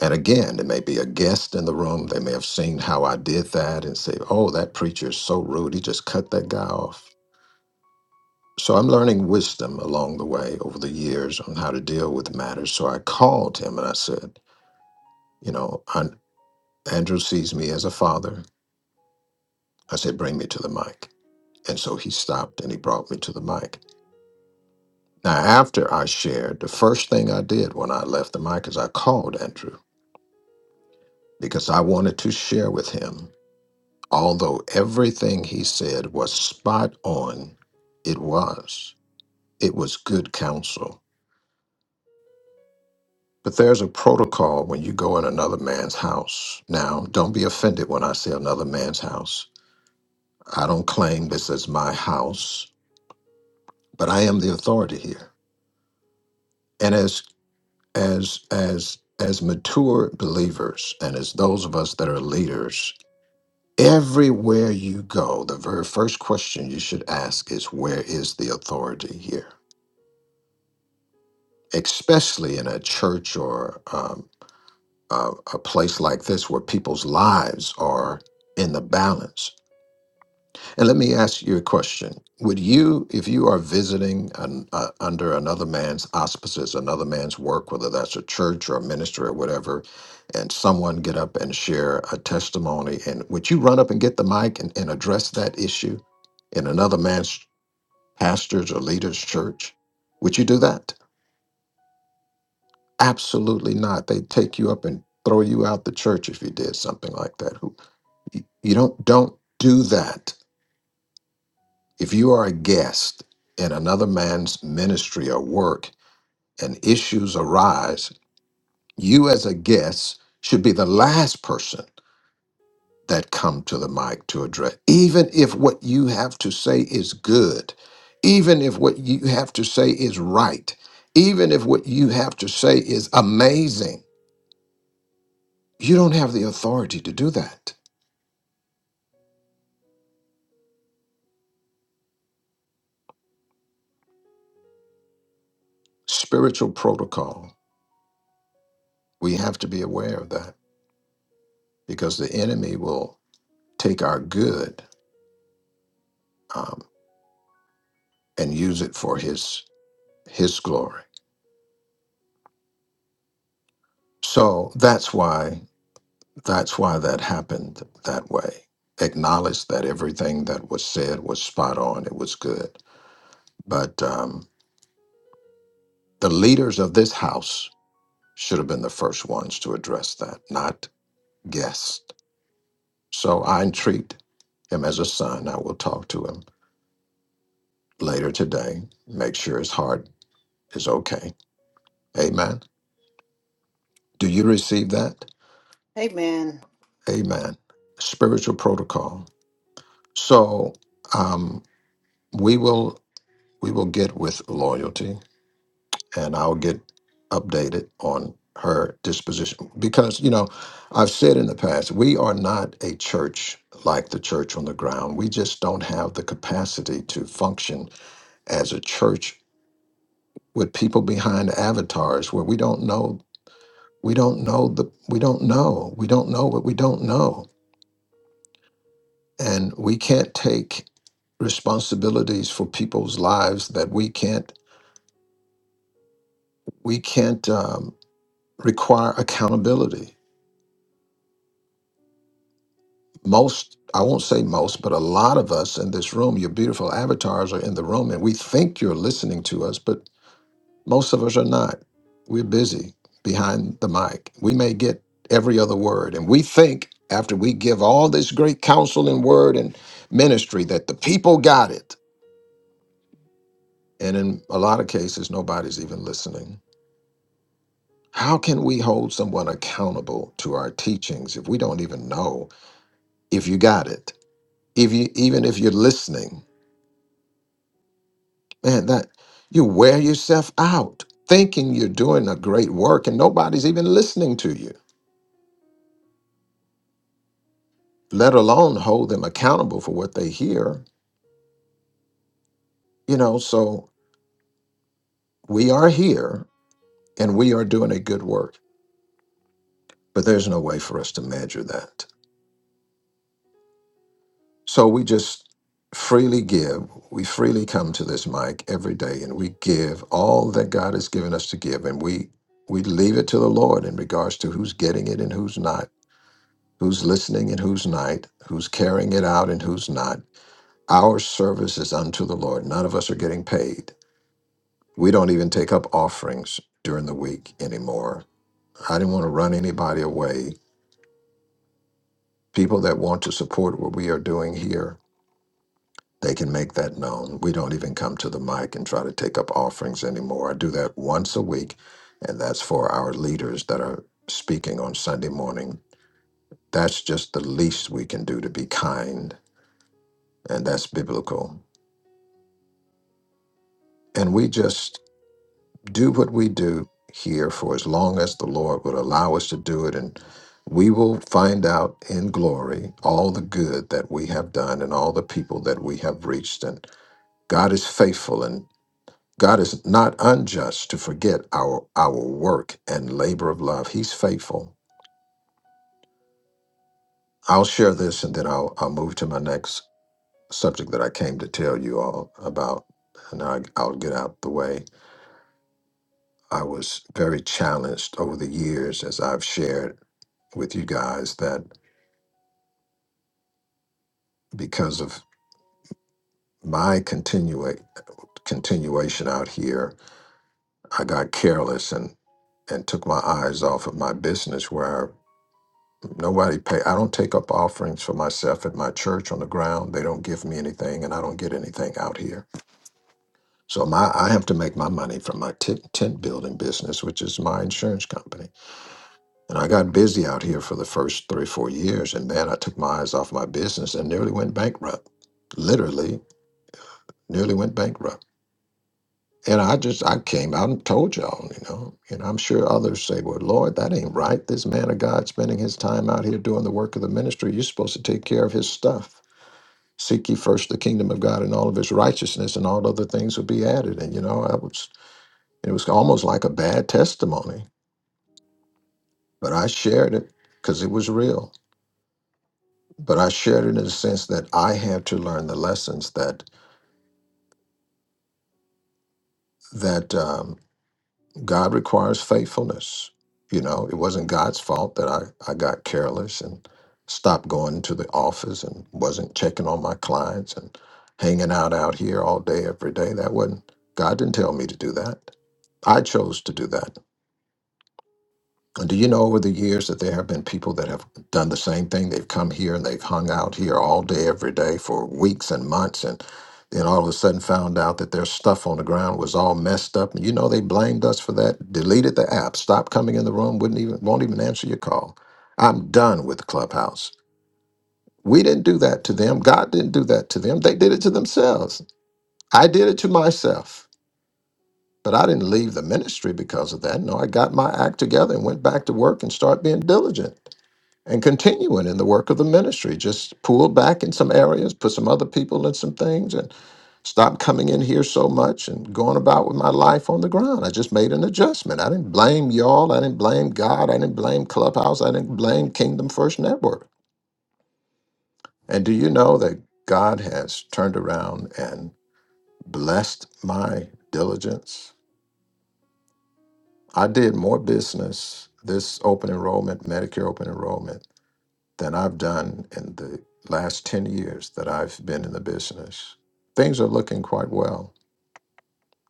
And again, there may be a guest in the room. They may have seen how I did that and say, oh, that preacher is so rude. He just cut that guy off. So I'm learning wisdom along the way over the years on how to deal with matters. So I called him and I said, you know, An- Andrew sees me as a father. I said, bring me to the mic. And so he stopped and he brought me to the mic. Now, after I shared, the first thing I did when I left the mic is I called Andrew because I wanted to share with him Although everything he said was spot on, it was. It was good counsel. But there's a protocol when you go in another man's house. Now, don't be offended when I say another man's house. I don't claim this as my house, but I am the authority here. And as as as as mature believers and as those of us that are leaders, everywhere you go, the very first question you should ask is where is the authority here? especially in a church or um, a, a place like this where people's lives are in the balance. And let me ask you a question. Would you, if you are visiting an, uh, under another man's auspices, another man's work, whether that's a church or a ministry or whatever, and someone get up and share a testimony, and would you run up and get the mic and, and address that issue in another man's pastor's or leader's church? Would you do that? Absolutely not. They'd take you up and throw you out the church if you did something like that. Who you you don't don't do that. If you are a guest in another man's ministry or work and issues arise, you as a guest should be the last person that come to the mic to address. Even if what you have to say is good, even if what you have to say is right, even if what you have to say is amazing, you don't have the authority to do that spiritual protocol. We have to be aware of that because the enemy will take our good um, and use it for his his glory. So that's why that's why that happened that way. Acknowledge that everything that was said was spot on. It was good, but um, the leaders of this house should have been the first ones to address that, not guests. So I entreat him as a son. I will talk to him later today. Make sure his heart is okay. Amen. Do you receive that? Amen. Amen. Spiritual protocol. So um, we will we will get with loyalty, and I'll get updated on her disposition because you know I've said in the past we are not a church like the church on the ground. We just don't have the capacity to function as a church with people behind avatars where we don't know we don't know the we don't know we don't know what we don't know and we can't take responsibilities for people's lives that we can't we can't um, require accountability most i won't say most but a lot of us in this room your beautiful avatars are in the room and we think you're listening to us but Most of us are not. We're busy behind the mic. We may get every other word. And we think after we give all this great counsel and word and ministry that the people got it. And in a lot of cases, nobody's even listening. How can we hold someone accountable to our teachings if we don't even know if you got it? If you even if you're listening, man, that you wear yourself out thinking you're doing a great work and nobody's even listening to you let alone hold them accountable for what they hear. You know, so we are here and we are doing a good work, but there's no way for us to measure that. So we just freely give. We freely come to this mic every day and we give all that God has given us to give and we we leave it to the Lord in regards to who's getting it and who's not, who's listening and who's not, who's carrying it out and who's not. Our service is unto the Lord. None of us are getting paid. We don't even take up offerings during the week anymore. I didn't want to run anybody away. People that want to support what we are doing here, they can make that known. We don't even come to the mic and try to take up offerings anymore. I do that once a week, and that's for our leaders that are speaking on Sunday morning. That's just the least we can do to be kind, and that's biblical. And we just do what we do here for as long as the Lord would allow us to do it. And we will find out in glory all the good that we have done and all the people that we have reached. And God is faithful and God is not unjust to forget our, our work and labor of love. He's faithful. I'll share this and then I'll, I'll move to my next subject that I came to tell you all about. And I, I'll get out the way. I was very challenged over the years, as I've shared with you guys, that because of my continua- continuation out here, I got careless and and took my eyes off of my business where nobody pay I don't take up offerings for myself at my church on the ground. They don't give me anything and I don't get anything out here. So my I have to make my money from my tent, tent building business, which is my insurance company. And I got busy out here for the first three, four years. And man, I took my eyes off my business and nearly went bankrupt. Literally, nearly went bankrupt. And I just, I came out and told y'all, you know, and I'm sure others say, well, Lord, that ain't right. This man of God spending his time out here doing the work of the ministry. You're supposed to take care of his stuff. Seek ye first the kingdom of God and all of his righteousness, and all other things will be added. And, you know, I was, it was almost like a bad testimony, but I shared it because it was real. but I shared it in the sense that I had to learn the lessons that that um, God requires faithfulness. You know, it wasn't God's fault that I, I got careless and stopped going to the office and wasn't checking on my clients and hanging out out here all day every day. That wasn't God didn't tell me to do that. I chose to do that. And do you know over the years that there have been people that have done the same thing? They've come here and they've hung out here all day, every day for weeks and months, and then all of a sudden found out that their stuff on the ground was all messed up. And you know they blamed us for that, deleted the app, stopped coming in the room, wouldn't even won't even answer your call. I'm done with Clubhouse. We didn't do that to them. God didn't do that to them. They did it to themselves. I did it to myself. But I didn't leave the ministry because of that. No, I got my act together and went back to work and started being diligent and continuing in the work of the ministry. Just pull back in some areas, put some other people in some things, and stop coming in here so much and going about with my life on the ground. I just made an adjustment. I didn't blame y'all. I didn't blame God. I didn't blame Clubhouse. I didn't blame Kingdom First Network. And do you know that God has turned around and blessed my diligence? I did more business this open enrollment, Medicare open enrollment than I've done in the last 10 years that I've been in the business. Things are looking quite well.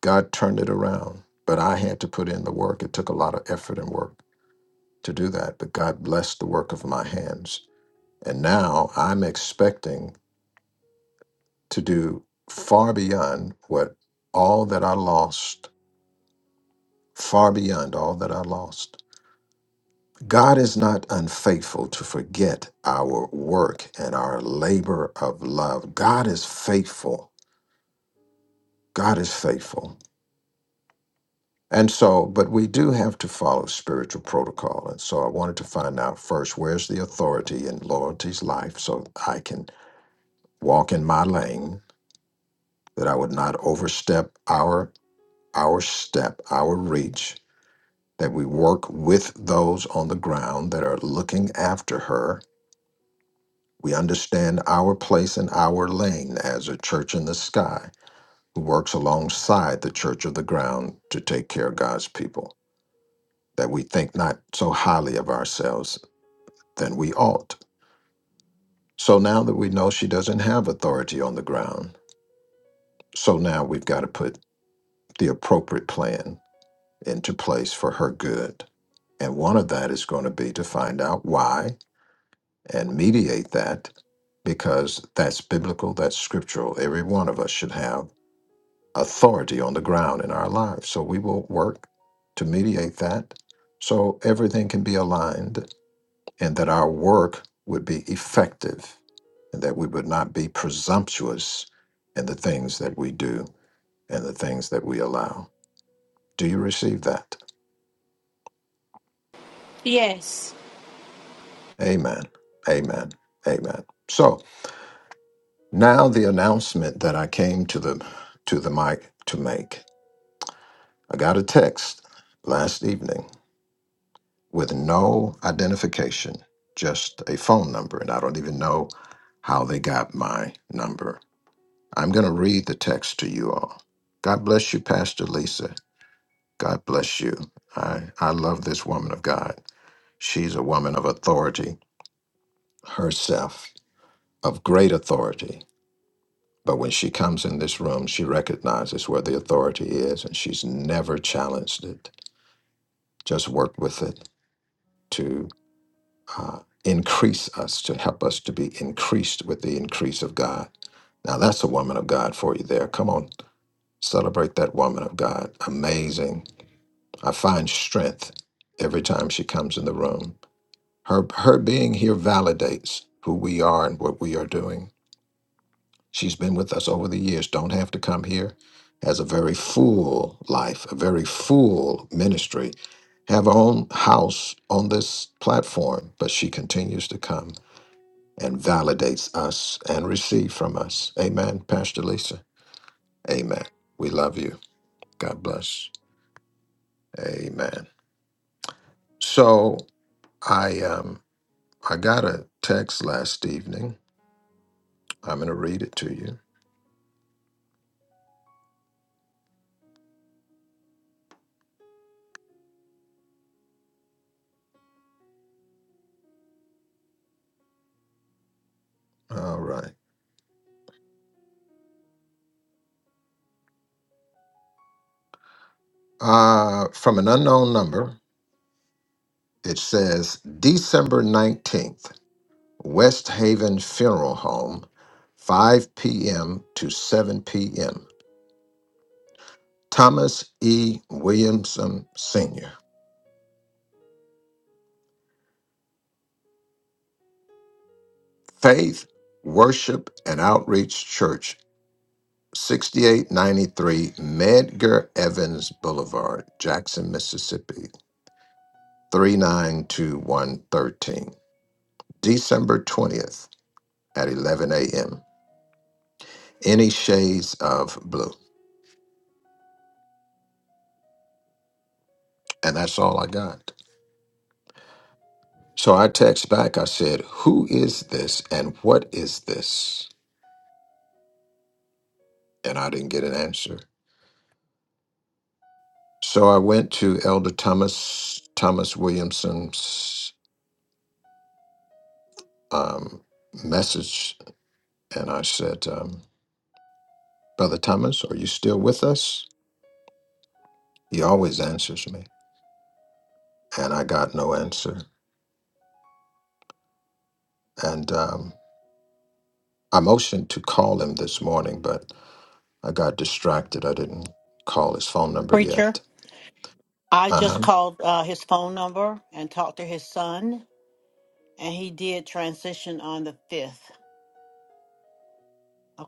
God turned it around, but I had to put in the work. It took a lot of effort and work to do that, but God blessed the work of my hands. And now I'm expecting to do far beyond what all that I lost, far beyond all that I lost. God is not unfaithful to forget our work and our labor of love. God is faithful God is faithful. And so, but we do have to follow spiritual protocol. And so I wanted to find out first where's the authority in loyalty's life so I can walk in my lane, that I would not overstep our our step, our reach, that we work with those on the ground that are looking after her. We understand our place and our lane as a church in the sky who works alongside the church of the ground to take care of God's people. that we think not so highly of ourselves than we ought. So now that we know she doesn't have authority on the ground, so now we've got to put the appropriate plan into place for her good. And one of that is going to be to find out why and mediate that because that's biblical, that's scriptural. Every one of us should have authority on the ground in our lives. So we will work to mediate that so everything can be aligned and that our work would be effective and that we would not be presumptuous in the things that we do and the things that we allow. Do you receive that? Yes, Amen. Amen. Amen. So now the announcement that I came to the to the mic to make. I got a text last evening with no identification, just a phone number, and I don't even know how they got my number. I'm going to read the text to you all. God bless you, Pastor Lisa. God bless you. I, I love this woman of God. She's a woman of authority herself, of great authority. But when she comes in this room, she recognizes where the authority is and she's never challenged it, just worked with it to uh, increase us, to help us to be increased with the increase of God. Now, that's a woman of God for you there. Come on, celebrate that woman of God. Amazing I find strength every time she comes in the room. Her her being here validates who we are and what we are doing. She's been with us over the years, don't have to come here. Has a very full life, a very full ministry. Have her own house on this platform, but she continues to come and validates us and receive from us. Amen, Pastor Lisa. Amen. We love you. God bless. Amen. So I um. I got a text last evening. I'm going to read it to you. All right. Uh, from an unknown number, it says December 19th, West Haven Funeral Home, 5 p.m. to 7 p.m. Thomas E. Williamson Sr., Faith, Worship, and Outreach Church, 6893 Medgar Evans Boulevard, Jackson, Mississippi, three nine two one thirteen. December 20th at 11 a.m. Any shades of blue. And that's all I got. So I text back, I said, Who is this and what is this? And I didn't get an answer. So I went to Elder Thomas, Thomas Williamson's um, message and I said, um, Brother Thomas, are you still with us? He always answers me. And I got no answer. And um, I motioned to call him this morning, but I got distracted. I didn't call his phone number Preacher, yet. I Uh just huh. called uh, his phone number and talked to his son, and he did transition on the 5th.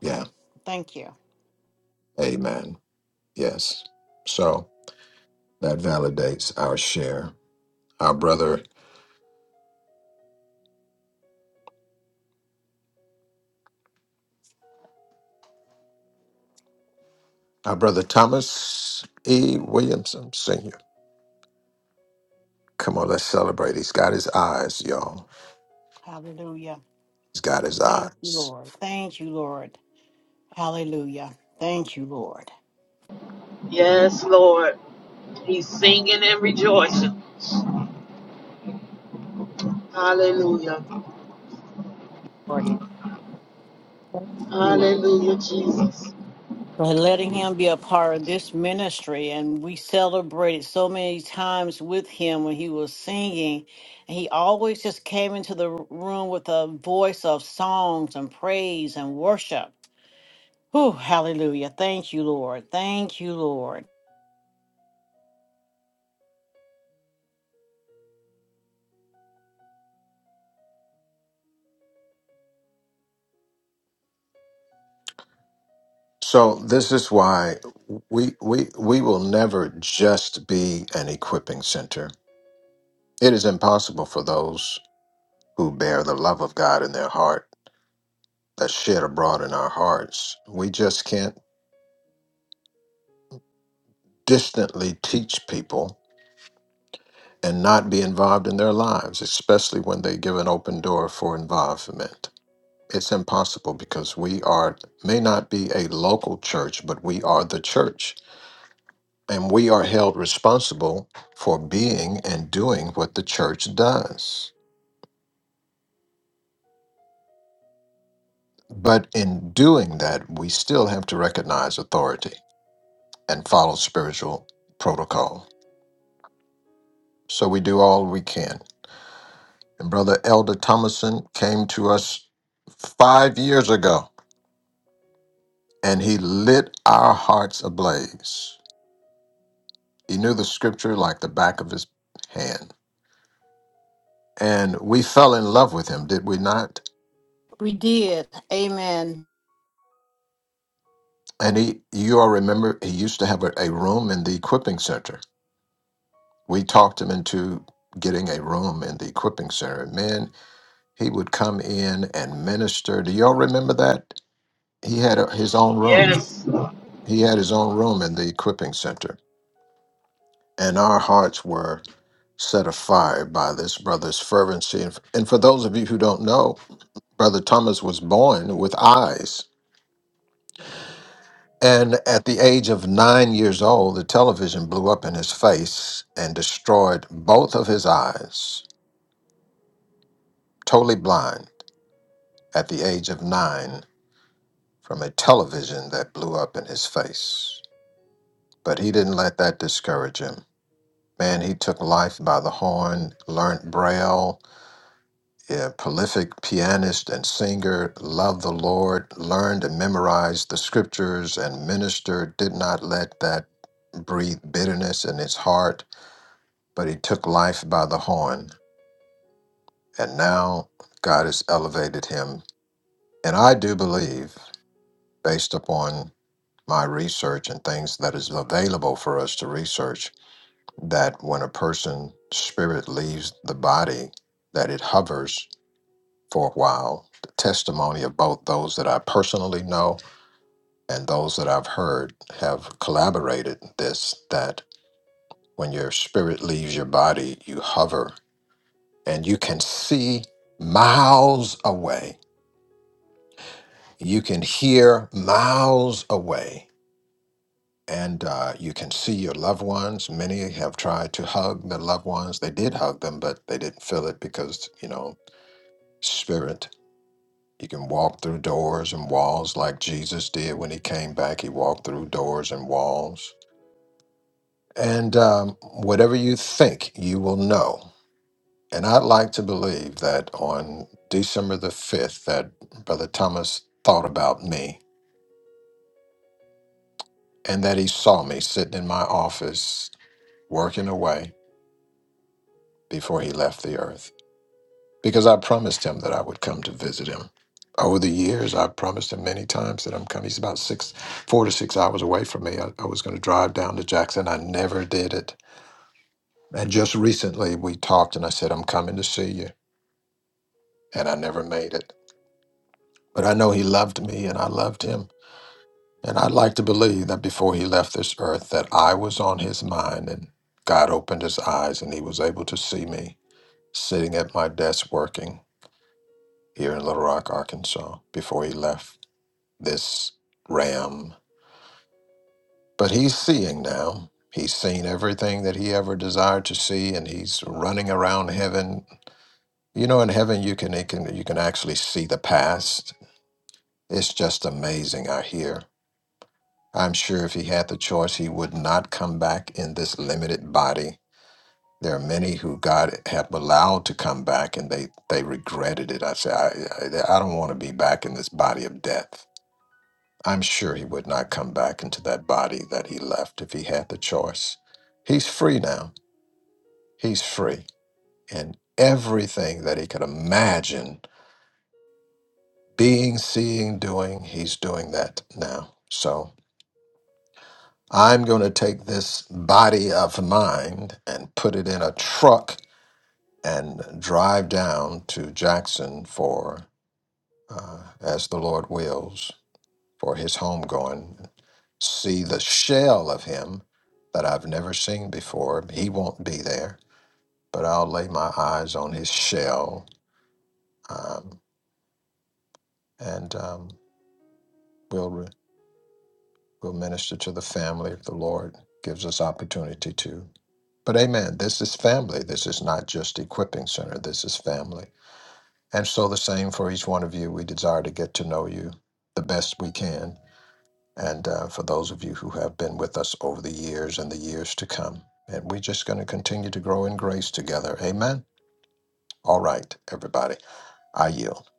Yeah. Thank you. Amen. Yes. So that validates our share. Our brother, our brother Thomas E. Williamson Sr. Come on, let's celebrate. He's got his eyes, y'all. Hallelujah. He's got his Thank you, eyes. Lord. Thank you, Lord. Hallelujah. Thank you, Lord. Yes, Lord. He's singing and rejoicing. Hallelujah. Lord. Thank you Hallelujah, Jesus. For letting him be a part of this ministry, and we celebrated so many times with him when he was singing, and he always just came into the room with a voice of songs and praise and worship. Oh, hallelujah. Thank you, Lord. Thank you, Lord. So this is why we we we will never just be an equipping center. It is impossible for those who bear the love of God in their heart that's shed abroad in our hearts. We just can't distantly teach people and not be involved in their lives, especially when they give an open door for involvement. It's impossible because we are, may not be a local church, but we are the church. And we are held responsible for being and doing what the church does. But in doing that, we still have to recognize authority and follow spiritual protocol. So we do all we can. And Brother Elder Thomason came to us five years ago and he lit our hearts ablaze. He knew the scripture like the back of his hand and we fell in love with him, did we not? We did. Amen. And he, you all remember, he used to have a, a room in the equipping center. We talked him into getting a room in the equipping center. Man, he would come in and minister. Do y'all remember that? He had a, his own room. Yes. He had his own room in the equipping center, and our hearts were set afire by this brother's fervency. And, f- and for those of you who don't know, Brother Thomas was born with eyes And at the age of nine years old, the television blew up in his face and destroyed both of his eyes, totally blind at the age of nine from a television that blew up in his face. But he didn't let that discourage him. Man, he took life by the horn, learned Braille, a prolific pianist and singer, loved the Lord, learned and memorized the scriptures and ministered, did not let that breathe bitterness in his heart but he took life by the horn, and now God has elevated him. And I do believe, based upon my research and things that is available for us to research, that when a person's spirit leaves the body, that it hovers for a while. The testimony of both those that I personally know and those that I've heard have collaborated this that when your spirit leaves your body, you hover and you can see miles away. You can hear miles away, and uh, you can see your loved ones. Many have tried to hug their loved ones. They did hug them, but they didn't feel it because, you know, spirit. You can walk through doors and walls like Jesus did when he came back. He walked through doors and walls. And um, whatever you think, you will know. And I'd like to believe that on December the 5th that Brother Thomas thought about me and that he saw me sitting in my office working away before he left the earth because I promised him that I would come to visit him. Over the years, I promised him many times that I'm coming. He's about six, four to six hours away from me. I, I was going to drive down to Jackson. I never did it. And just recently we talked and I said, I'm coming to see you. And I never made it. But I know he loved me and I loved him. And I'd like to believe that before he left this earth that I was on his mind and God opened his eyes and he was able to see me sitting at my desk working here in Little Rock, Arkansas before he left this ram. But he's seeing now. He's seen everything that he ever desired to see and he's running around heaven. You know in heaven you can, you can you can actually see the past. It's just amazing I hear. I'm sure if he had the choice, he would not come back in this limited body. There are many who God have allowed to come back, and they they regretted it. I say, I, I, I don't want to be back in this body of death. I'm sure he would not come back into that body that he left if he had the choice. He's free now. He's free, and everything that he could imagine being, seeing, doing, he's doing that now. So I'm going to take this body of mine and put it in a truck and drive down to Jackson for, uh, as the Lord wills, for his homegoing. See the shell of him that I've never seen before. He won't be there, but I'll lay my eyes on his shell um, and um, we'll, re- we'll minister to the family if the Lord gives us opportunity to. But amen, this is family. This is not just equipping center. This is family. And so the same for each one of you. We desire to get to know you the best we can. And uh, for those of you who have been with us over the years and the years to come. And we're just going to continue to grow in grace together. Amen. All right, everybody. I yield.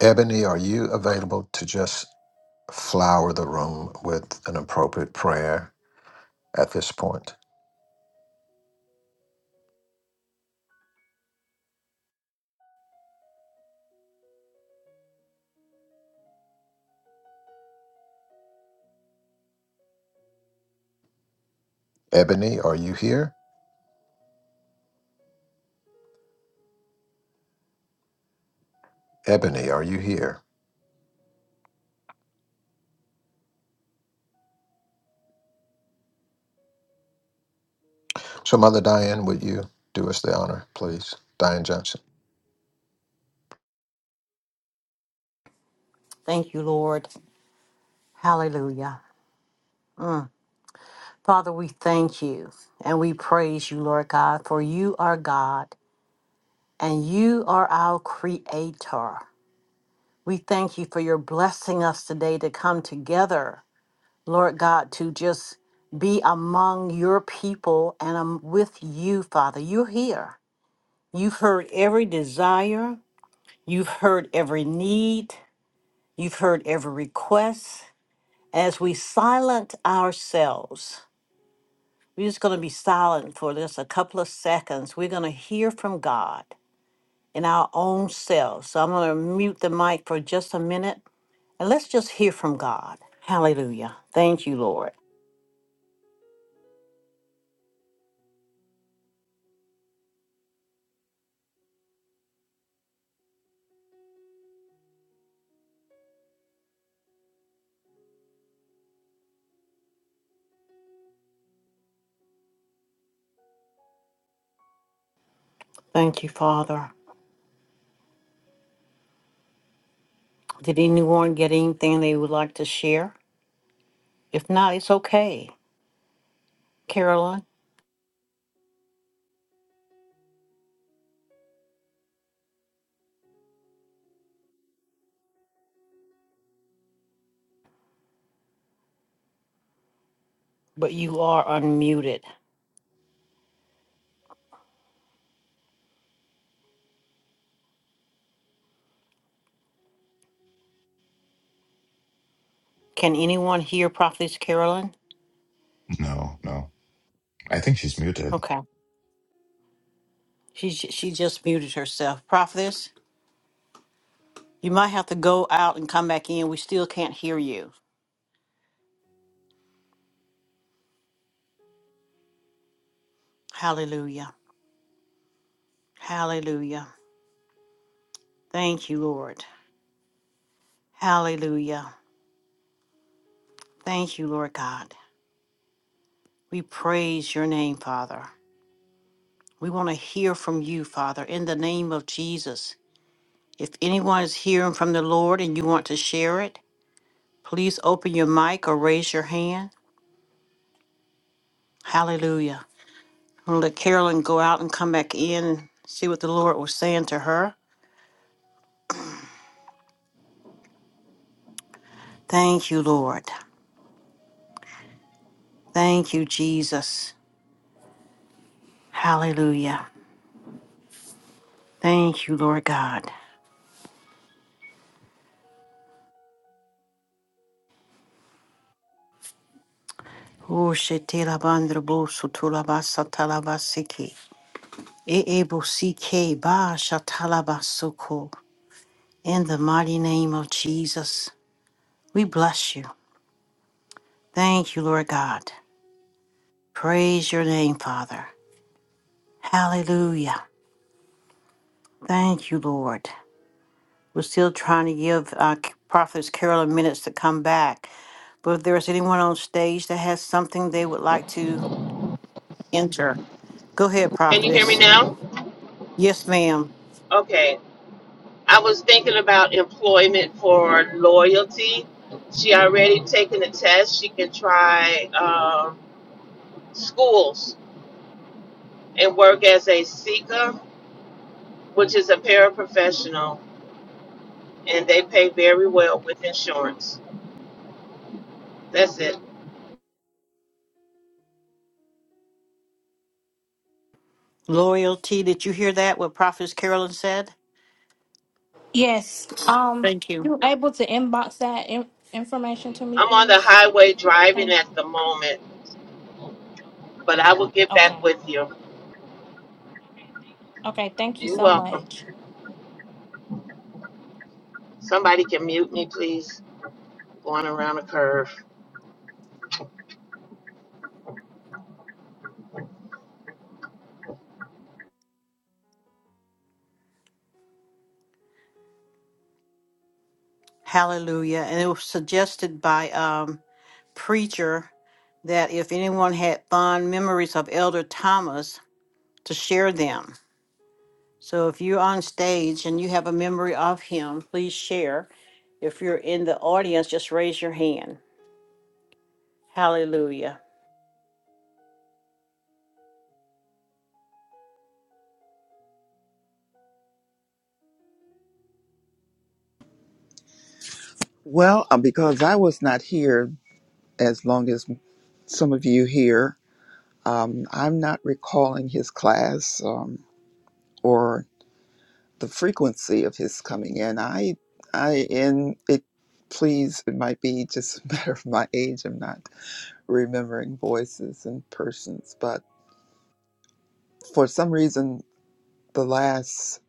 Ebony, are you available to just flower the room with an appropriate prayer at this point. Ebony, are you here? Ebony, are you here? So, Mother Diane, would you do us the honor, please? Diane Johnson. Thank you, Lord. Hallelujah. Mm. Father, we thank you and we praise you, Lord God, for you are God and you are our creator. We thank you for your blessing us today to come together, Lord God, to just be among your people and um, with you, Father. You're here. You've heard every desire, you've heard every need. You've heard every request. As we silent ourselves, we're just going to be silent for just a couple of seconds. We're going to hear from God in our own selves. So I'm going to mute the mic for just a minute and let's just hear from God. Hallelujah. Thank you, Lord. Thank you, Father. Did anyone get anything they would like to share? If not, it's okay, Carolyn, but you are unmuted. Can anyone hear Prophetess Carolyn? No, no. I think she's muted. Okay. She j- she just muted herself. Prophetess, you might have to go out and come back in. We still can't hear you. Hallelujah. Hallelujah. Thank you, Lord. Hallelujah. Thank you, Lord God. We praise your name, Father. We want to hear from you, Father, in the name of Jesus. If anyone is hearing from the Lord and you want to share it, please open your mic or raise your hand. Hallelujah. I'm going to let Carolyn go out and come back in and see what the Lord was saying to her. Thank you, Lord. Thank you, Jesus. Hallelujah. Thank you, Lord God. Oh, shetela bandra bo sotula basa talaba E ebo sike ba shatala In the mighty name of Jesus, we bless you. Thank you, Lord God. Praise your name, Father. Hallelujah. Thank you, Lord. We're still trying to give uh, Prophetess Carolyn minutes to come back. But if there is anyone on stage that has something they would like to enter, go ahead, Can you hear me prophetess. now? Yes, ma'am. Okay. I was thinking about employment for loyalty. She already taken the test. She can try um, schools and work as a seeker, which is a paraprofessional, and they pay very well with insurance. That's it. Loyalty. Did you hear that? What prophetess Carolyn said? yes. Um, Thank you. you able to inbox that in- information to me, I'm on the please? highway driving Thank at you. the moment, but I will get back Okay, with you. okay. Thank you You're so welcome. much. Somebody can mute me, please. Going around a curve. Hallelujah. And it was suggested by um, preacher that if anyone had fond memories of Elder Thomas, to share them. So if you're on stage and you have a memory of him, please share. If you're in the audience, just raise your hand. Hallelujah. Well, uh, because I was not here as long as some of you here, um, I'm not recalling his class. Um, or the frequency of his coming in. I, I, and it, please, it might be just a [laughs] matter of my age. I'm not remembering voices and persons, but for some reason, the last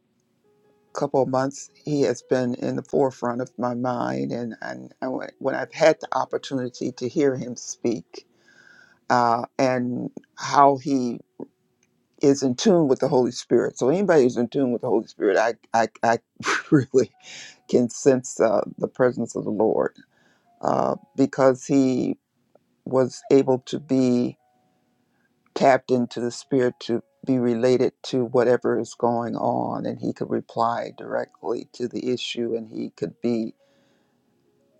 couple of months, he has been in the forefront of my mind. And, and I, wa- when I've had the opportunity to hear him speak, uh, and how he is in tune with the Holy Spirit. So anybody who's in tune with the Holy Spirit, I, I, I [laughs] really can sense uh, the presence of the Lord uh, because he was able to be tapped into the Spirit to be related to whatever is going on, and he could reply directly to the issue, and he could be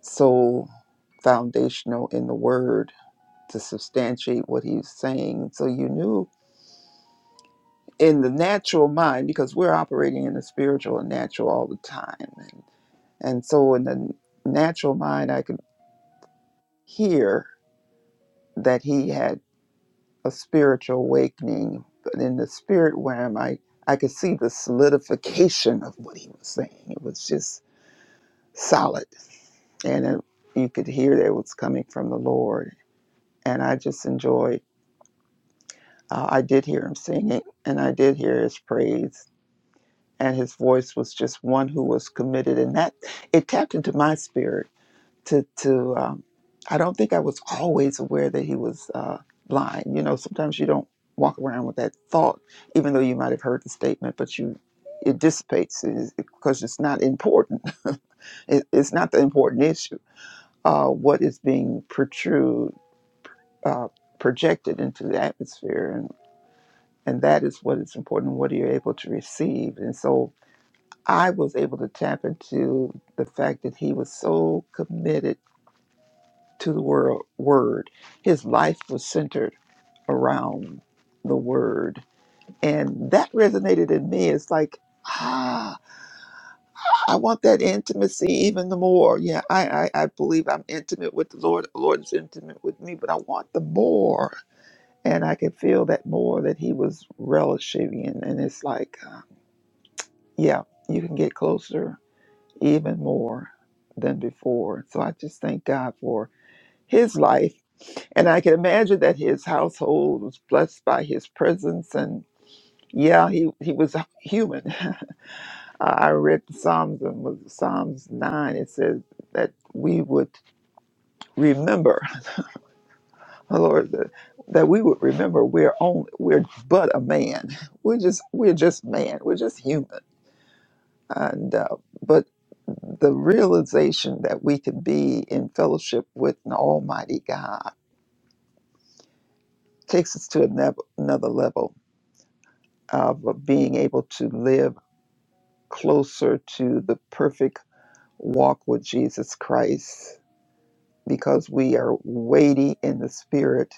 so foundational in the Word to substantiate what he's saying. So you knew in the natural mind because we're operating in the spiritual and natural all the time, and and so in the natural mind, I could hear that he had a spiritual awakening. But in the spirit realm, I, I could see the solidification of what he was saying. It was just solid. And it, you could hear that it was coming from the Lord. And I just enjoyed, uh, I did hear him singing and I did hear his praise. And his voice was just one who was committed. And that, it tapped into my spirit to to um, I don't think I was always aware that he was uh, blind. You know, sometimes you don't walk around with that thought, even though you might have heard the statement, but you it dissipates because it's 'cause it's not important. [laughs] it, it's not the important issue. Uh, what is being protrude uh, projected into the atmosphere and and that is what is important. What are you able to receive? And so I was able to tap into the fact that he was so committed to the world, Word. His life was centered around the Word. And that resonated in me. It's like, ah, I want that intimacy even the more. Yeah, I, I, I believe I'm intimate with the Lord. The Lord is intimate with me, but I want the more. And I could feel that more that he was relishing. And, and it's like, uh, yeah, you can get closer even more than before. So I just thank God for his life And I can imagine that his household was blessed by his presence. And yeah, he, he was human. [laughs] Uh, I read the Psalms and was Psalms 9. It says that we would remember, [laughs] oh Lord, that, that we would remember we're only, we're but a man. [laughs] We're just, we're just man. We're just human. And, uh, but the realization that we can be in fellowship with an almighty God takes us to another, another level of being able to live closer to the perfect walk with Jesus Christ because we are waiting in the Spirit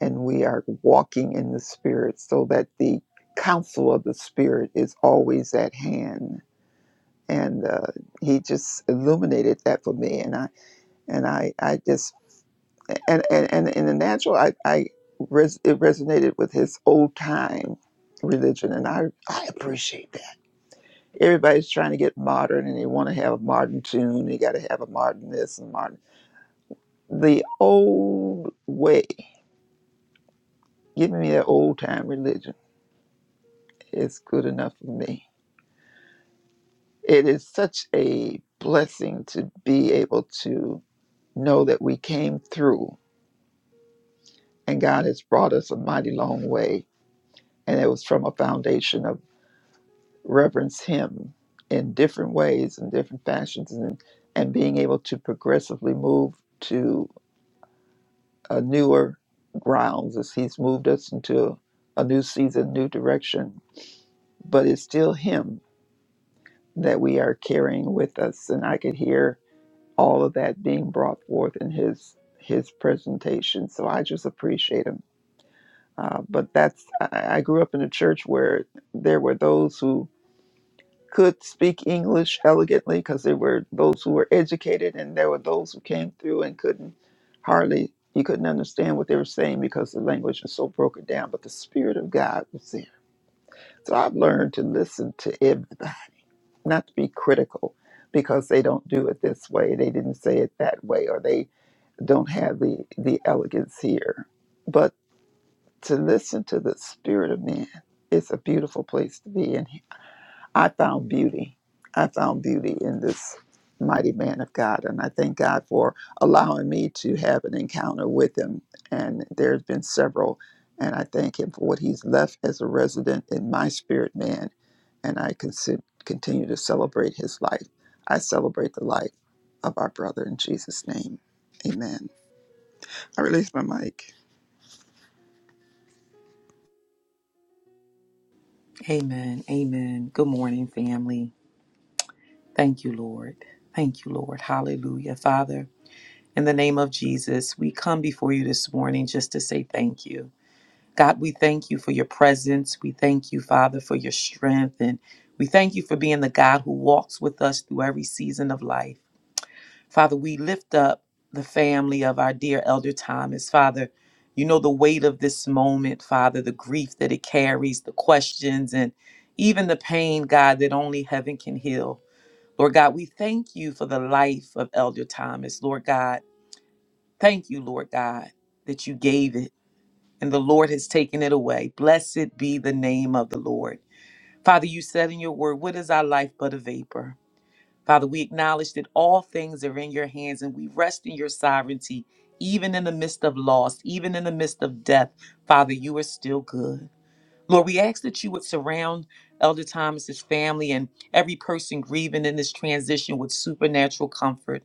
and we are walking in the Spirit so that the counsel of the Spirit is always at hand. And uh, he just illuminated that for me, and I and I I just and and and in the natural, I I res, it resonated with his old time religion, and I I appreciate that. everybody's trying to get modern and they want to have a modern tune. They got to have a modern this and modern. The old way, giving me that old time religion, is good enough for me. It is such a blessing to be able to know that we came through and God has brought us a mighty long way. And it was from a foundation of reverence Him in different ways and different fashions and, and being able to progressively move to. uh, newer grounds as he's moved us into a new season, new direction. But it's still him that we are carrying with us, and I could hear all of that being brought forth in his his presentation. So I just appreciate him. Uh, but that's I, I grew up in a church where there were those who could speak English elegantly because there were those who were educated and there were those who came through and couldn't hardly, you couldn't understand what they were saying because the language was so broken down. But the Spirit of God was there. So I've learned to listen to everybody, not to be critical because they don't do it this way, they didn't say it that way, or they don't have the, the elegance here. But to listen to the Spirit of man, it's a beautiful place to be in. I found beauty. I found beauty in this mighty man of God. And I thank God for allowing me to have an encounter with him. And there's been several. And I thank him for what he's left as a resident in my spirit man. And I consi- continue to celebrate his life. I celebrate the life of our brother in Jesus' name. Amen. I release my mic. Amen. Amen. Good morning, family. Thank you, Lord. Thank you, Lord. Hallelujah. Father, in the name of Jesus, we come before you this morning just to say thank you. God, we thank you for your presence. We thank you, Father, for your strength. And we thank you for being the God who walks with us through every season of life. Father, we lift up the family of our dear Elder Thomas. Father, you know the weight of this moment, Father, the grief that it carries, the questions, and even the pain, God, that only heaven can heal. Lord God, we thank you for the life of Elder Thomas. Lord God, thank you, Lord God, that you gave it and the Lord has taken it away. Blessed be the name of the Lord. Father, you said in your word, What is our life but a vapor? Father, we acknowledge that all things are in your hands and we rest in your sovereignty, even in the midst of loss, even in the midst of death. Father, you are still good. Lord, we ask that you would surround Elder Thomas's family and every person grieving in this transition with supernatural comfort.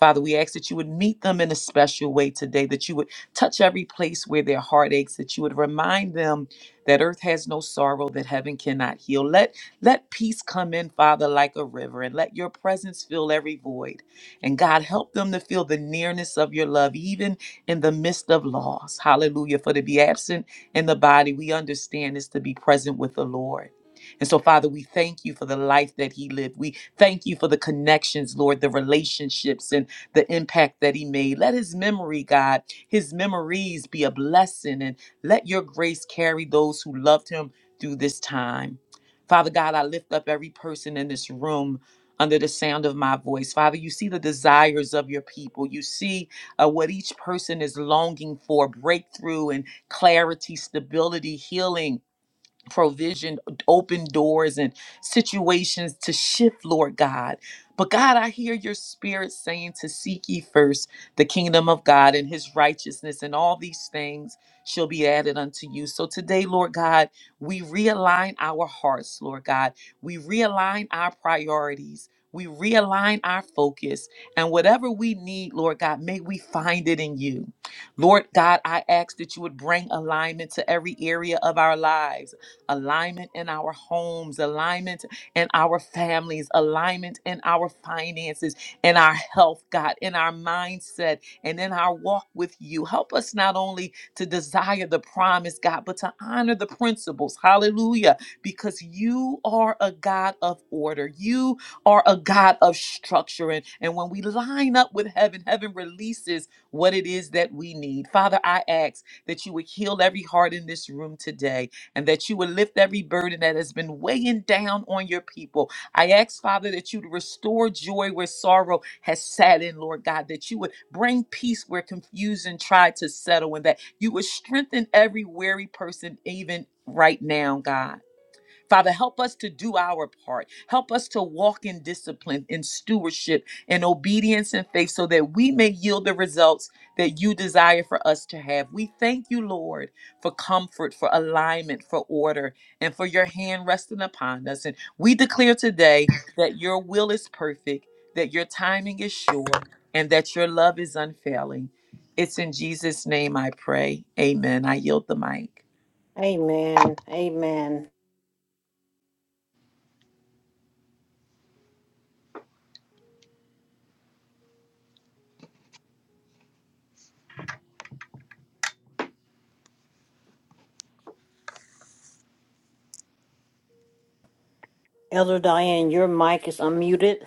Father, we ask that you would meet them in a special way today, that you would touch every place where their heart aches, that you would remind them that earth has no sorrow, that heaven cannot heal. Let, let peace come in, Father, like a river, and let your presence fill every void. And God, help them to feel the nearness of your love, even in the midst of loss. Hallelujah. For to be absent in the body, we understand is to be present with the Lord. And so, Father, we thank you for the life that he lived. We thank you for the connections, Lord, the relationships, and the impact that he made. Let his memory, God, his memories be a blessing, and let your grace carry those who loved him through this time. Father God, I lift up every person in this room under the sound of my voice. Father, you see the desires of your people. You see uh, what each person is longing for breakthrough and clarity, stability, healing provision, open doors, and situations to shift, Lord God. But God, I hear your spirit saying to seek ye first the kingdom of God and his righteousness, and all these things shall be added unto you. So today, Lord God, we realign our hearts, Lord God. We realign our priorities. We realign our focus. And whatever we need, Lord God, may we find it in you. Lord God, I ask that you would bring alignment to every area of our lives alignment in our homes, alignment in our families, alignment in our finances, in our health, God, in our mindset, and in our walk with you. Help us not only to desire the promise, God, but to honor the principles. Hallelujah. Because you are a God of order. You are a God of structure. And, and when we line up with heaven, heaven releases what it is that we need. Father, I ask that you would heal every heart in this room today and that you would lift every burden that has been weighing down on your people. I ask, Father, that you would restore joy where sorrow has sat in, Lord God, that you would bring peace where confusion tried to settle, and that you would strengthen every weary person, even right now, God. Father, help us to do our part. Help us to walk in discipline, in stewardship, in obedience and faith so that we may yield the results that you desire for us to have. We thank you, Lord, for comfort, for alignment, for order, and for your hand resting upon us. And we declare today that your will is perfect, that your timing is sure, and that your love is unfailing. It's in Jesus' name I pray. Amen. I yield the mic. Amen. Amen. Elder Diane, your mic is unmuted.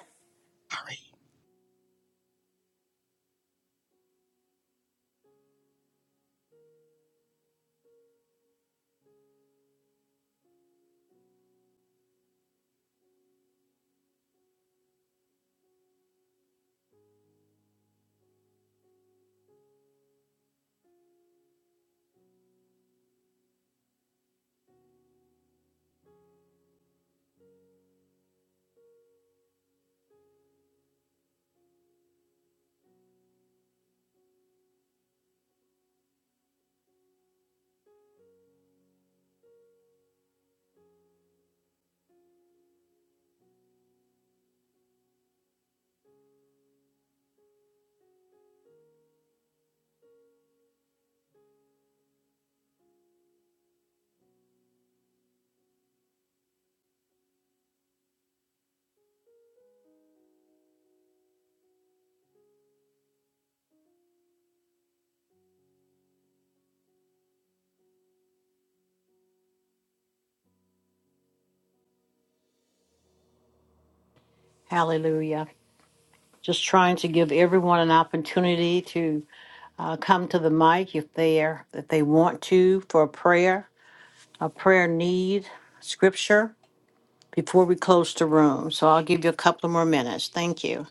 Hallelujah. Just trying to give everyone an opportunity to uh, come to the mic if they are, if they want to for a prayer, a prayer need, scripture before we close the room. So I'll give you a couple more minutes. Thank you.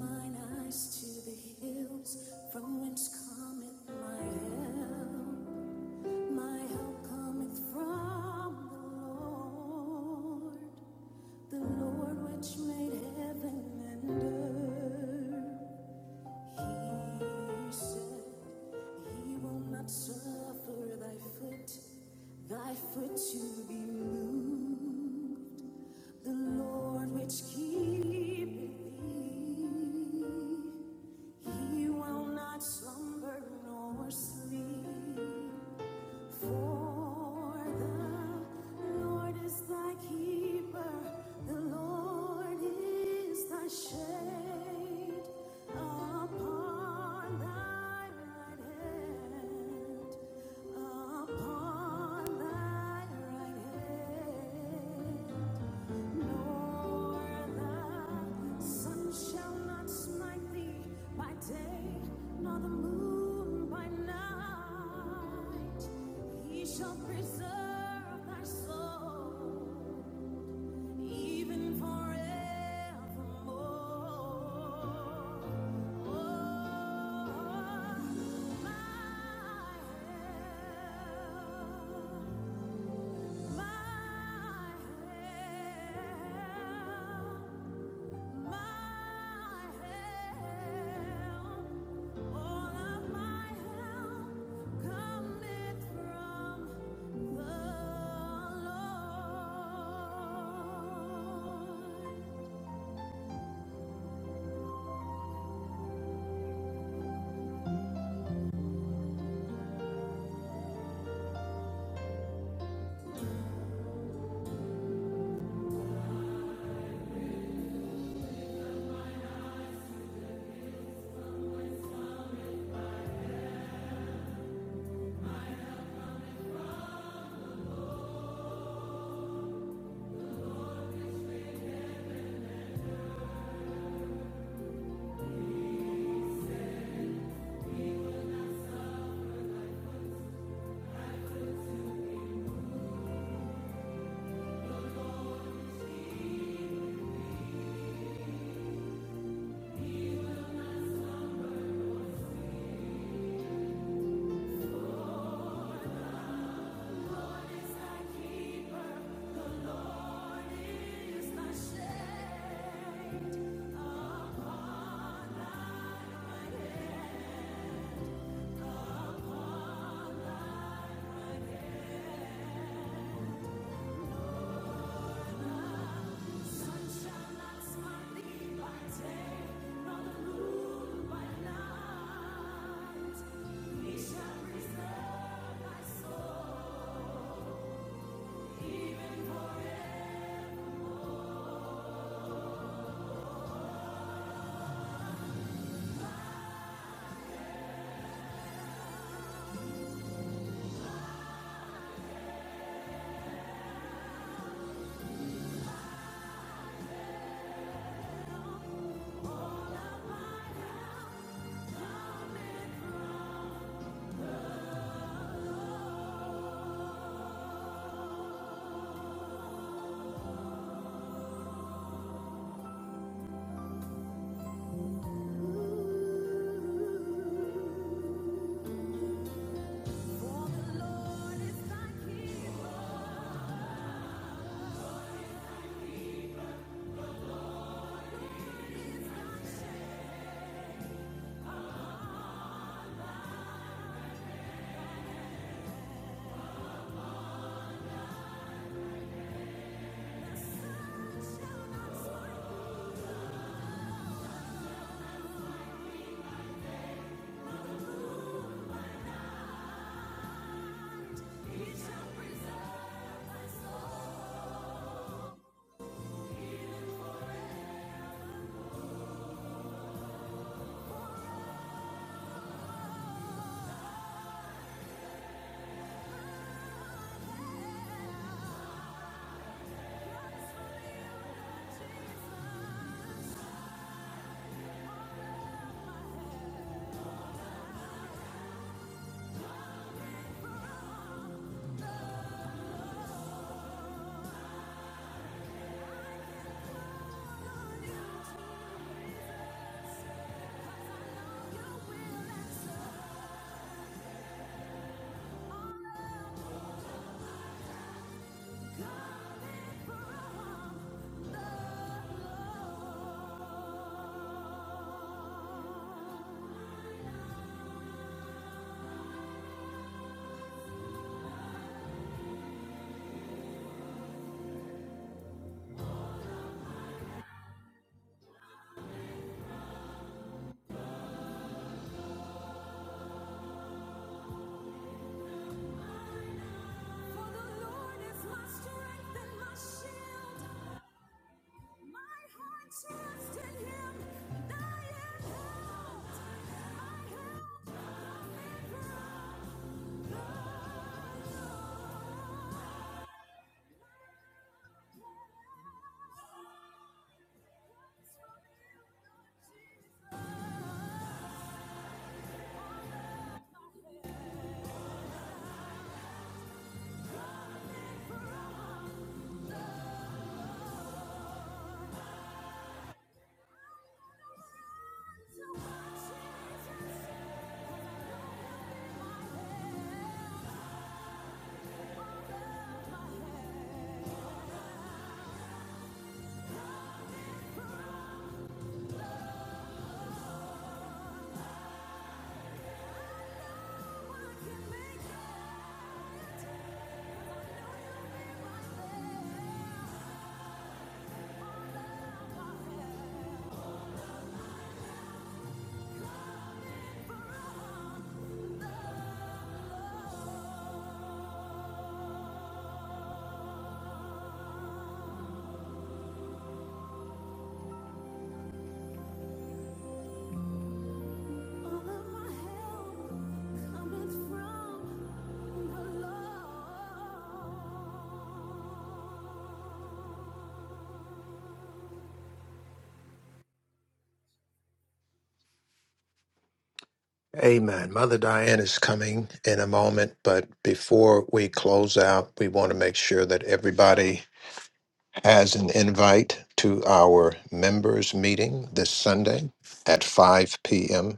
Mine eyes to the hills from whence cometh my help. My help cometh from the Lord, the Lord which made heaven and earth. He said, He will not suffer thy foot, thy foot to be moved. The Lord which keepeth thee, He will not slumber nor sleep. For the Lord is thy keeper, the Lord is thy shade upon thy right hand. On thine right hand, nor the sun shall not smite thee by day, nor the moon by night. He shall preserve thy soul, even forevermore. Oh, my help. Sunshine lights my lead by day, nor the moon by night. He shall preserve my soul. For the Lord is my King. The sun shall not smite me. He shall preserve my soul. Praise for the Jesus. 'Cause I know you will answer me for the Lord is my strength and my shield. My heart trusts in Him, and I am helped. My help is All of my help cometh from the Lord. Amen. Mother Diane is coming in a moment, but before we close out, we want to make sure that everybody has an invite to our members' meeting this Sunday at 5 p.m.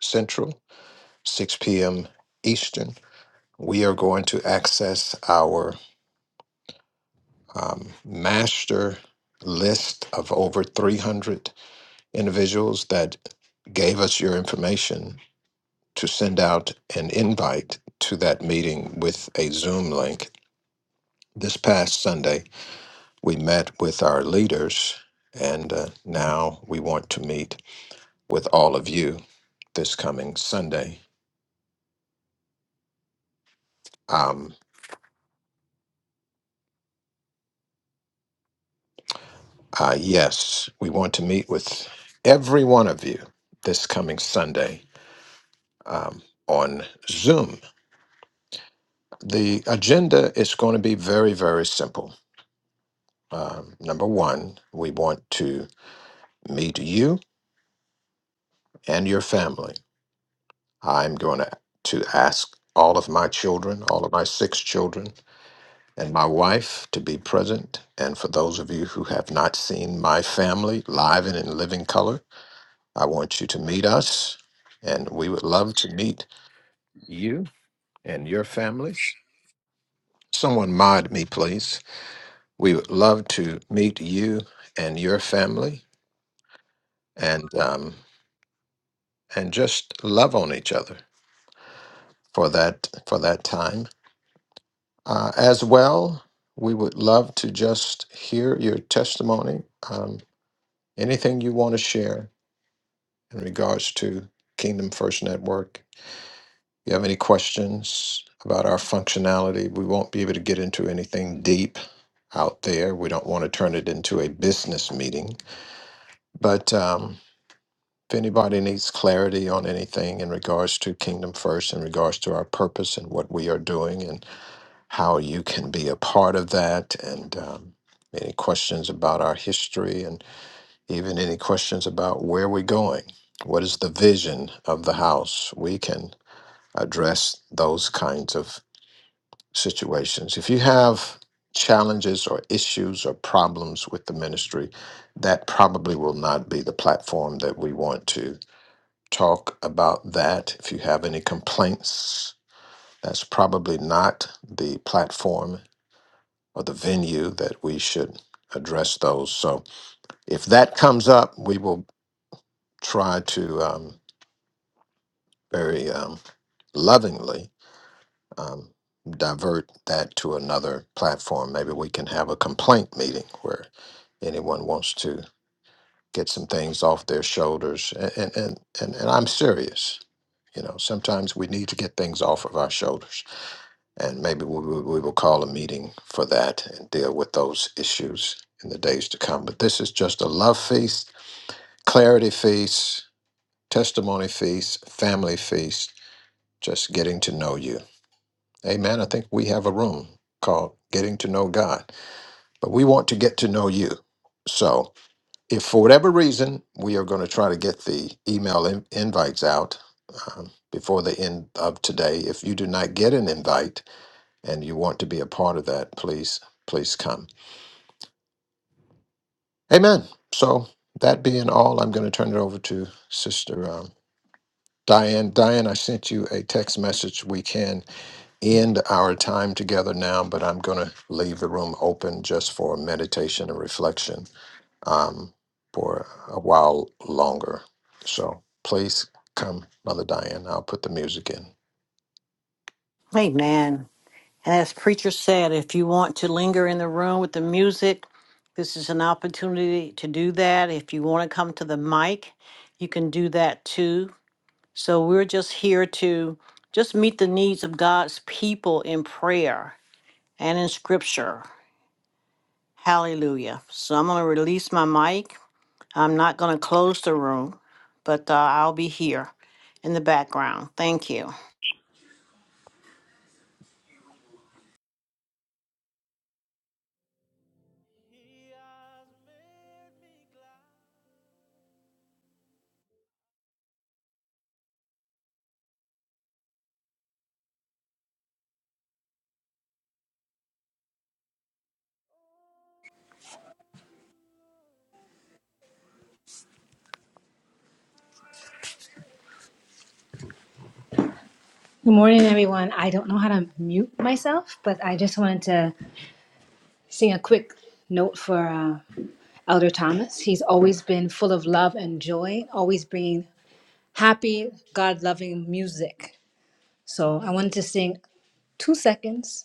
Central, 6 p.m. Eastern. We are going to access our um, master list of over 300 individuals that gave us your information to send out an invite to that meeting with a Zoom link. This past Sunday, we met with our leaders, and uh, now we want to meet with all of you this coming Sunday. Um, uh, yes, we want to meet with every one of you this coming Sunday um, on Zoom The agenda is going to be very, very simple. Um, number one, we want to meet you and your family. I'm going to, to ask all of my children, all of my six children, and my wife to be present. And for those of you who have not seen my family live and in living color, I want you to meet us, and we would love to meet you and your families. Someone mod me, please. We would love to meet you and your family and um, and just love on each other for that for that time. Uh, as well, we would love to just hear your testimony. Um, anything you want to share in regards to Kingdom First Network. If you have any questions about our functionality, we won't be able to get into anything deep out there. We don't want to turn it into a business meeting, but. Um, If anybody needs clarity on anything in regards to Kingdom First, in regards to our purpose and what we are doing and how you can be a part of that, and um, any questions about our history, and even any questions about where we're going, what is the vision of the house, we can address those kinds of situations. If you have challenges or issues or problems with the ministry, that probably will not be the platform that we want to talk about that. If you have any complaints, that's probably not the platform or the venue that we should address those. So if that comes up, we will try to um, very um, lovingly um, divert that to another platform. Maybe we can have a complaint meeting where anyone wants to get some things off their shoulders. And, and, and, and and I'm serious. You know, sometimes we need to get things off of our shoulders And maybe we, we we will call a meeting for that and deal with those issues in the days to come. But this is just a love feast, clarity feast, testimony feast, family feast, just getting to know you. Amen. I think we have a room called Getting to Know God, but we want to get to know you. So if for whatever reason we are going to try to get the email in- invites out um, before the end of today, if you do not get an invite, and you want to be a part of that, please, please come. Amen. So, that being all, I'm going to turn it over to Sister um, Diane. Diane, I sent you a text message. We can end our time together now, but I'm going to leave the room open just for meditation and reflection um, for a while longer. So, please come, Mother Diane. I'll put the music in. Amen. And as preacher said, if you want to linger in the room with the music, this is an opportunity to do that. If you want to come to the mic, you can do that too. So we're just here to just meet the needs of God's people in prayer and in scripture. Hallelujah. So I'm going to release my mic. I'm not going to close the room, but uh, I'll be here in the background. Thank you. Good morning, everyone. I don't know how to mute myself, but I just wanted to sing a quick note for uh, Elder Thomas. He's always been full of love and joy, always bringing happy, God loving music. So I wanted to sing two seconds.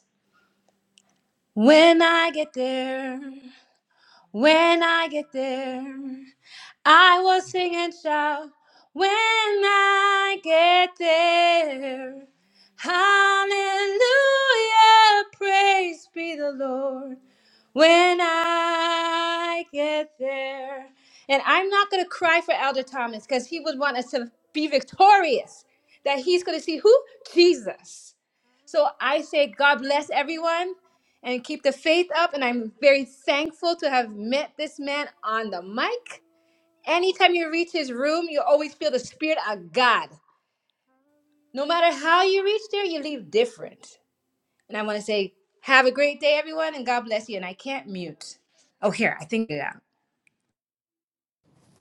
When I get there, when I get there. I will sing and shout when I get there. Hallelujah, praise be the Lord when I get there. And I'm not going to cry for Elder Thomas because he would want us to be victorious, that he's going to see who? Jesus. So I say, God bless everyone and keep the faith up. And I'm very thankful to have met this man on the mic. Anytime you reach his room, you always feel the spirit of God. No matter how you reach there, you leave different. And I want to say, have a great day, everyone, and God bless you. And I can't mute. Oh, here, I think, yeah.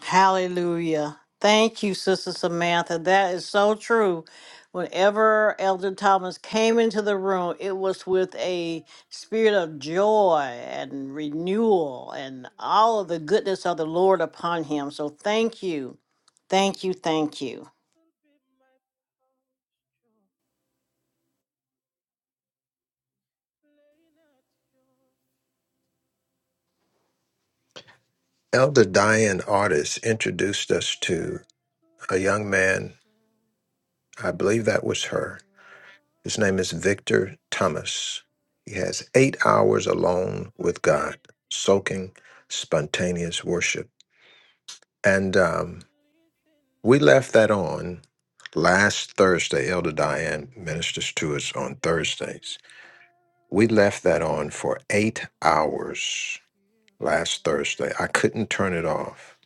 Hallelujah. Thank you, Sister Samantha. That is so true. Whenever Elder Thomas came into the room, it was with a spirit of joy and renewal and all of the goodness of the Lord upon him. So thank you. Thank you. Thank you. Elder Diane Artis introduced us to a young man. I believe that was her His name is Victor Thomas. He has eight hours alone with God, soaking spontaneous worship. And um, we left that on last Thursday. Elder Diane ministers to us on Thursdays. We left that on for eight hours last Thursday. I couldn't turn it off.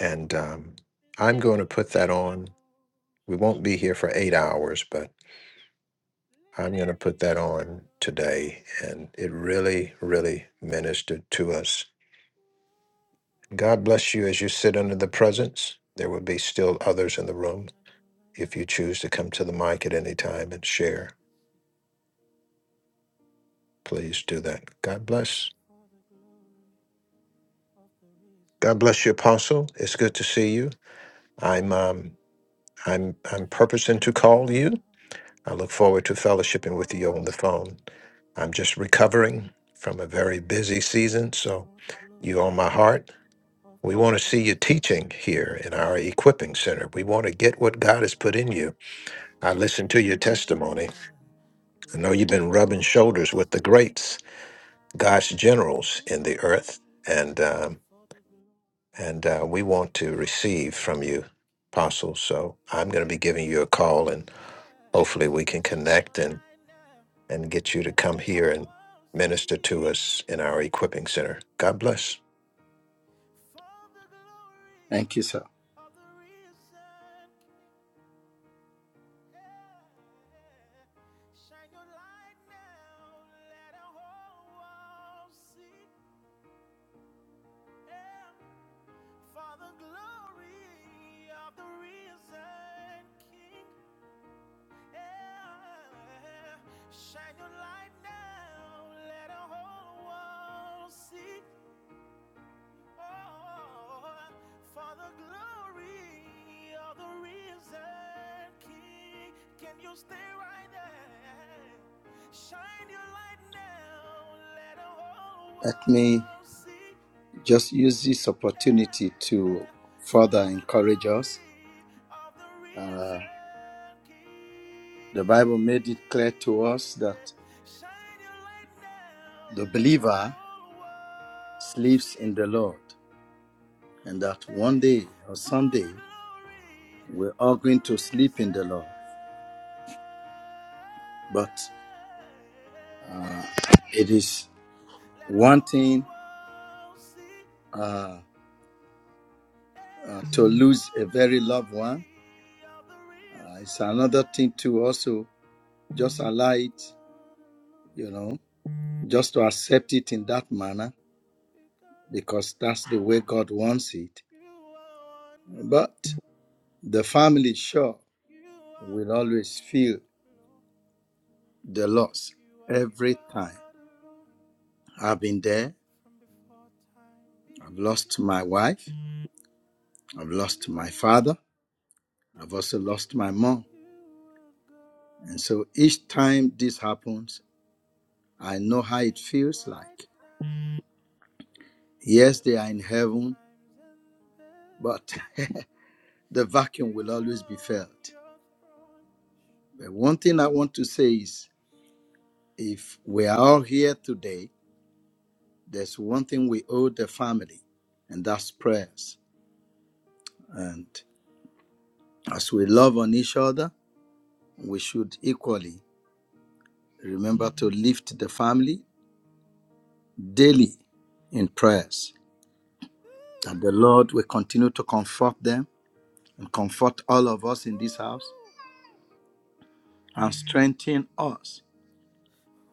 And um, I'm going to put that on. We won't be here for eight hours, but. I'm going to put that on today. And it really, really ministered to us. God bless you as you sit under the presence. There will be still others in the room. If you choose to come to the mic at any time and share, please do that. God bless. God bless you, Apostle. It's good to see you. I'm um, I'm I'm purposing to call you. I look forward to fellowshipping with you on the phone. I'm just recovering from a very busy season, so you on my heart. We want to see you teaching here in our equipping center. We want to get what God has put in you. I listened to your testimony. I know you've been rubbing shoulders with the greats, God's generals in the earth, and um, and uh, we want to receive from you, apostles. So I'm going to be giving you a call, and hopefully we can connect and and get you to come here and minister to us in our equipping center. God bless. Thank you, sir. Let me just use this opportunity to further encourage us. Uh, the Bible made it clear to us that the believer sleeps in the Lord, and that one day or someday we're all going to sleep in the Lord. But uh, it is one thing uh, uh, to lose a very loved one. Uh, it's another thing to also just allow it, you know, just to accept it in that manner because that's the way God wants it. But the family sure will always feel the loss every time. I've been there. I've lost my wife. I've lost my father. I've also lost my mom. And so each time this happens, I know how it feels like. Yes, they are in heaven, but [laughs] the vacuum will always be felt. But one thing I want to say is if we are all here today, there's one thing we owe the family, and that's prayers. And as we love on each other, we should equally remember to lift the family daily in prayers. That the Lord will continue to comfort them and comfort all of us in this house and strengthen us.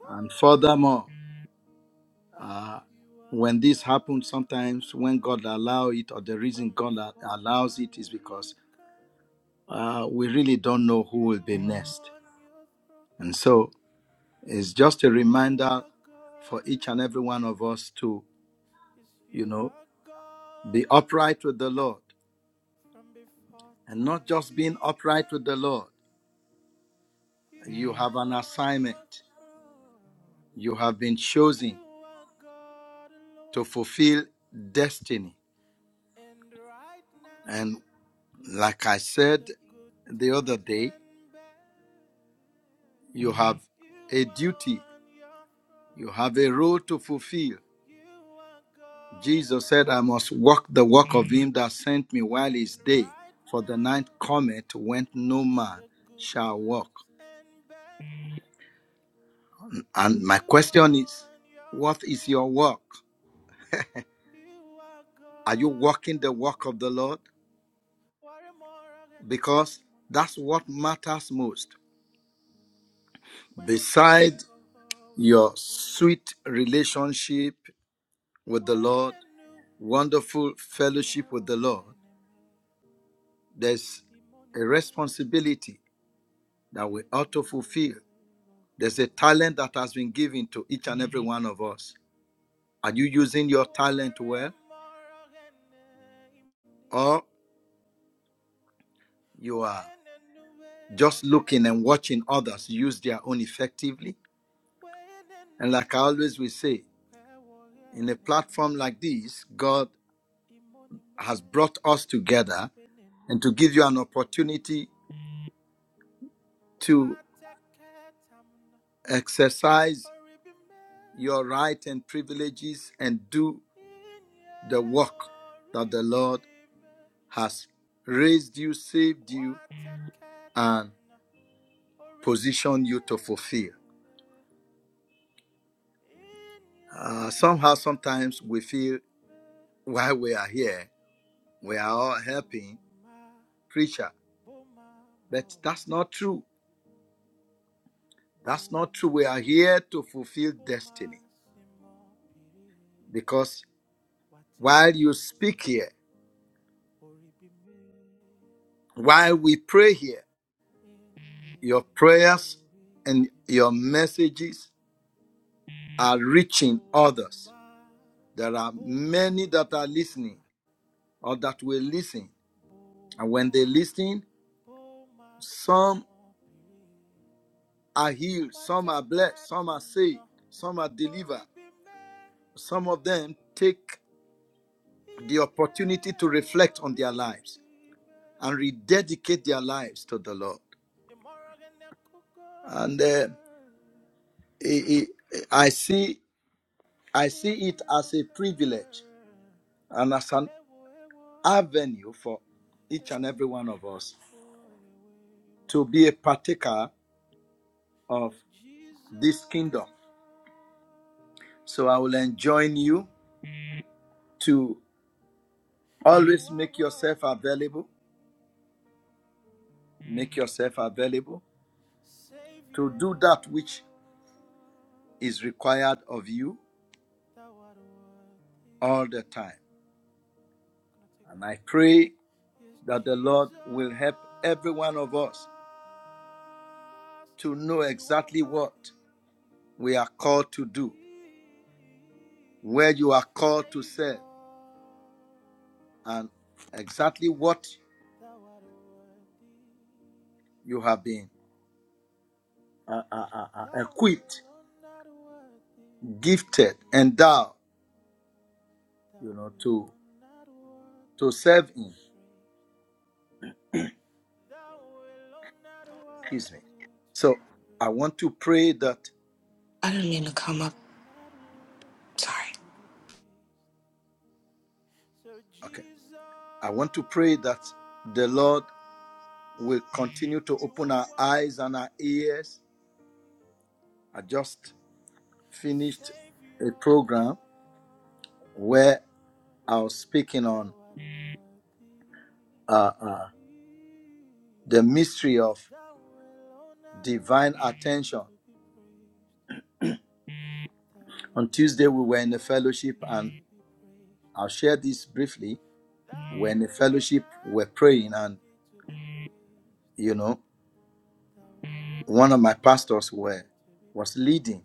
And furthermore, uh, when this happens, sometimes when God allows it, or the reason God a- allows it is because uh, we really don't know who will be next And so it's just a reminder for each and every one of us to, you know, be upright with the Lord. And not just being upright with the Lord, you have an assignment. You have been chosen to fulfill destiny. And like I said the other day, you have a duty, you have a role to fulfill. Jesus said, I must walk the walk of him that sent me while it's day, for the night cometh when no man shall walk. And my question is, what is your walk? Are you walking the walk of the Lord? Because that's what matters most. Beside your sweet relationship with the Lord, wonderful fellowship with the Lord, there's a responsibility that we ought to fulfill There's a talent that has been given to each and every one of us. Are you using your talent well? Or you are just looking and watching others use their own effectively? And like I always will say, in a platform like this, God has brought us together and to give you an opportunity to exercise your right and privileges and do the work that the Lord has raised you, saved you, and. position you to fulfill. Uh, somehow, sometimes we feel while we are here, we are all helping preacher, but that's not true. That's not true. We are here to fulfill destiny because while you speak here, while we pray here, your prayers and your messages are reaching others. There are many that are listening or that will listen, and when they listen, some. are healed, some are blessed, some are saved, some are delivered. Some of them take the opportunity to reflect on their lives and rededicate their lives to the Lord. And uh, i I I see, I see it as a privilege and as an avenue for each and every one of us to be a partaker of this kingdom. So I will enjoin you to always make yourself available, make yourself available to do that which is required of you all the time. And I pray that the Lord will help every one of us to know exactly what we are called to do, where you are called to serve, and exactly what you have been uh, uh, uh, uh, equipped, gifted, endowed, you know, to to serve in. Excuse me. So I want to pray that. I didn't mean to come up. Sorry. Okay, I want to pray that the Lord will continue to open our eyes and our ears. I just finished a program where I was speaking on uh, uh, the mystery of divine attention. On Tuesday, we were in a fellowship, and I'll share this briefly. We're in a fellowship, we're praying, and you know, one of my pastors were was leading,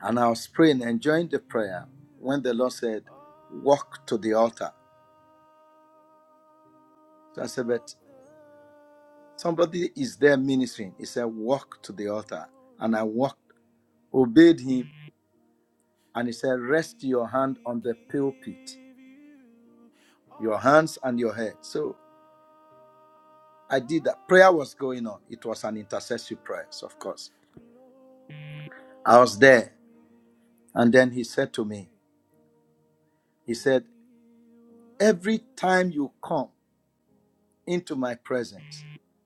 and I was praying, enjoying the prayer when the Lord said, "Walk to the altar." So I said, "But Somebody is there ministering. He said, Walk to the altar. And I walked, obeyed him, and he said, Rest your hand on the pulpit, your hands and your head. So I did that. Prayer was going on. It was an intercessory prayer, so of course. I was there. And then he said to me, He said, Every time you come into my presence,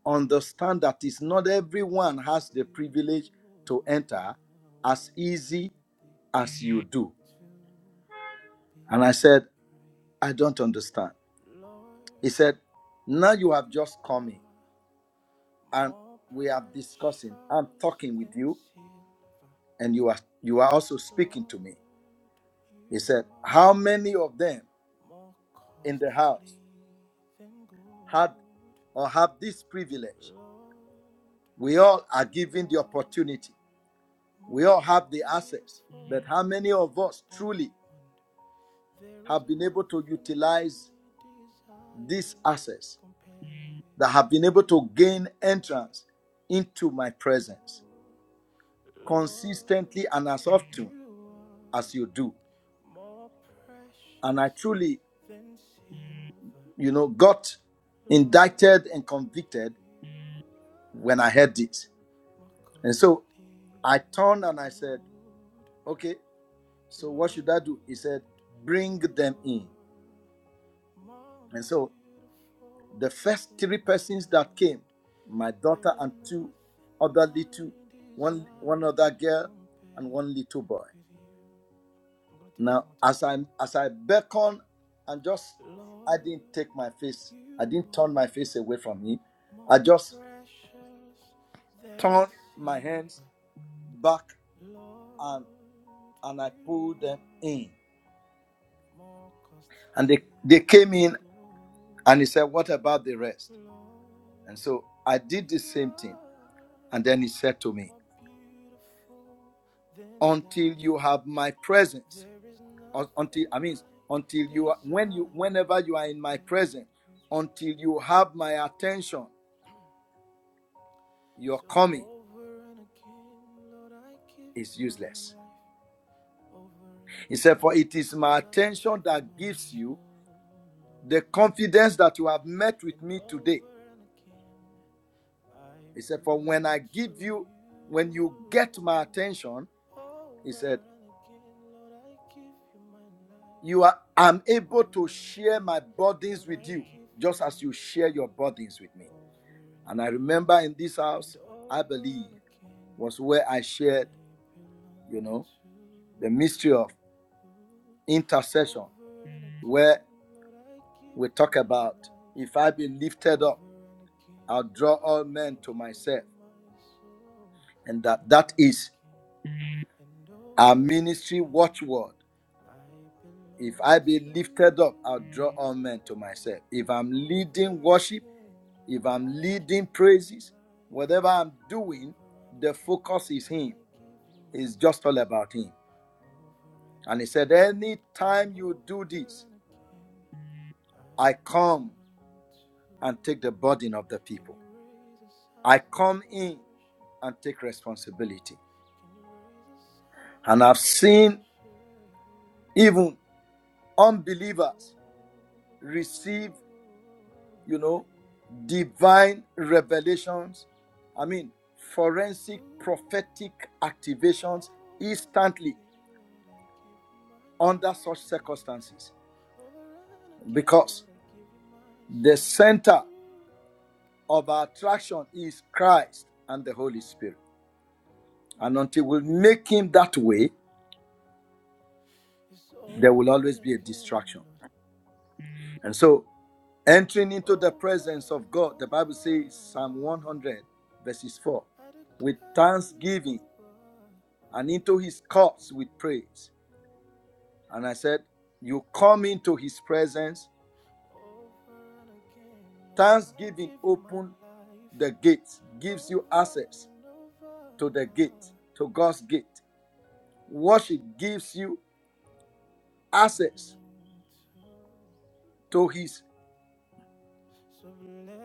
understand that it's not everyone has the privilege to enter as easy as you do. And I said, I don't understand. He said, Now you have just come in and we are discussing. I'm talking with you, and you are you are also speaking to me. He said, How many of them in the house had or have this privilege? We all are given the opportunity. We all have the access. But how many of us truly have been able to utilize this access that have been able to gain entrance into my presence? consistently and as often as you do. And I truly, you know, got indicted and convicted when I heard this. And so I turned and I said, okay, so what should I do? He said, bring them in. And so the first three persons that came, my daughter and two other little, one, one other girl and one little boy. Now, as I as I beckoned and just I didn't take my face, I didn't turn my face away from him. I just turned my hands back and and I pulled them in. And they, they came in and he said, What about the rest? And so I did the same thing. And then he said to me, Until you have my presence, or until I mean until you are, when you whenever you are in my presence, until you have my attention, you're coming. is useless. He said, For it is my attention that gives you the confidence that you have met with me today. He said, For when I give you, when you get my attention, he said, You are I'm able to share my burdens with you, just as you share your burdens with me. And I remember in this house, I believe, was where I shared, you know, the mystery of intercession, where we talk about if I be lifted up. I'll draw all men to myself. And that that is our ministry watchword. If I be lifted up, I'll draw all men to myself. If I'm leading worship, if I'm leading praises, whatever I'm doing, the focus is him. It's just all about him. And he said, Anytime you do this, I come and take the burden of the people. I come in and take responsibility. And I've seen even unbelievers receive, you know, divine revelations. I mean, forensic prophetic activations instantly under such circumstances because the center of our attraction is Christ and the Holy Spirit. And until we make him that way, there will always be a distraction. And so, entering into the presence of God, the Bible says, Psalm 100, verses 4, with thanksgiving and into his courts with praise. And I said, You come into his presence, thanksgiving open the gates, gives you access to the gate, to God's gate. Worship gives you access to his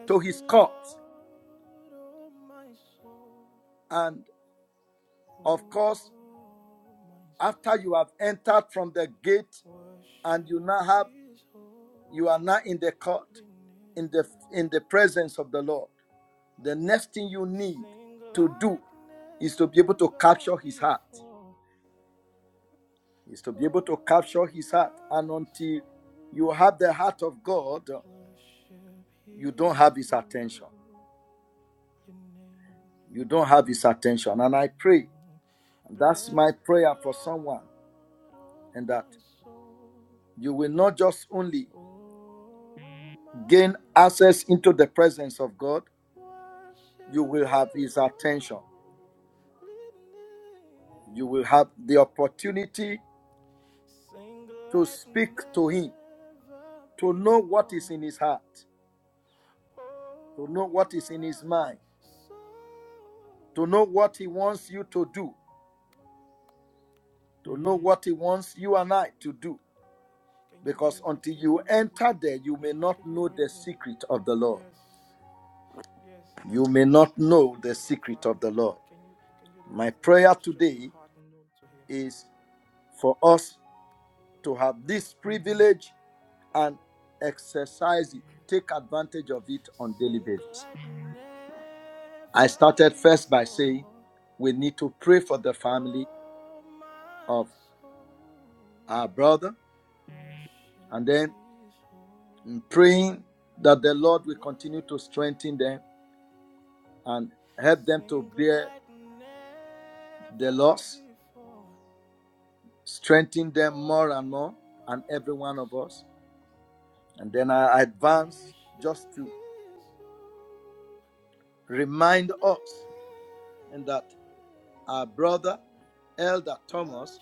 to his courts. And of course, after you have entered from the gate and you now have you are now in the court, in the in the presence of the Lord. The next thing you need to do is to be able to capture his heart. Is to be able to capture his heart. And until you have the heart of God, you don't have his attention. You don't have his attention. And I pray, and that's my prayer for someone, and that you will not just only gain access into the presence of God, you will have his attention. You will have the opportunity to speak to him, to know what is in his heart, to know what is in his mind to know what He wants you to do, to know what He wants you and I to do. Because until you enter there, you may not know the secret of the Lord. You may not know the secret of the Lord. My prayer today is for us to have this privilege and exercise it, take advantage of it on a daily basis. I started first by saying we need to pray for the family of our brother, and then I'm praying that the Lord will continue to strengthen them and help them to bear the loss, strengthen them more and more, and every one of us. And then I advance just to remind us and that our brother, Elder Thomas,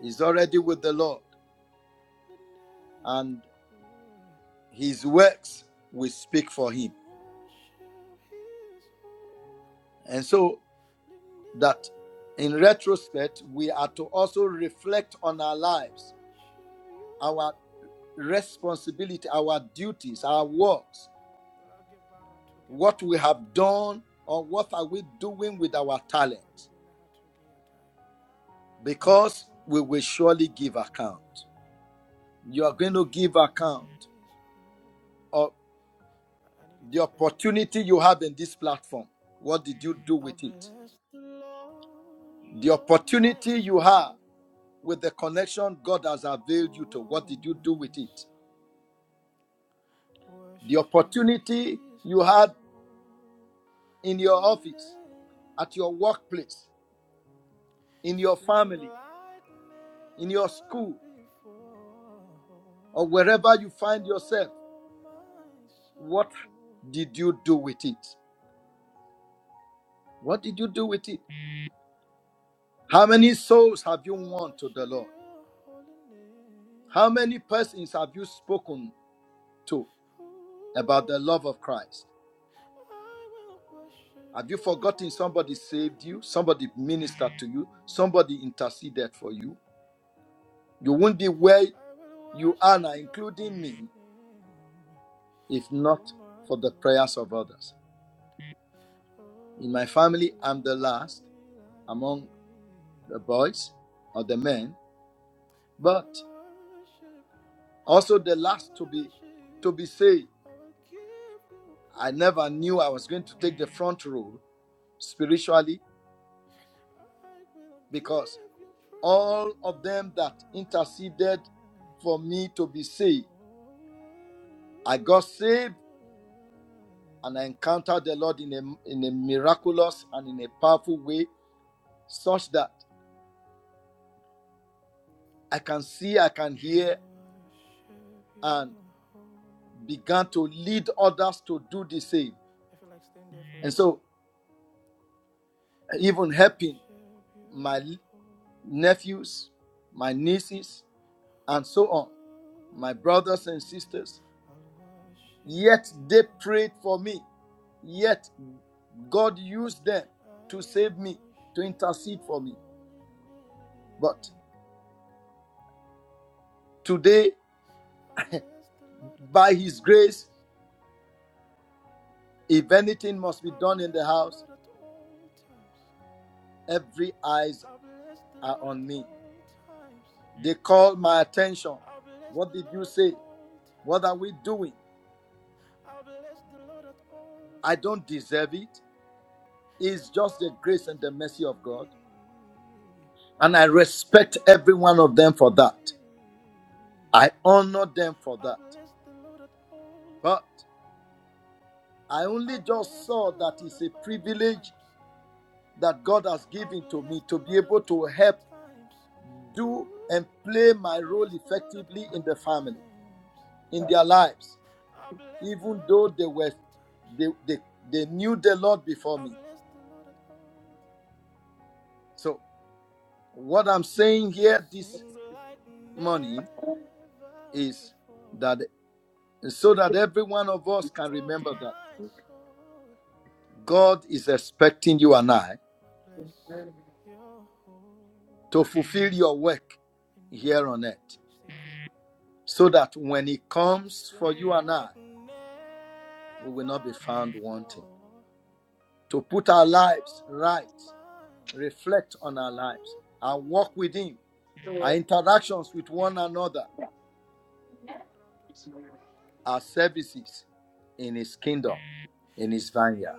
is already with the Lord, and his works will speak for him. And so that in retrospect, we are to also reflect on our lives our responsibility, our duties, our works, what we have done, or what are we doing with our talent? Because we will surely give account. You are going to give account of the opportunity you have in this platform. What did you do with it? The opportunity you have with the connection God has availed you to. What did you do with it? The opportunity you had in your office, at your workplace, in your family, in your school, or wherever you find yourself, what did you do with it? What did you do with it? How many souls have you won to the Lord? How many persons have you spoken to about the love of Christ? Have you forgotten somebody saved you? Somebody ministered to you? Somebody interceded for you? You would not be where you are now, including me, if not for the prayers of others. In my family, I'm the last among the boys or the men, but also the last to be to be saved. I never knew I was going to take the front row spiritually because all of them that interceded for me to be saved, I got saved and I encountered the Lord in a in a miraculous and in a powerful way, such that I can see, I can hear, and began to lead others to do the same. And so even helping my nephews, my nieces, and so on, my brothers and sisters. Yet they prayed for me. Yet God used them to save me, to intercede for me. But today, [laughs] by His grace, if anything must be done in the house, every eyes are on me. They call my attention. What did you say? What are we doing? I don't deserve it. It's just the grace and the mercy of God. And I respect every one of them for that. I honor them for that. But I only just saw that it's a privilege that God has given to me to be able to help do and play my role effectively in the family, in their lives, even though they were they, they, they knew the Lord before me. So what I'm saying here this morning is that so that every one of us can remember that. God is expecting you and I to fulfill your work here on earth so that when He comes for you and I, we will not be found wanting. To put our lives right, reflect on our lives, and walk with Him, our interactions with one another, our services in His kingdom, in His vineyard.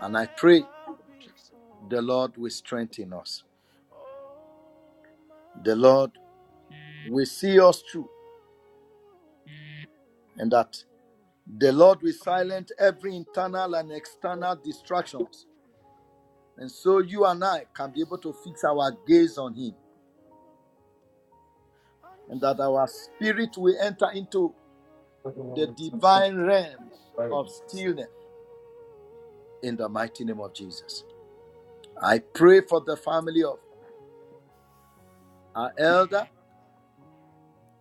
And I pray the Lord will strengthen us. The Lord will see us through, and that The Lord will silence every internal and external distractions. And so you and I can be able to fix our gaze on Him and that our spirit will enter into the divine realm of stillness in the mighty name of Jesus. I pray for the family of our elder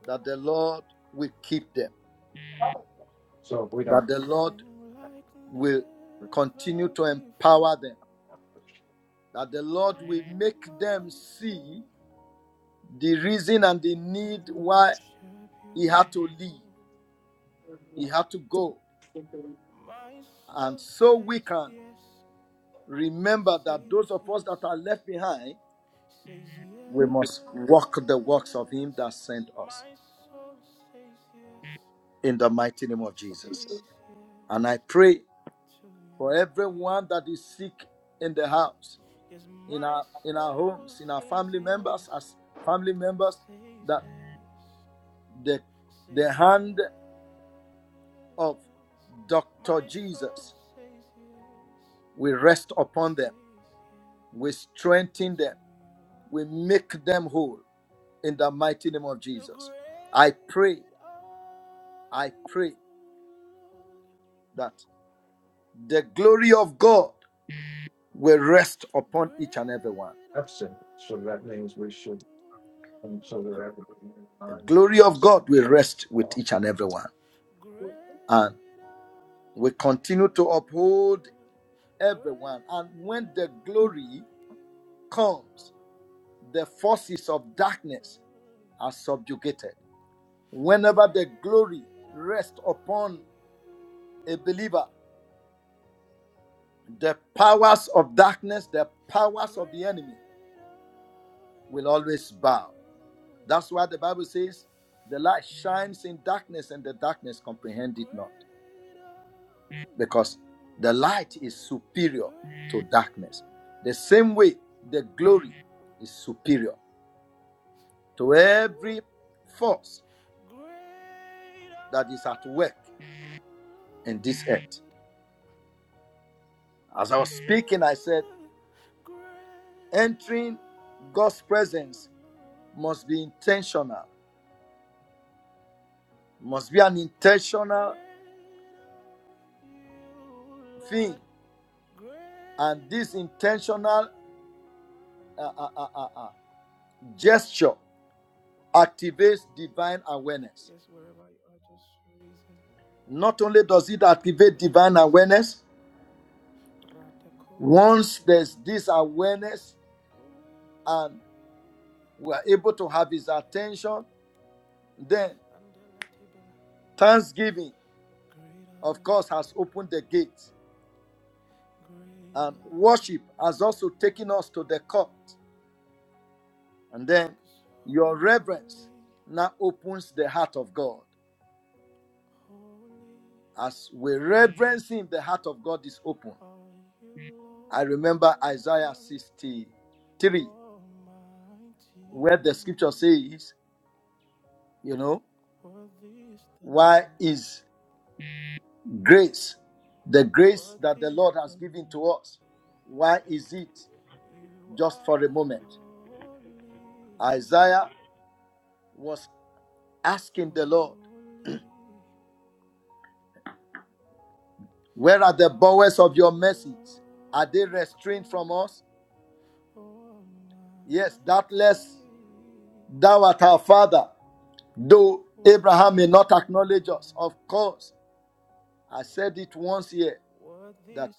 that the Lord will keep them, that the Lord will continue to empower them, that the Lord will make them see the reason and the need why He had to leave. He had to go. And so we can remember that those of us that are left behind, we must walk the works of Him that sent us in the mighty name of Jesus. And I pray for everyone that is sick in the house, in our in our homes, in our family members, as family members, that the the hand of Dr. Jesus will rest upon them, will strengthen them, We make them whole in the mighty name of Jesus. I pray, I pray that the glory of God will rest upon each and every one. The glory of God will rest with each and every one. And we continue to uphold everyone. And when the glory comes, the forces of darkness are subjugated. Whenever the glory rests upon a believer, the powers of darkness, the powers of the enemy will always bow. That's why the Bible says the light shines in darkness and the darkness comprehend it not. Because the light is superior to darkness. The same way the glory is superior to every force that is at work in this earth. As I was speaking, I said, entering God's presence must be intentional, must be an intentional thing and this intentional uh, uh, uh, uh, uh, gesture activates divine awareness. Not only does it activate divine awareness, once there's this awareness and we're able to have his attention, then thanksgiving, of course, has opened the gate. And worship has also taken us to the court. And then your reverence now opens the heart of God. As we reverence him, the heart of God is open. I remember Isaiah 63, where the scripture says, you know, why is grace, the grace that the Lord has given to us, why is it just for a moment? Isaiah was asking the Lord, where are the bowels of your message? Are they restrained from us? Yes, doubtless thou art our father. Though Abraham may not acknowledge us, of course, I said it once here that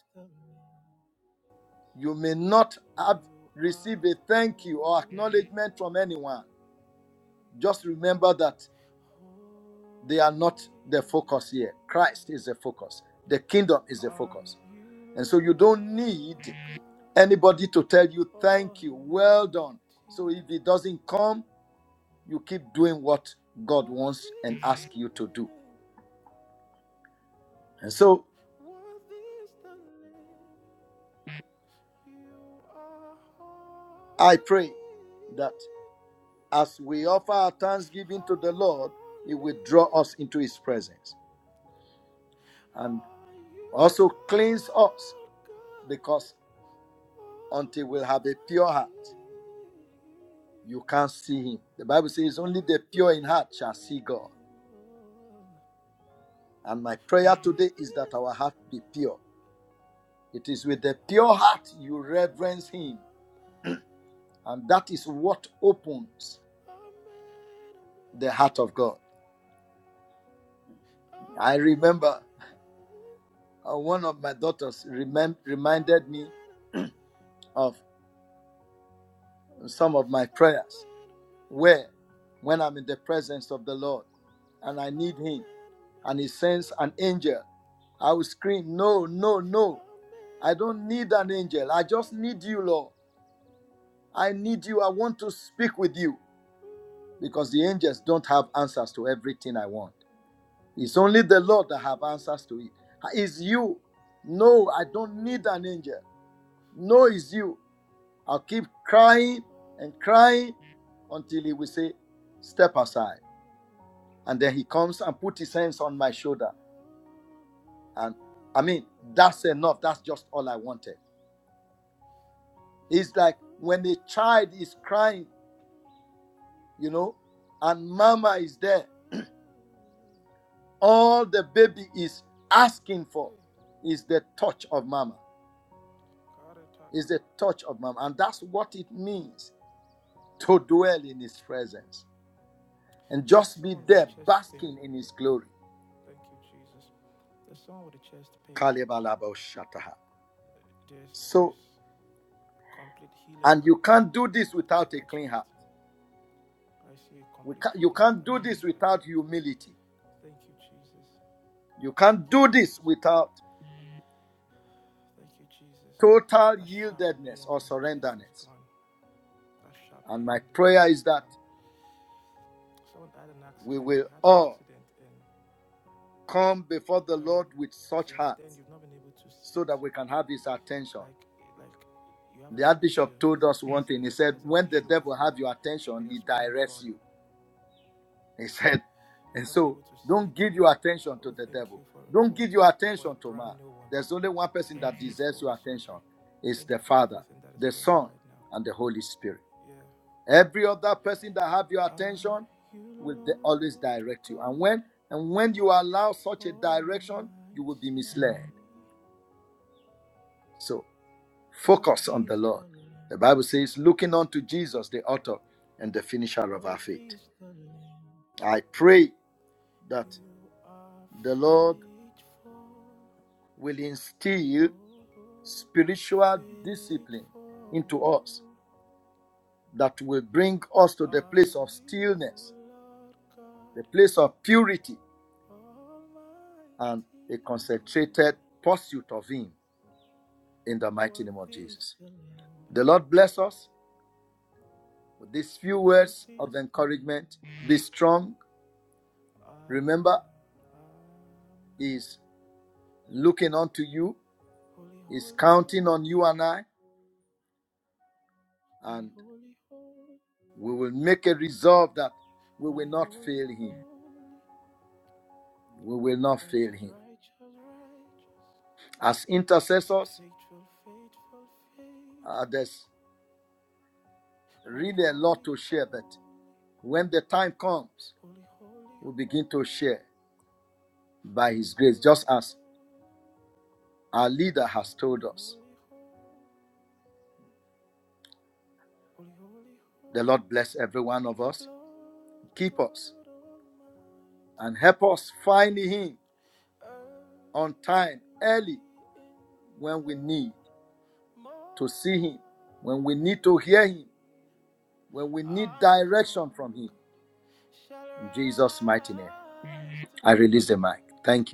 you may not have received a thank you or acknowledgement from anyone. Just remember that they are not the focus here. Christ is the focus, the kingdom is the focus. And so you don't need anybody to tell you thank you, well done. So if it doesn't come, you keep doing what God wants and asks you to do. And so I pray that As we offer our thanksgiving to the Lord, He will draw us into His presence and also cleanse us because until we have a pure heart, you can't see Him. The Bible says, Only the pure in heart shall see God. And my prayer today is that our heart be pure. It is with the pure heart you reverence Him, and that is what opens the heart of God. I remember uh, one of my daughters remem- reminded me of some of my prayers. where when I'm in the presence of the Lord and I need Him and He sends an angel, I will scream, No, no, no. I don't need an angel. I just need you, Lord. I need you. I want to speak with you because the angels don't have answers to everything I want. It's only the Lord that have answers to it. It's you. No, I don't need an angel. No, it's you. I'll keep crying and crying until he will say, Step aside. and then he comes and put his hands on my shoulder and i mean that's enough that's just all i wanted it's like when a child is crying you know and mama is there all the baby is asking for is the touch of mama is the touch of mama and that's what it means to dwell in his presence and just be there basking in his glory so and you can't do this without a clean heart We can, you can't do this without humility. You can't do this without total yieldedness or surrenderness. And my prayer is that we will all come before the Lord with such hearts so that we can have his attention. The Archbishop told us one thing. He said, When the devil has your attention, he directs you. He said, and so don't give your attention to the devil. Don't give your attention to man. There's only one person that deserves your attention. It's the Father, the Son, and the Holy Spirit. Every other person that have your attention will de- always direct you. And when and when you allow such a direction, you will be misled. So focus on the Lord. The Bible says, looking unto Jesus, the author and the finisher of our faith. I pray that the Lord will instill spiritual discipline into us that will bring us to the place of stillness, the place of purity, and a concentrated pursuit of Him in the mighty name of Jesus. The Lord bless us with these few words of encouragement. Be strong. Remember, He is looking unto you, He is counting on you and I, and we will make a resolve that we will not fail Him. We will not fail Him As intercessors, uh, there's really a lot to share, but when the time comes, we begin to share by His grace, just as our leader has told us. The Lord bless every one of us, keep us, and help us find Him on time, early, when we need to see Him, when we need to hear Him, when we need direction from Him. In Jesus' mighty name, I release the mic. Thank you.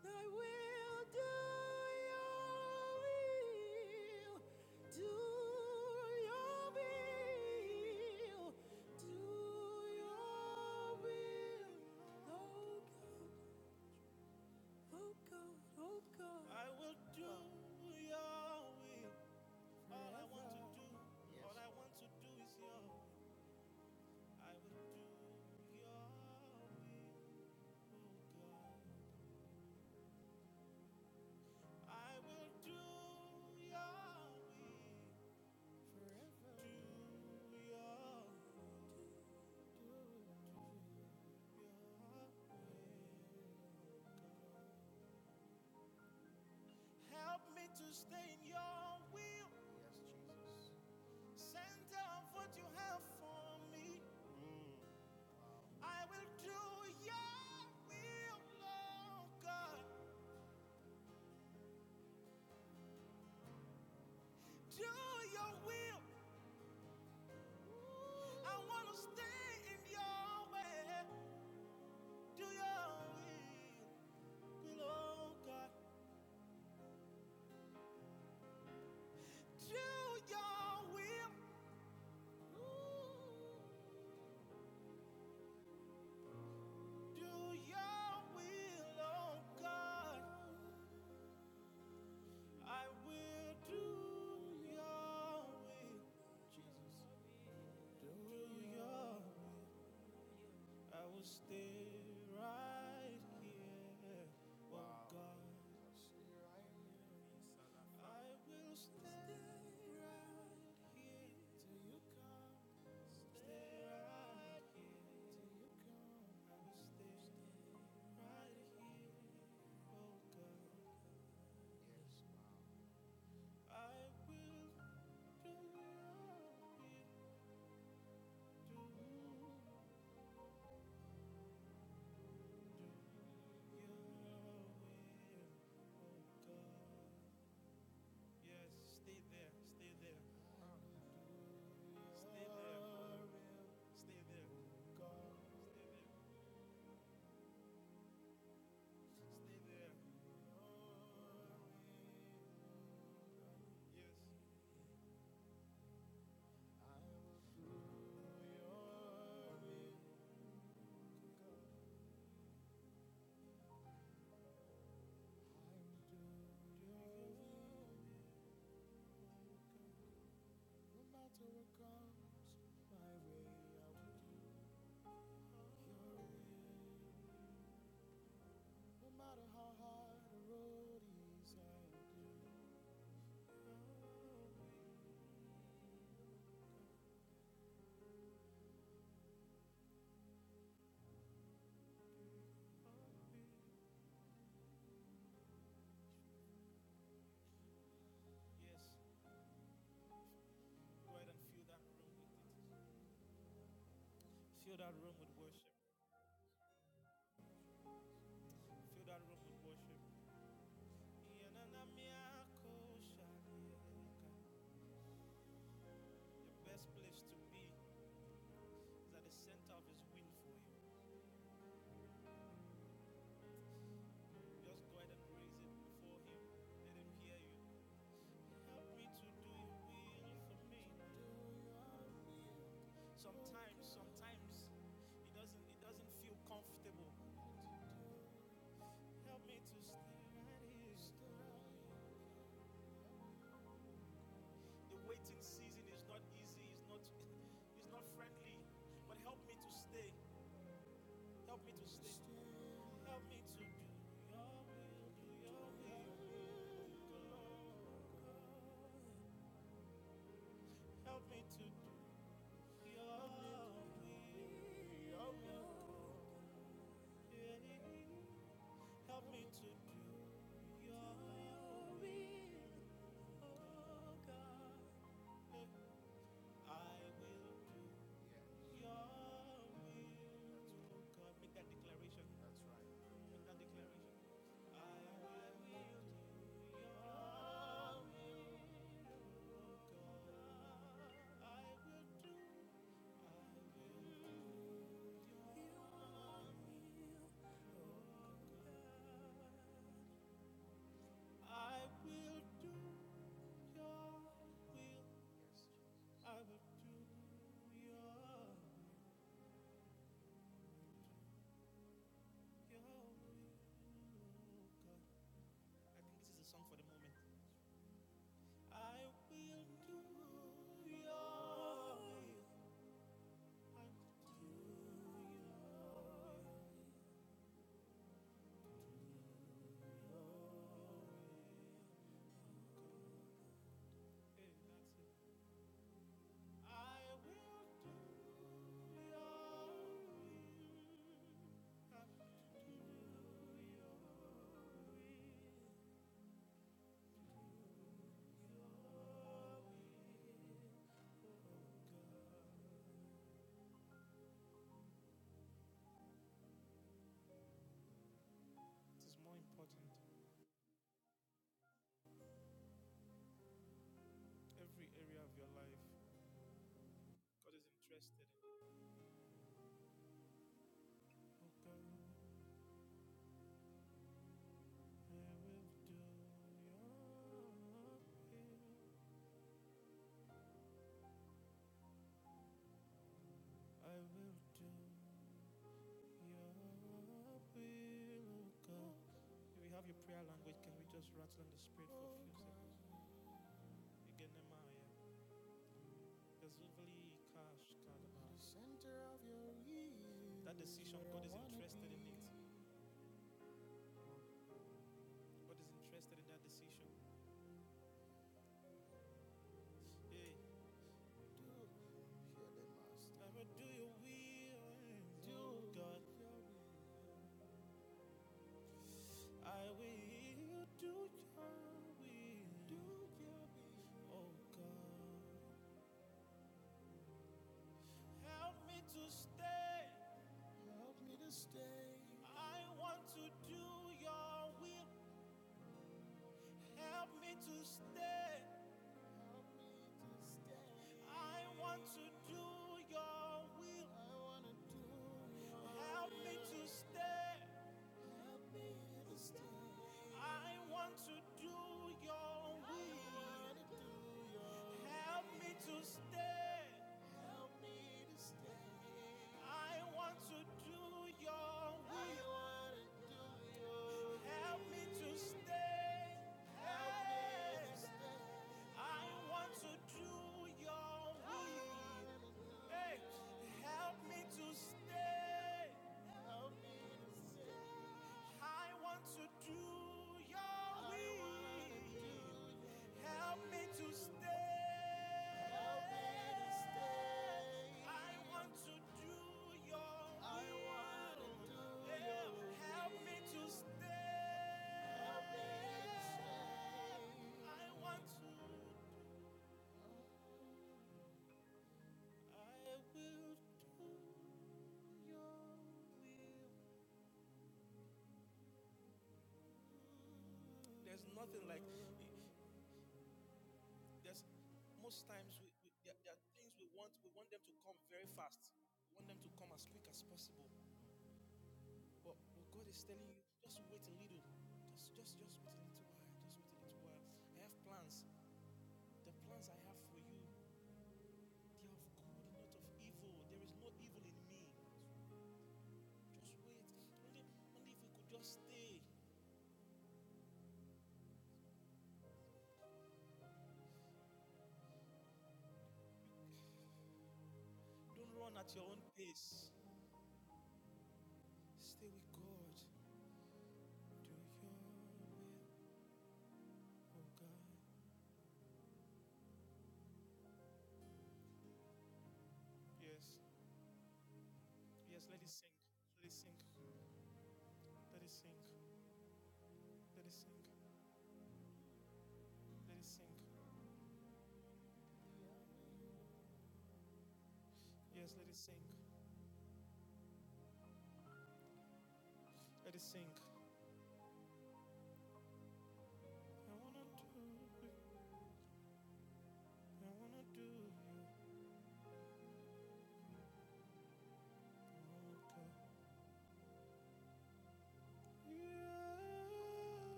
I will do your will, do your will, do your will. Oh God, oh God, oh God. I will do your will.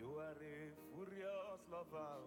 You are furious lover.